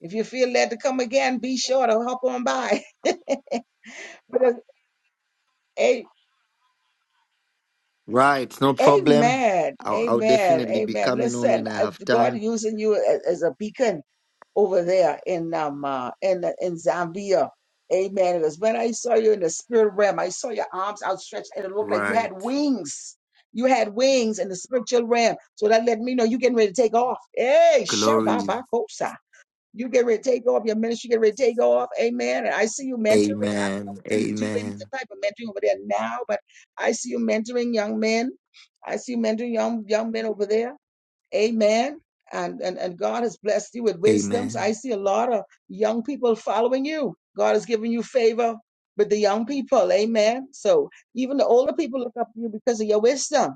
[SPEAKER 2] If you feel led to come again, be sure to hop on by. (laughs) But, uh, Hey.
[SPEAKER 8] Right. No problem.
[SPEAKER 2] Amen.
[SPEAKER 8] I'll, I'll
[SPEAKER 2] Amen.
[SPEAKER 8] definitely be
[SPEAKER 2] Amen.
[SPEAKER 8] coming on
[SPEAKER 2] Listen,
[SPEAKER 8] when I
[SPEAKER 2] uh,
[SPEAKER 8] have
[SPEAKER 2] God
[SPEAKER 8] time.
[SPEAKER 2] using you as, as a beacon over there in um uh, in in Zambia. Amen. Because when I saw you in the spirit realm, I saw your arms outstretched, and it looked like you
[SPEAKER 8] Right.
[SPEAKER 2] had wings. You had wings in the spiritual realm. So that let me know you getting ready to take off. Hey,
[SPEAKER 8] Glory.
[SPEAKER 2] Shababakosa. You get ready to take off your ministry, get ready to take off. Amen. And I see you mentoring
[SPEAKER 8] Amen.
[SPEAKER 2] you do any
[SPEAKER 8] Amen.
[SPEAKER 2] type of mentoring over there now, but I see you mentoring young men. I see you mentoring young young men over there. Amen. And, and and God has blessed you with wisdom. So I
[SPEAKER 8] Amen.
[SPEAKER 2] see a lot of young people following you. God has given you favor with the young people. Amen. So even the older people look up to you because of your wisdom.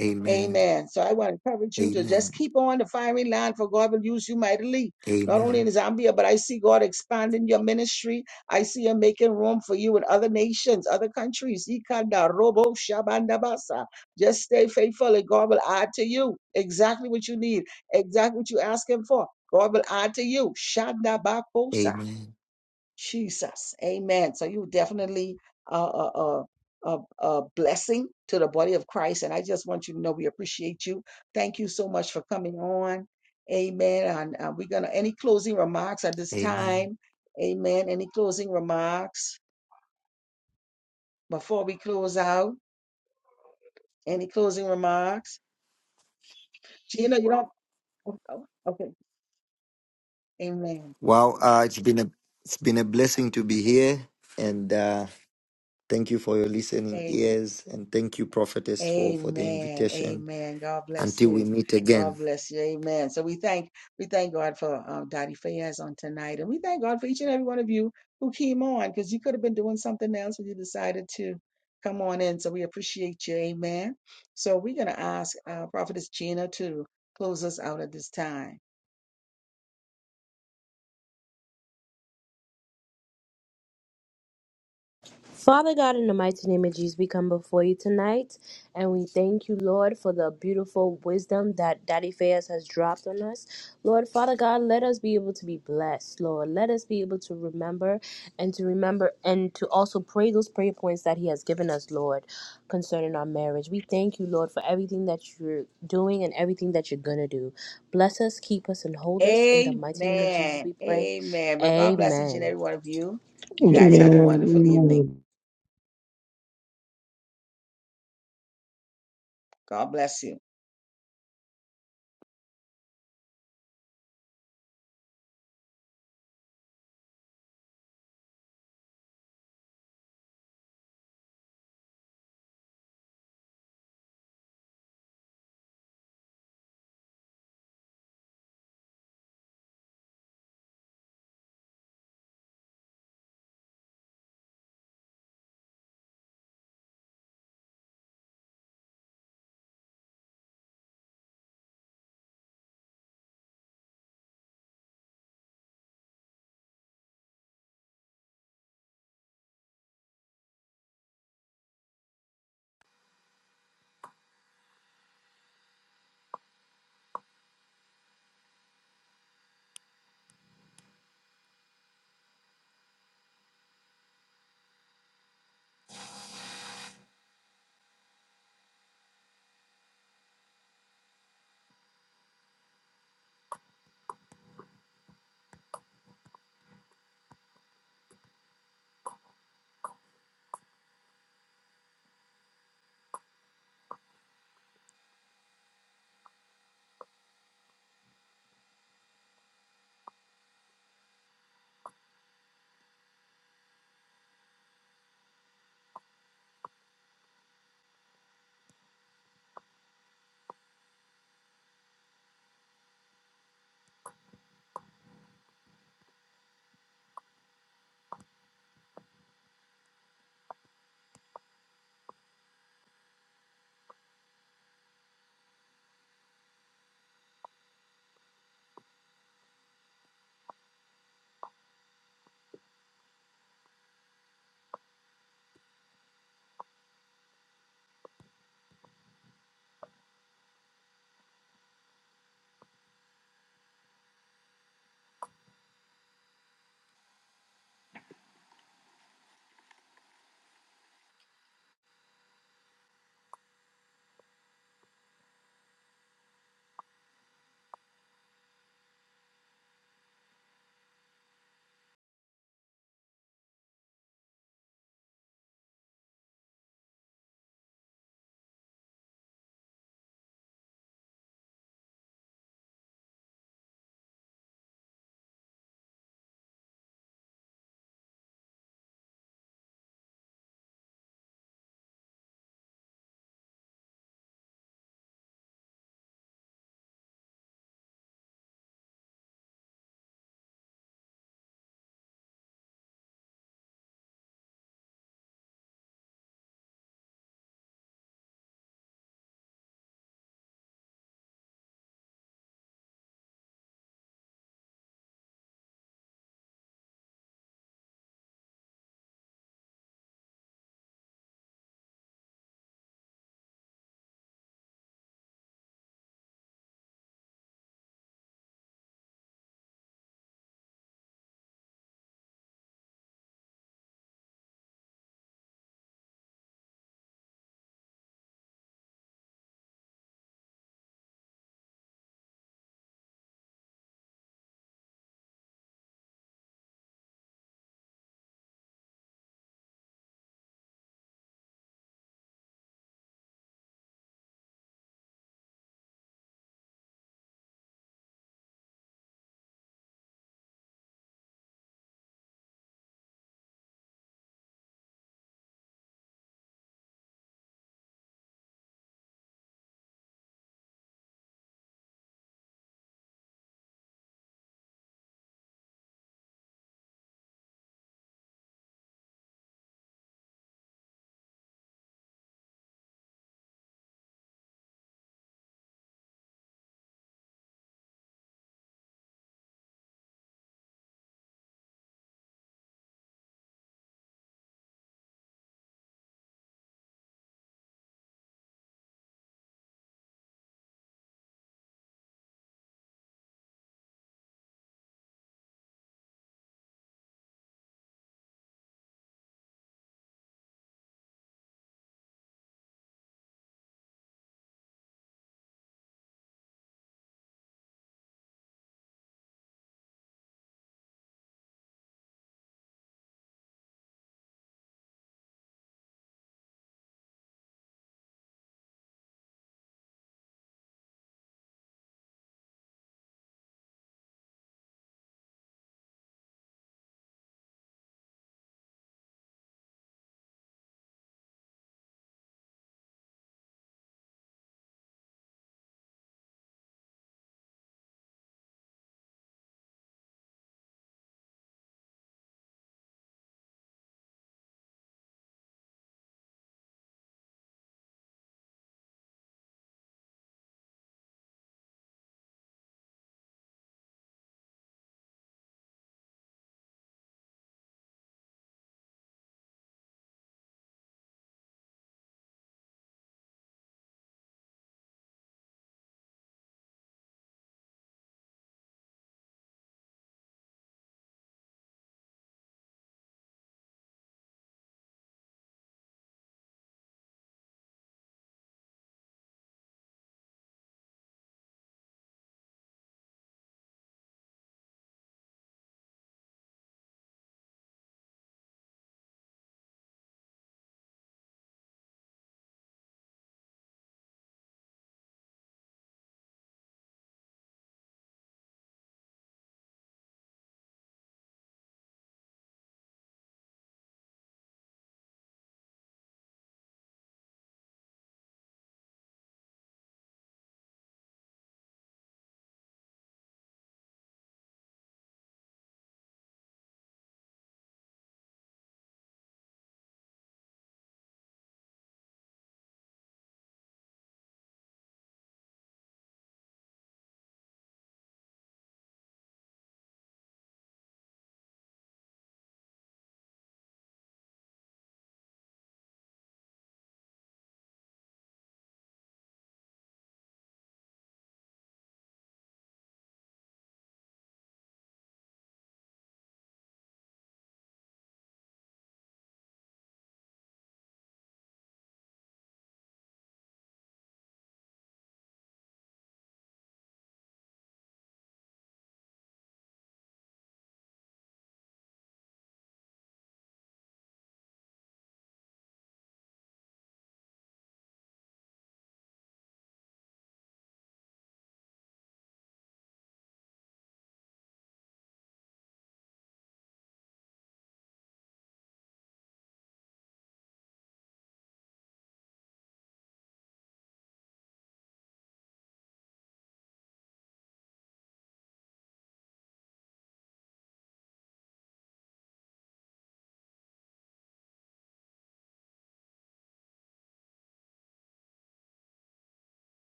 [SPEAKER 8] Amen.
[SPEAKER 2] Amen. So I want to encourage you to just
[SPEAKER 8] Amen.
[SPEAKER 2] keep on the firing line for God will use you mightily, not only
[SPEAKER 8] Amen.
[SPEAKER 2] in Zambia, but I see God expanding your ministry. I see Him making room for you in other nations, other countries. Ikanda robo shabanda basa. Just stay faithful and God will add to you exactly what you need, exactly what you ask Him for. God will add to you. Shandabakosa.
[SPEAKER 8] Amen.
[SPEAKER 2] Jesus. Amen. So you definitely uh, uh, uh, a, a blessing to the body of Christ. And I just want you to know we appreciate you. Thank you so much for coming on. Amen. And uh, we're going to, any closing remarks at this
[SPEAKER 8] Amen.
[SPEAKER 2] time? Amen. Any closing remarks before we close out? Any closing remarks? Gina, you don't? oh, oh, Okay. Amen.
[SPEAKER 8] Wow, uh, it's been a it's been a blessing to be here, and uh, thank you for your listening ears, and thank you, prophetess, for for the
[SPEAKER 2] Amen.
[SPEAKER 8] invitation.
[SPEAKER 2] Amen. God bless
[SPEAKER 8] Until we
[SPEAKER 2] you.
[SPEAKER 8] meet again.
[SPEAKER 2] God bless you. Amen. So we thank we thank God for um, Dottie Fayez on tonight, and we thank God for each and every one of you who came on because you could have been doing something else, but you decided to come on in. So we appreciate you. Amen. So we're gonna ask uh, Prophetess Gina to close us out at this time.
[SPEAKER 1] Father God, in the mighty name of Jesus, we come before you tonight and we thank you, Lord, for the beautiful wisdom that Daddy Fayez has dropped on us. Lord, Father God, let us be able to be blessed, Lord. Let us be able to remember and to remember and to also pray those prayer points that He has given us, Lord, concerning our marriage. We thank you, Lord, for everything that you're doing and everything that you're going to do. Bless us, keep us, and hold us. In the mighty name of Jesus,
[SPEAKER 2] Amen.
[SPEAKER 1] we pray.
[SPEAKER 2] Amen. But God bless each and
[SPEAKER 1] Amen.
[SPEAKER 2] every one of you. You guys
[SPEAKER 3] Amen.
[SPEAKER 2] have a
[SPEAKER 3] Amen.
[SPEAKER 2] wonderful evening.
[SPEAKER 3] Amen.
[SPEAKER 2] God bless you.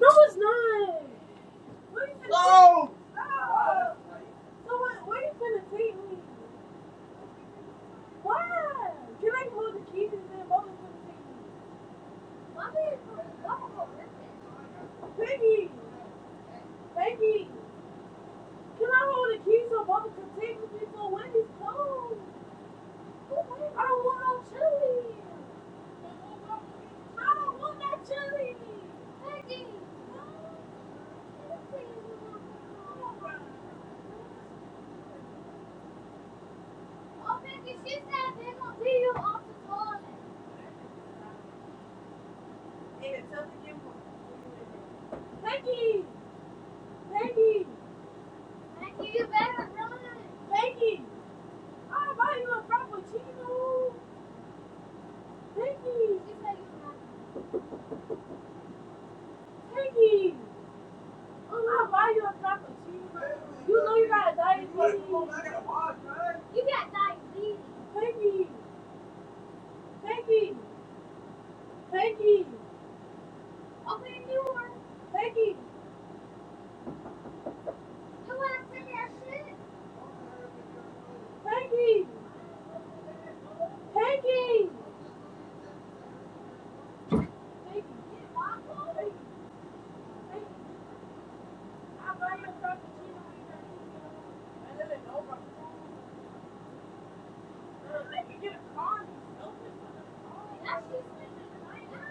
[SPEAKER 9] No, it's not. Where you No. Stop. So what? Where you finna take me? Why? Can I move the keys and then mother's finna take me? I'm being for a double Piggy, Piggy, can I hold the keys so mother can take me before Wendy's cold? I don't want no chili. I don't want no chili. Piggy, no. Peggy, Peggy, open a new one. Peggy, Come on, bring that shit. Peggy! Peggy! Peggy! get my phone. I buy your frappuccino when you got I live in Nova. Girl, they can get a car. That shit's been in the night now.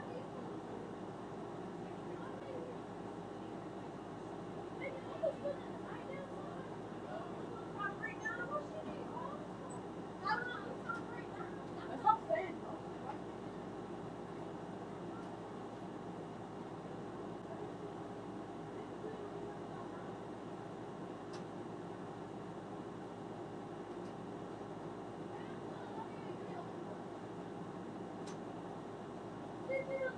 [SPEAKER 9] They can almost put it in the night now. I'm going to break down the whole shit. I'm going to break down. That's what I'm saying, bro. Ladies,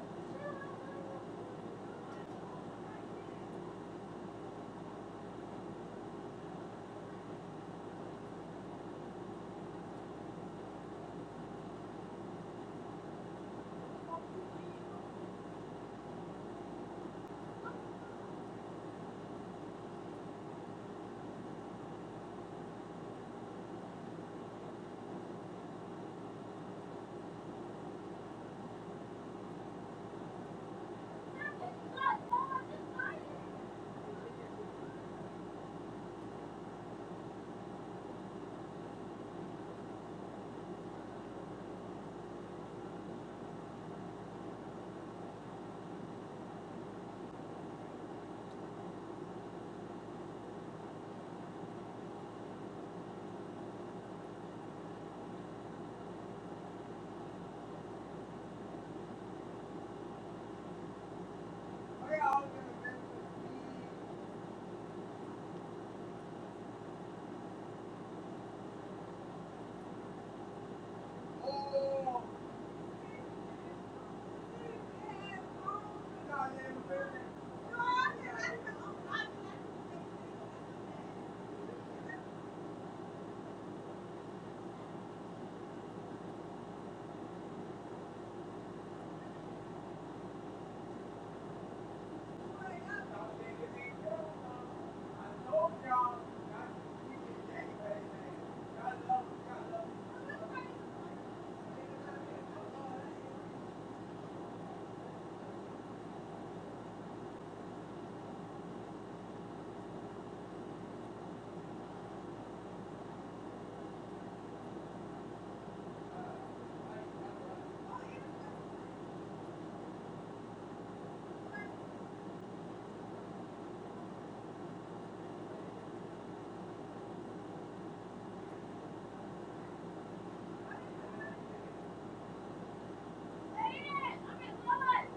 [SPEAKER 9] I'm in love.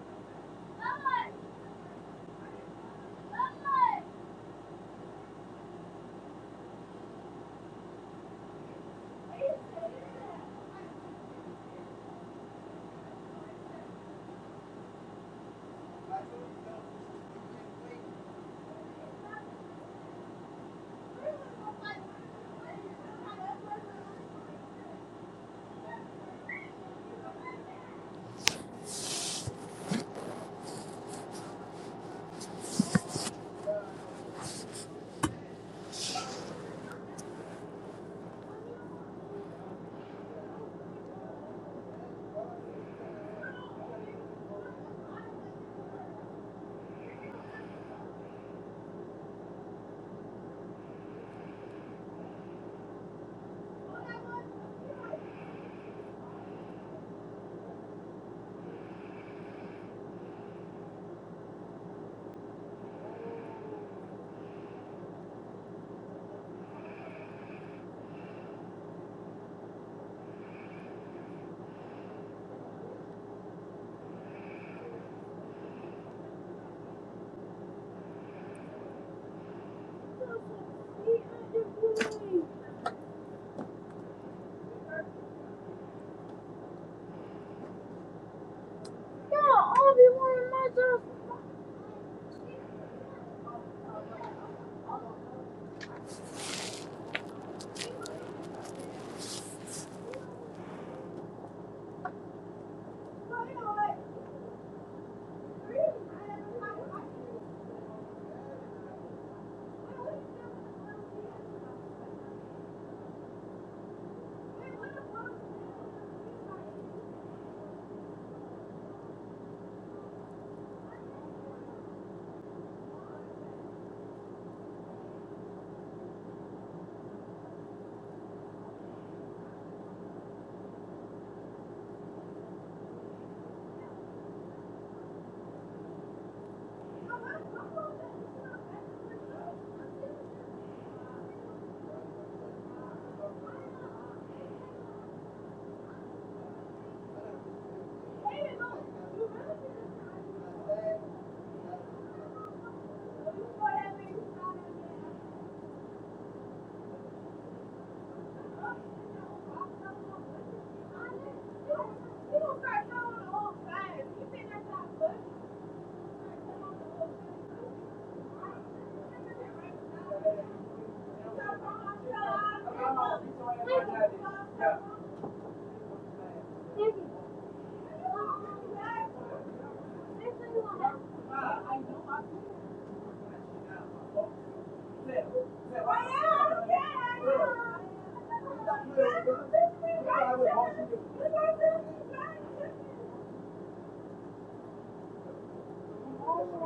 [SPEAKER 9] Thank you.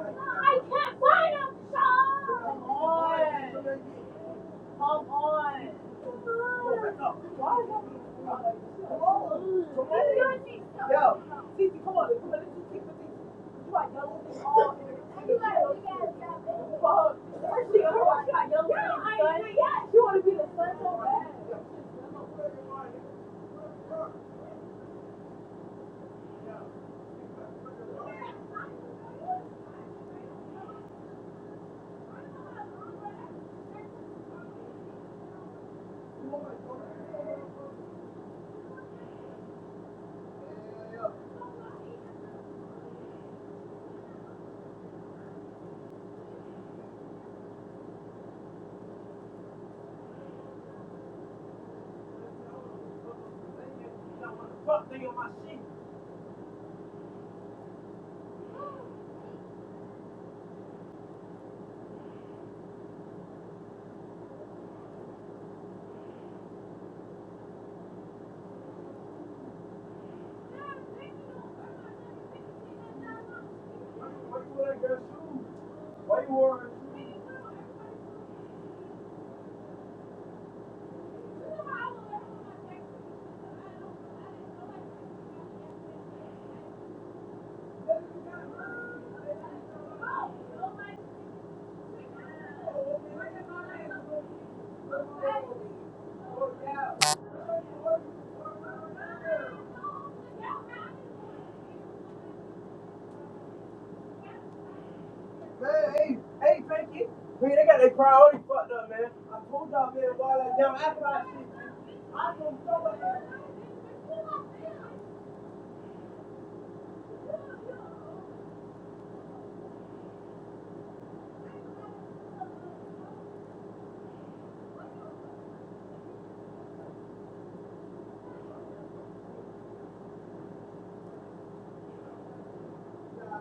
[SPEAKER 9] I can't find him, Sean! Come on! Come on! Why is that? Come on! Yo, Titi, come on. Come on, let's just take the Titi. You are yellow and all. Especially otherwise, got young yeah, I son. Yeah, she want to be the son so bad. Fuck, nigga, my shit. Why you wearing? that girl shoes? Why you wear Man, hey, hey, Frankie. Man, they got their priority fucked up, man. I told y'all, man, why that damn after I shit. I don't know,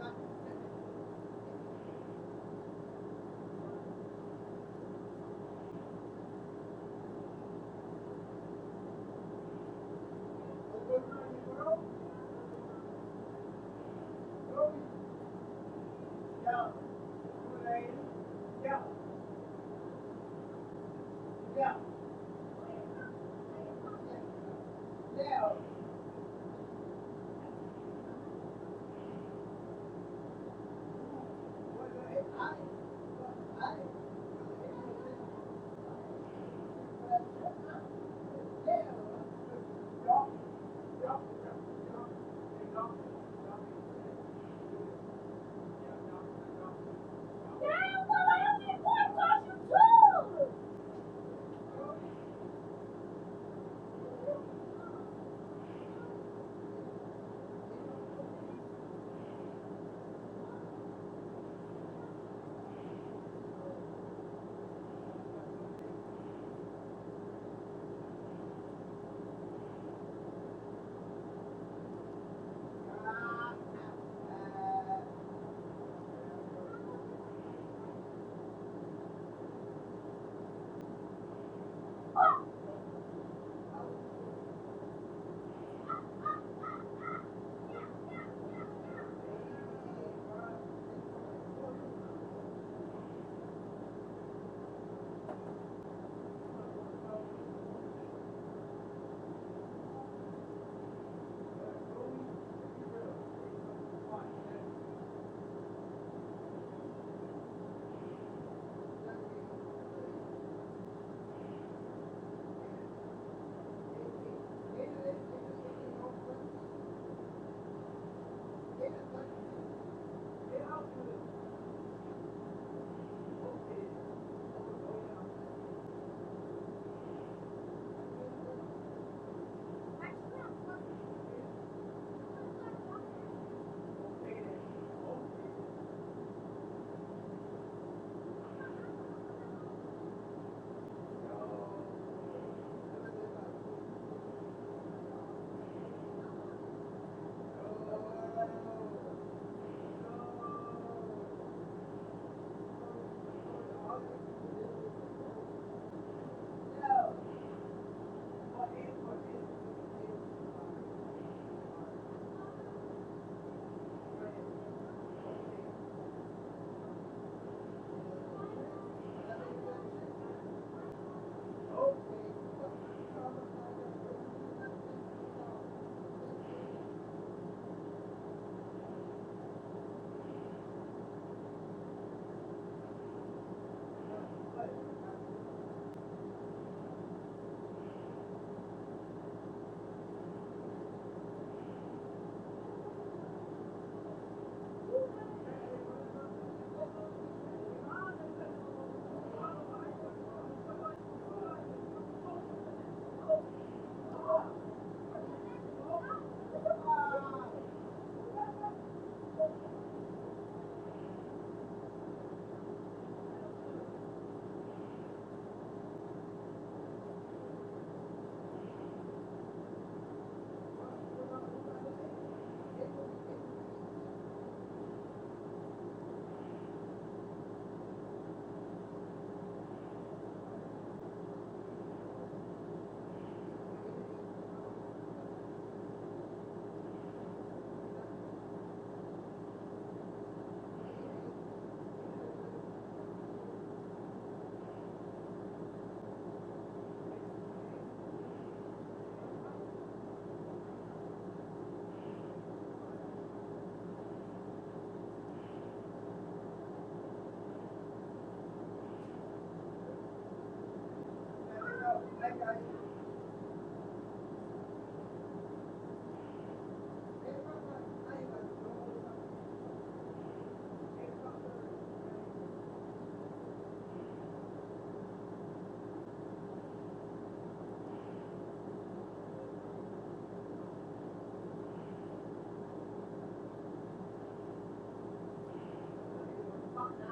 [SPEAKER 9] Bye. Now, what happened? What was you doing? Oh. Thank you.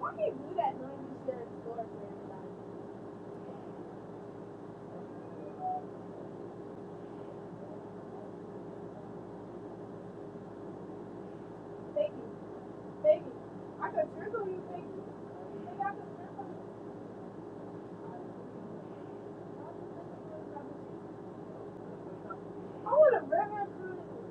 [SPEAKER 9] Why do you do that? Baby, baby, I could trickle you, baby. I want a river cruise.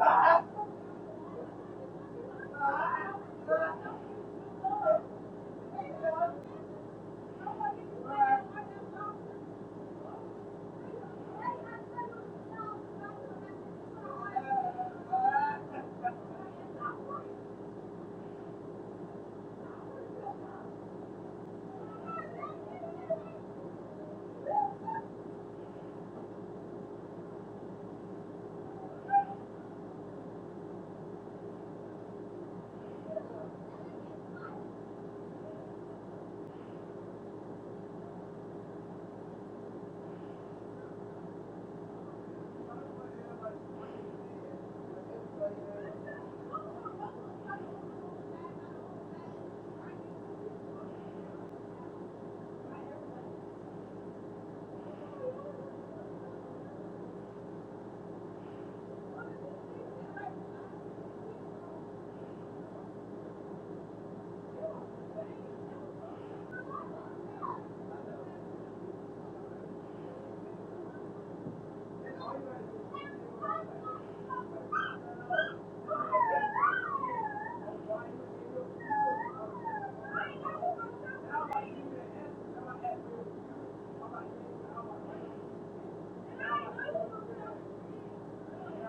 [SPEAKER 9] Ah, ah, ah, ah, ah. (laughs) Go!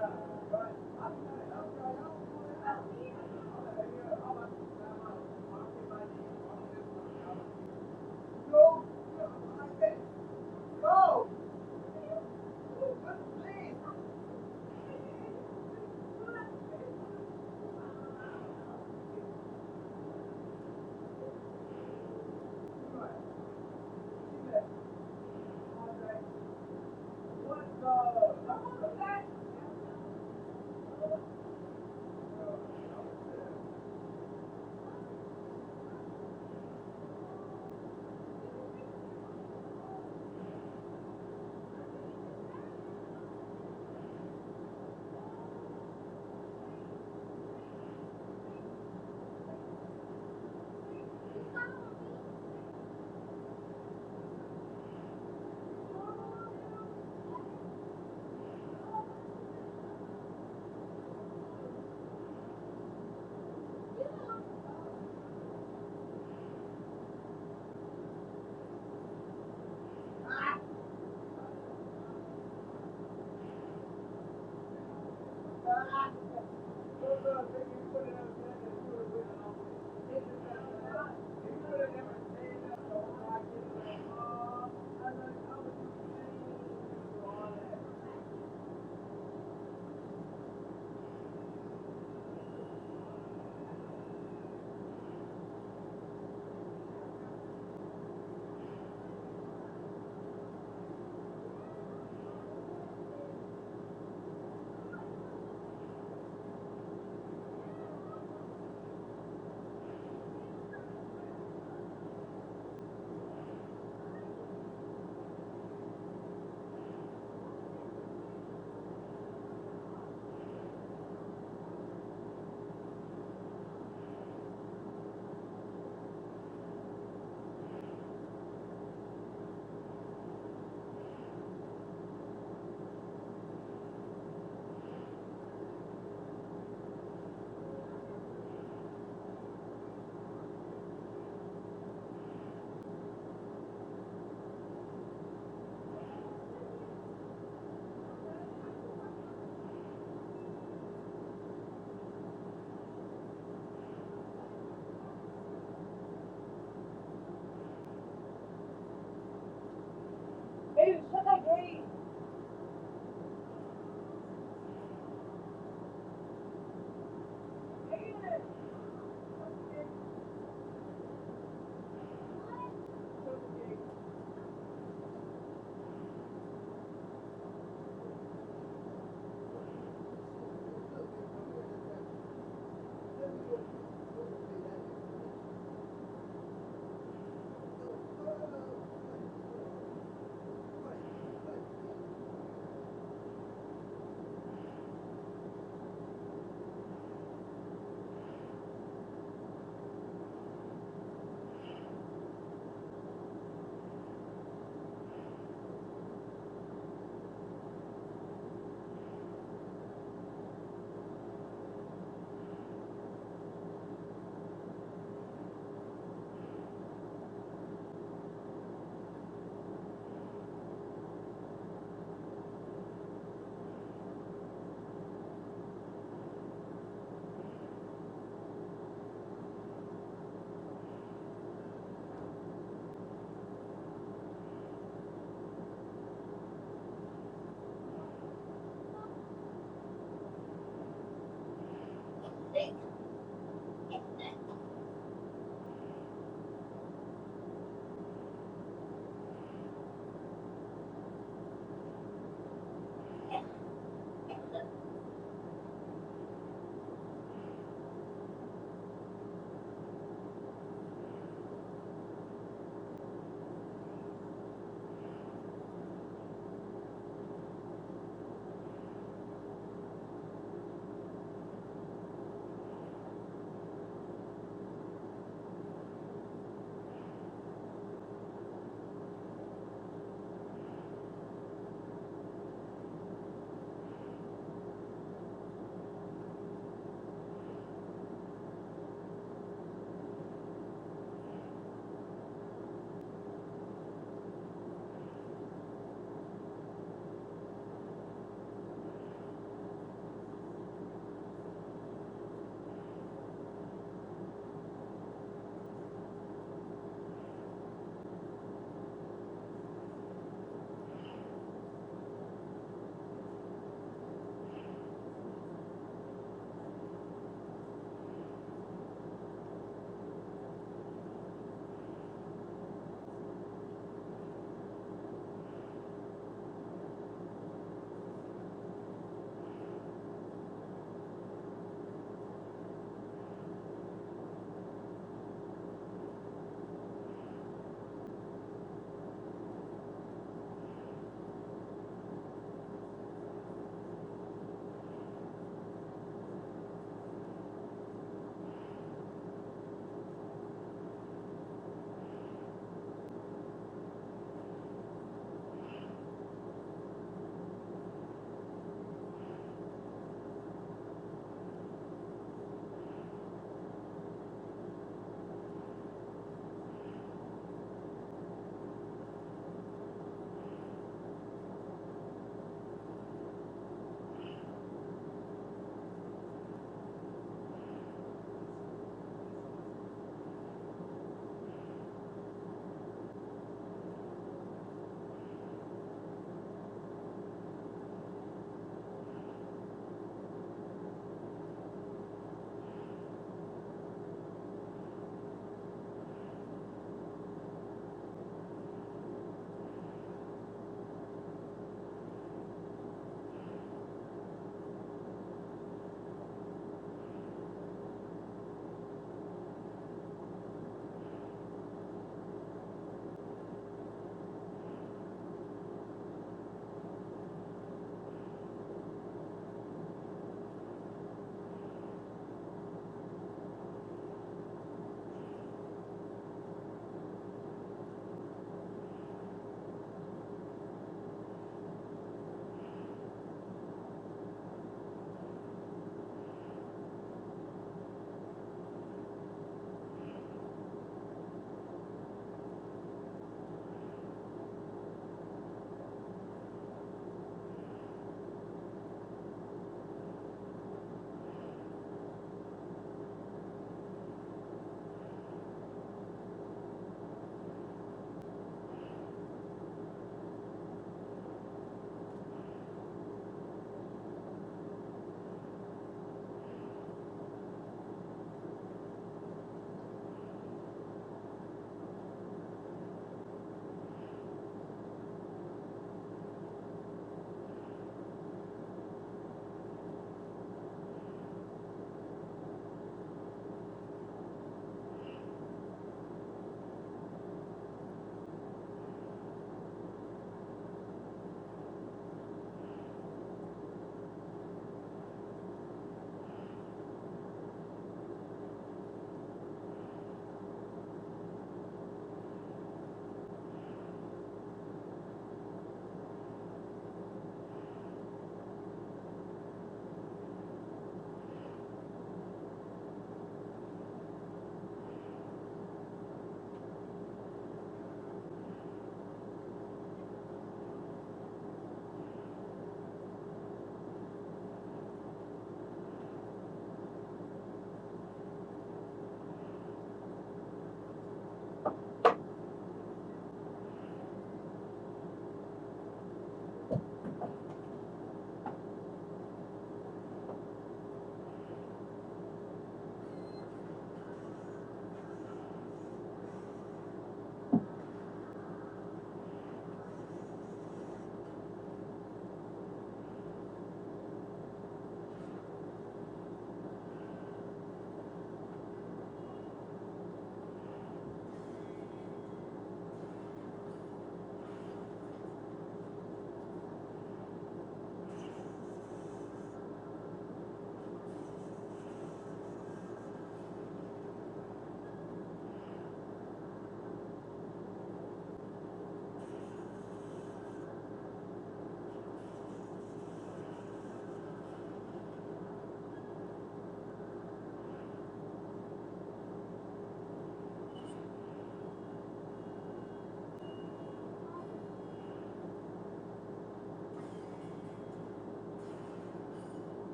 [SPEAKER 9] What the?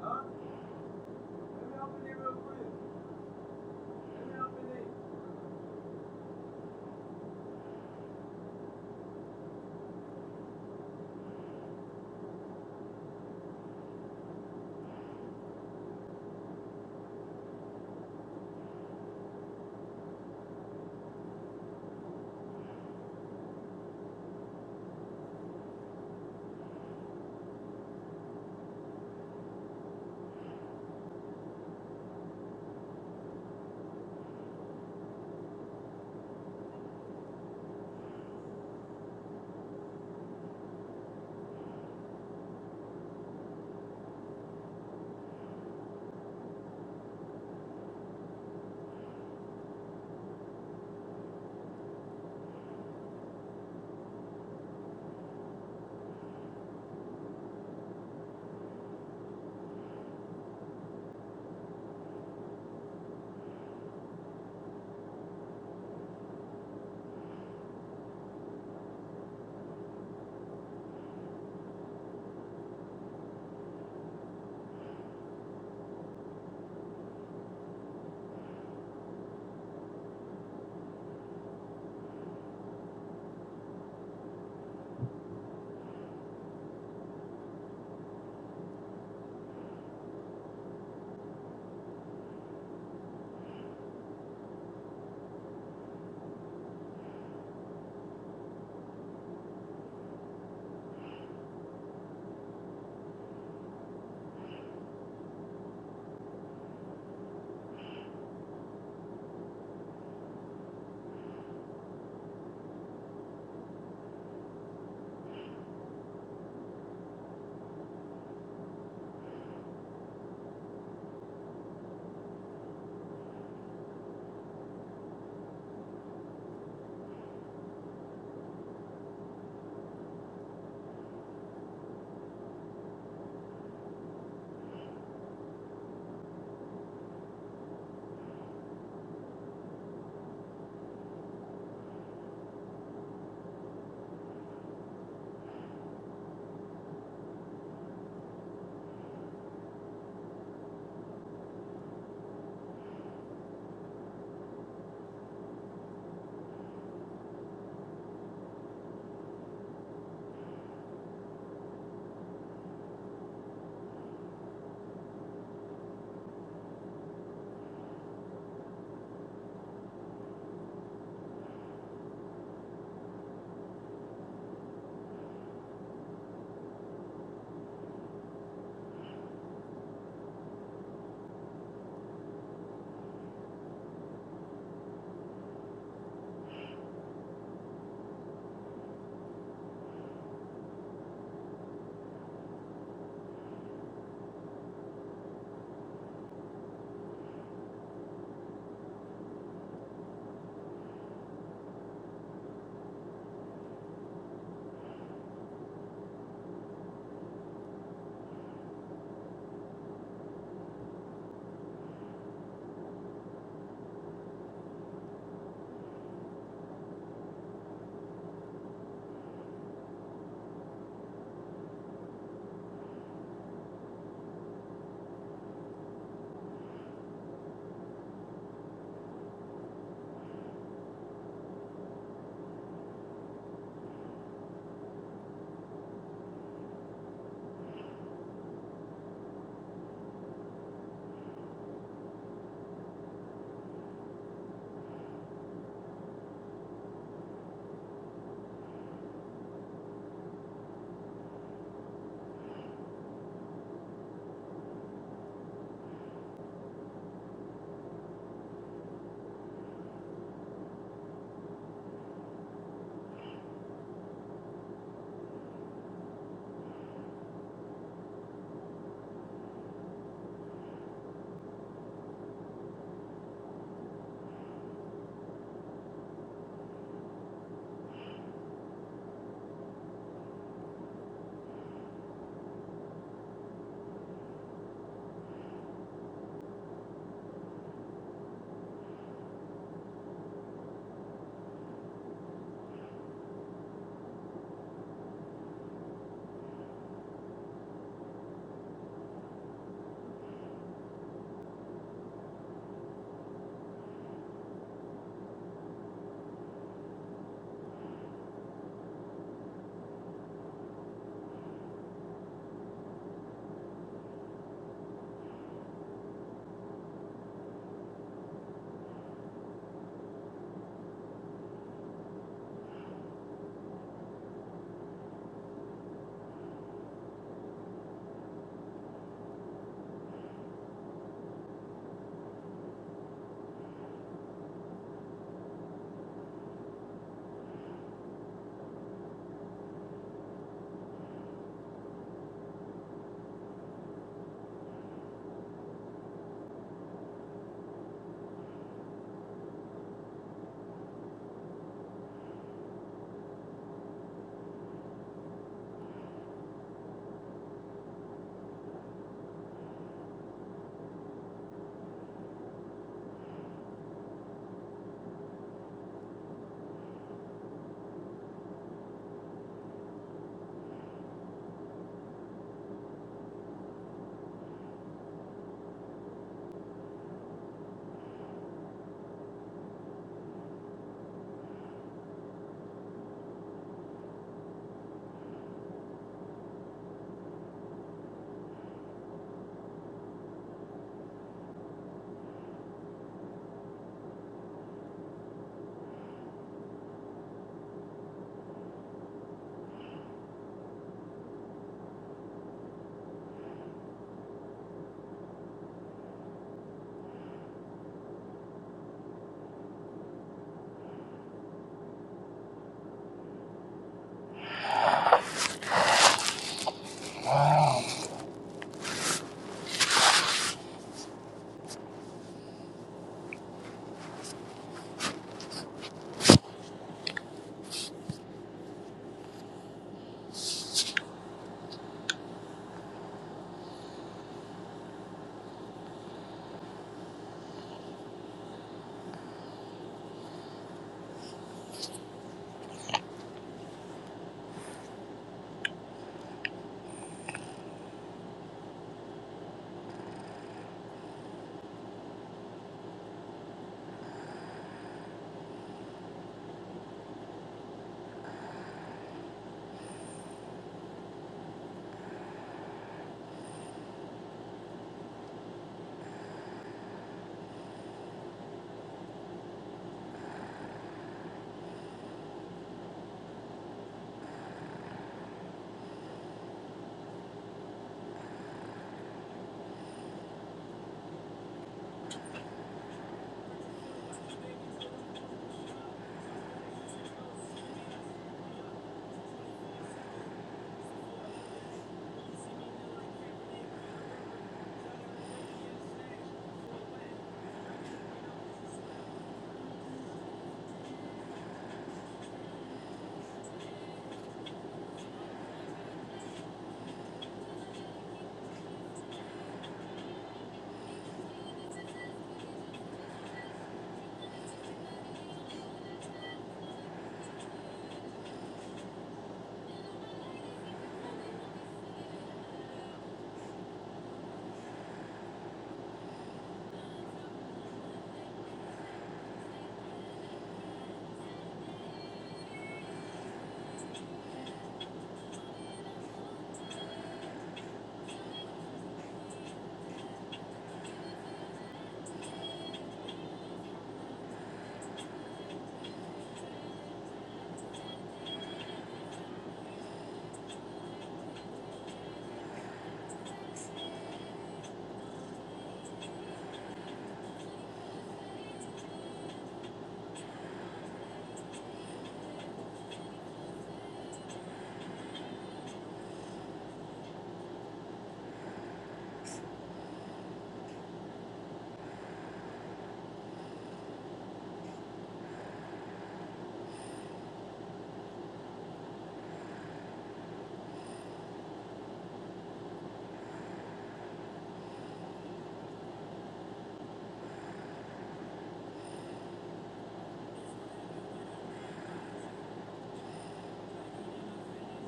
[SPEAKER 9] Huh? Let me open it real quick. Thank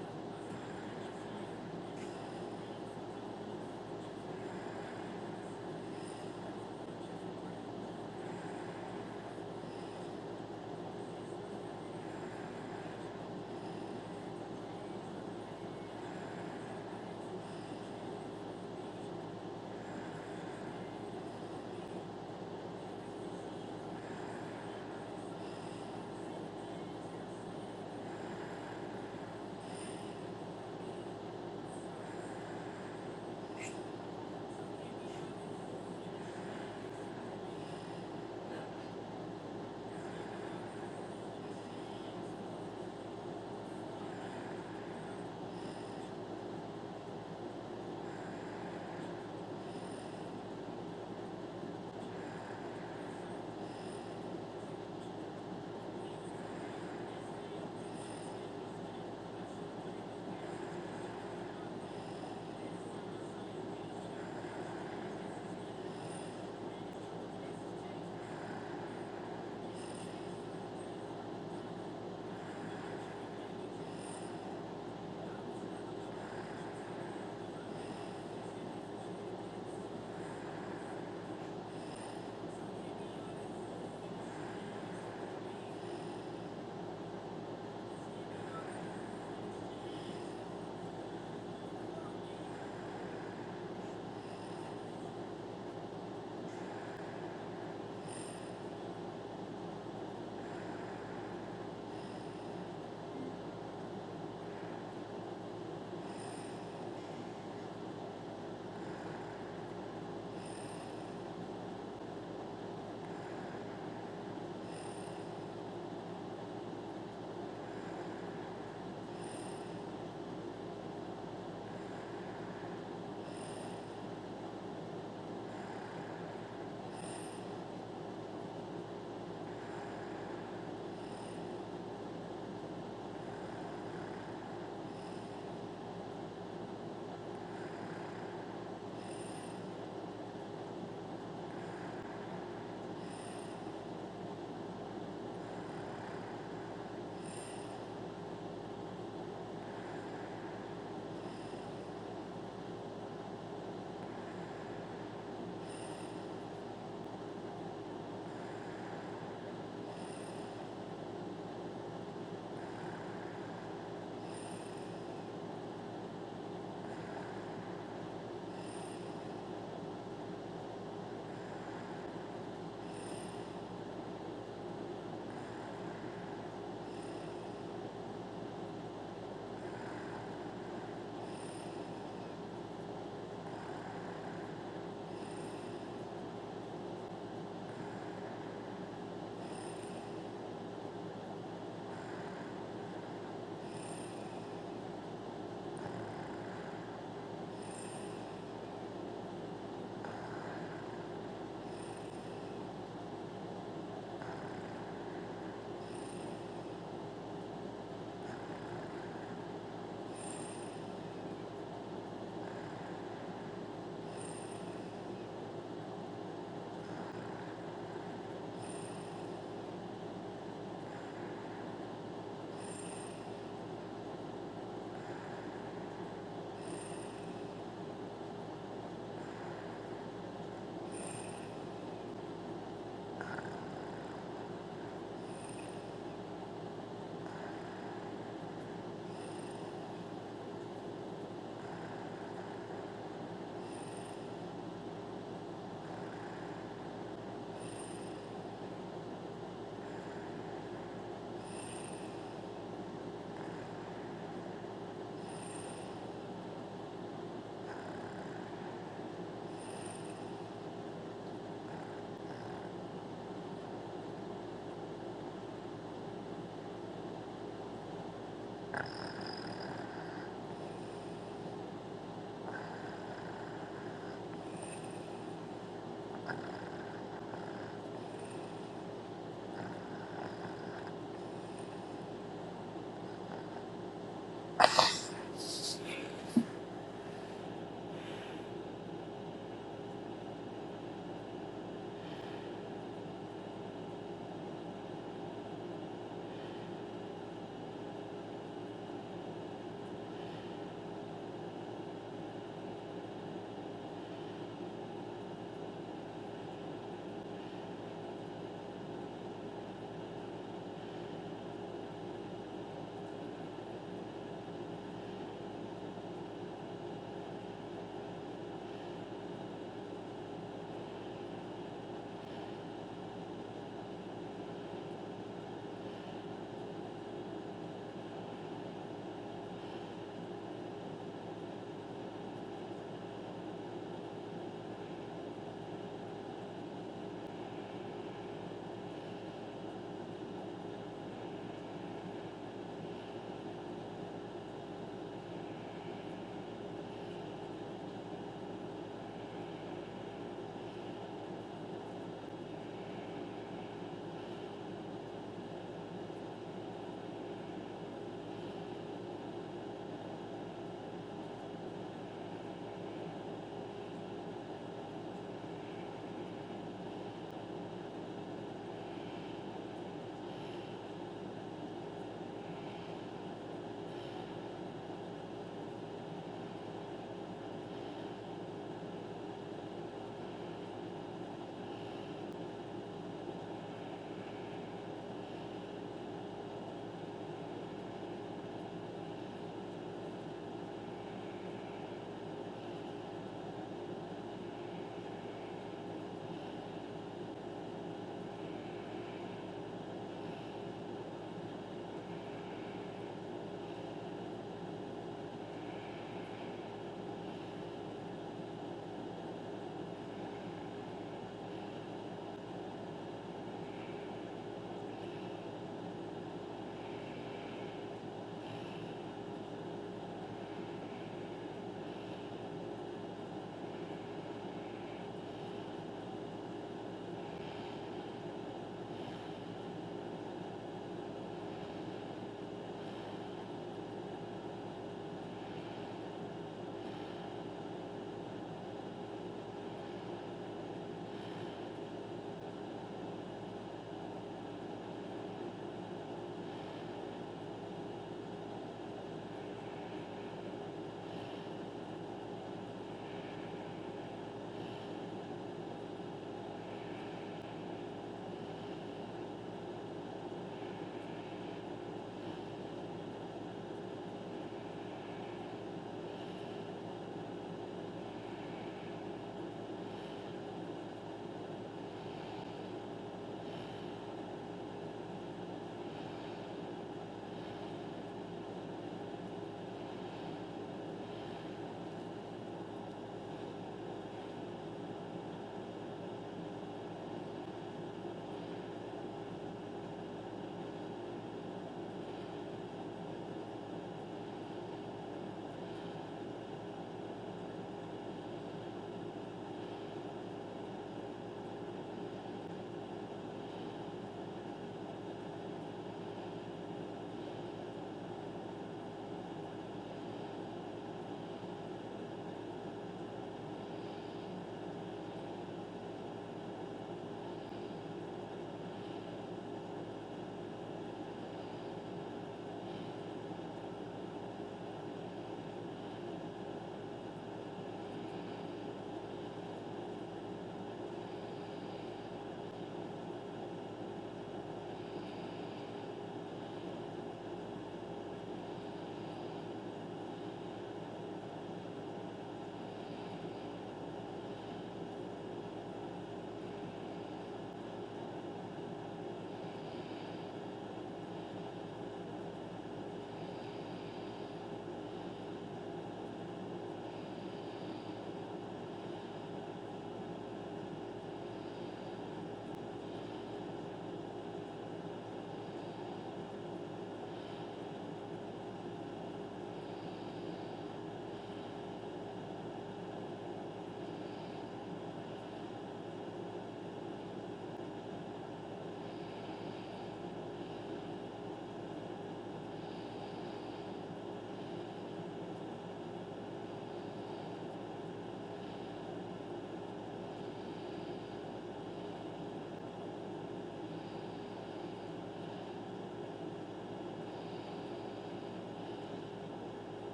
[SPEAKER 9] you.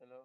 [SPEAKER 10] Hello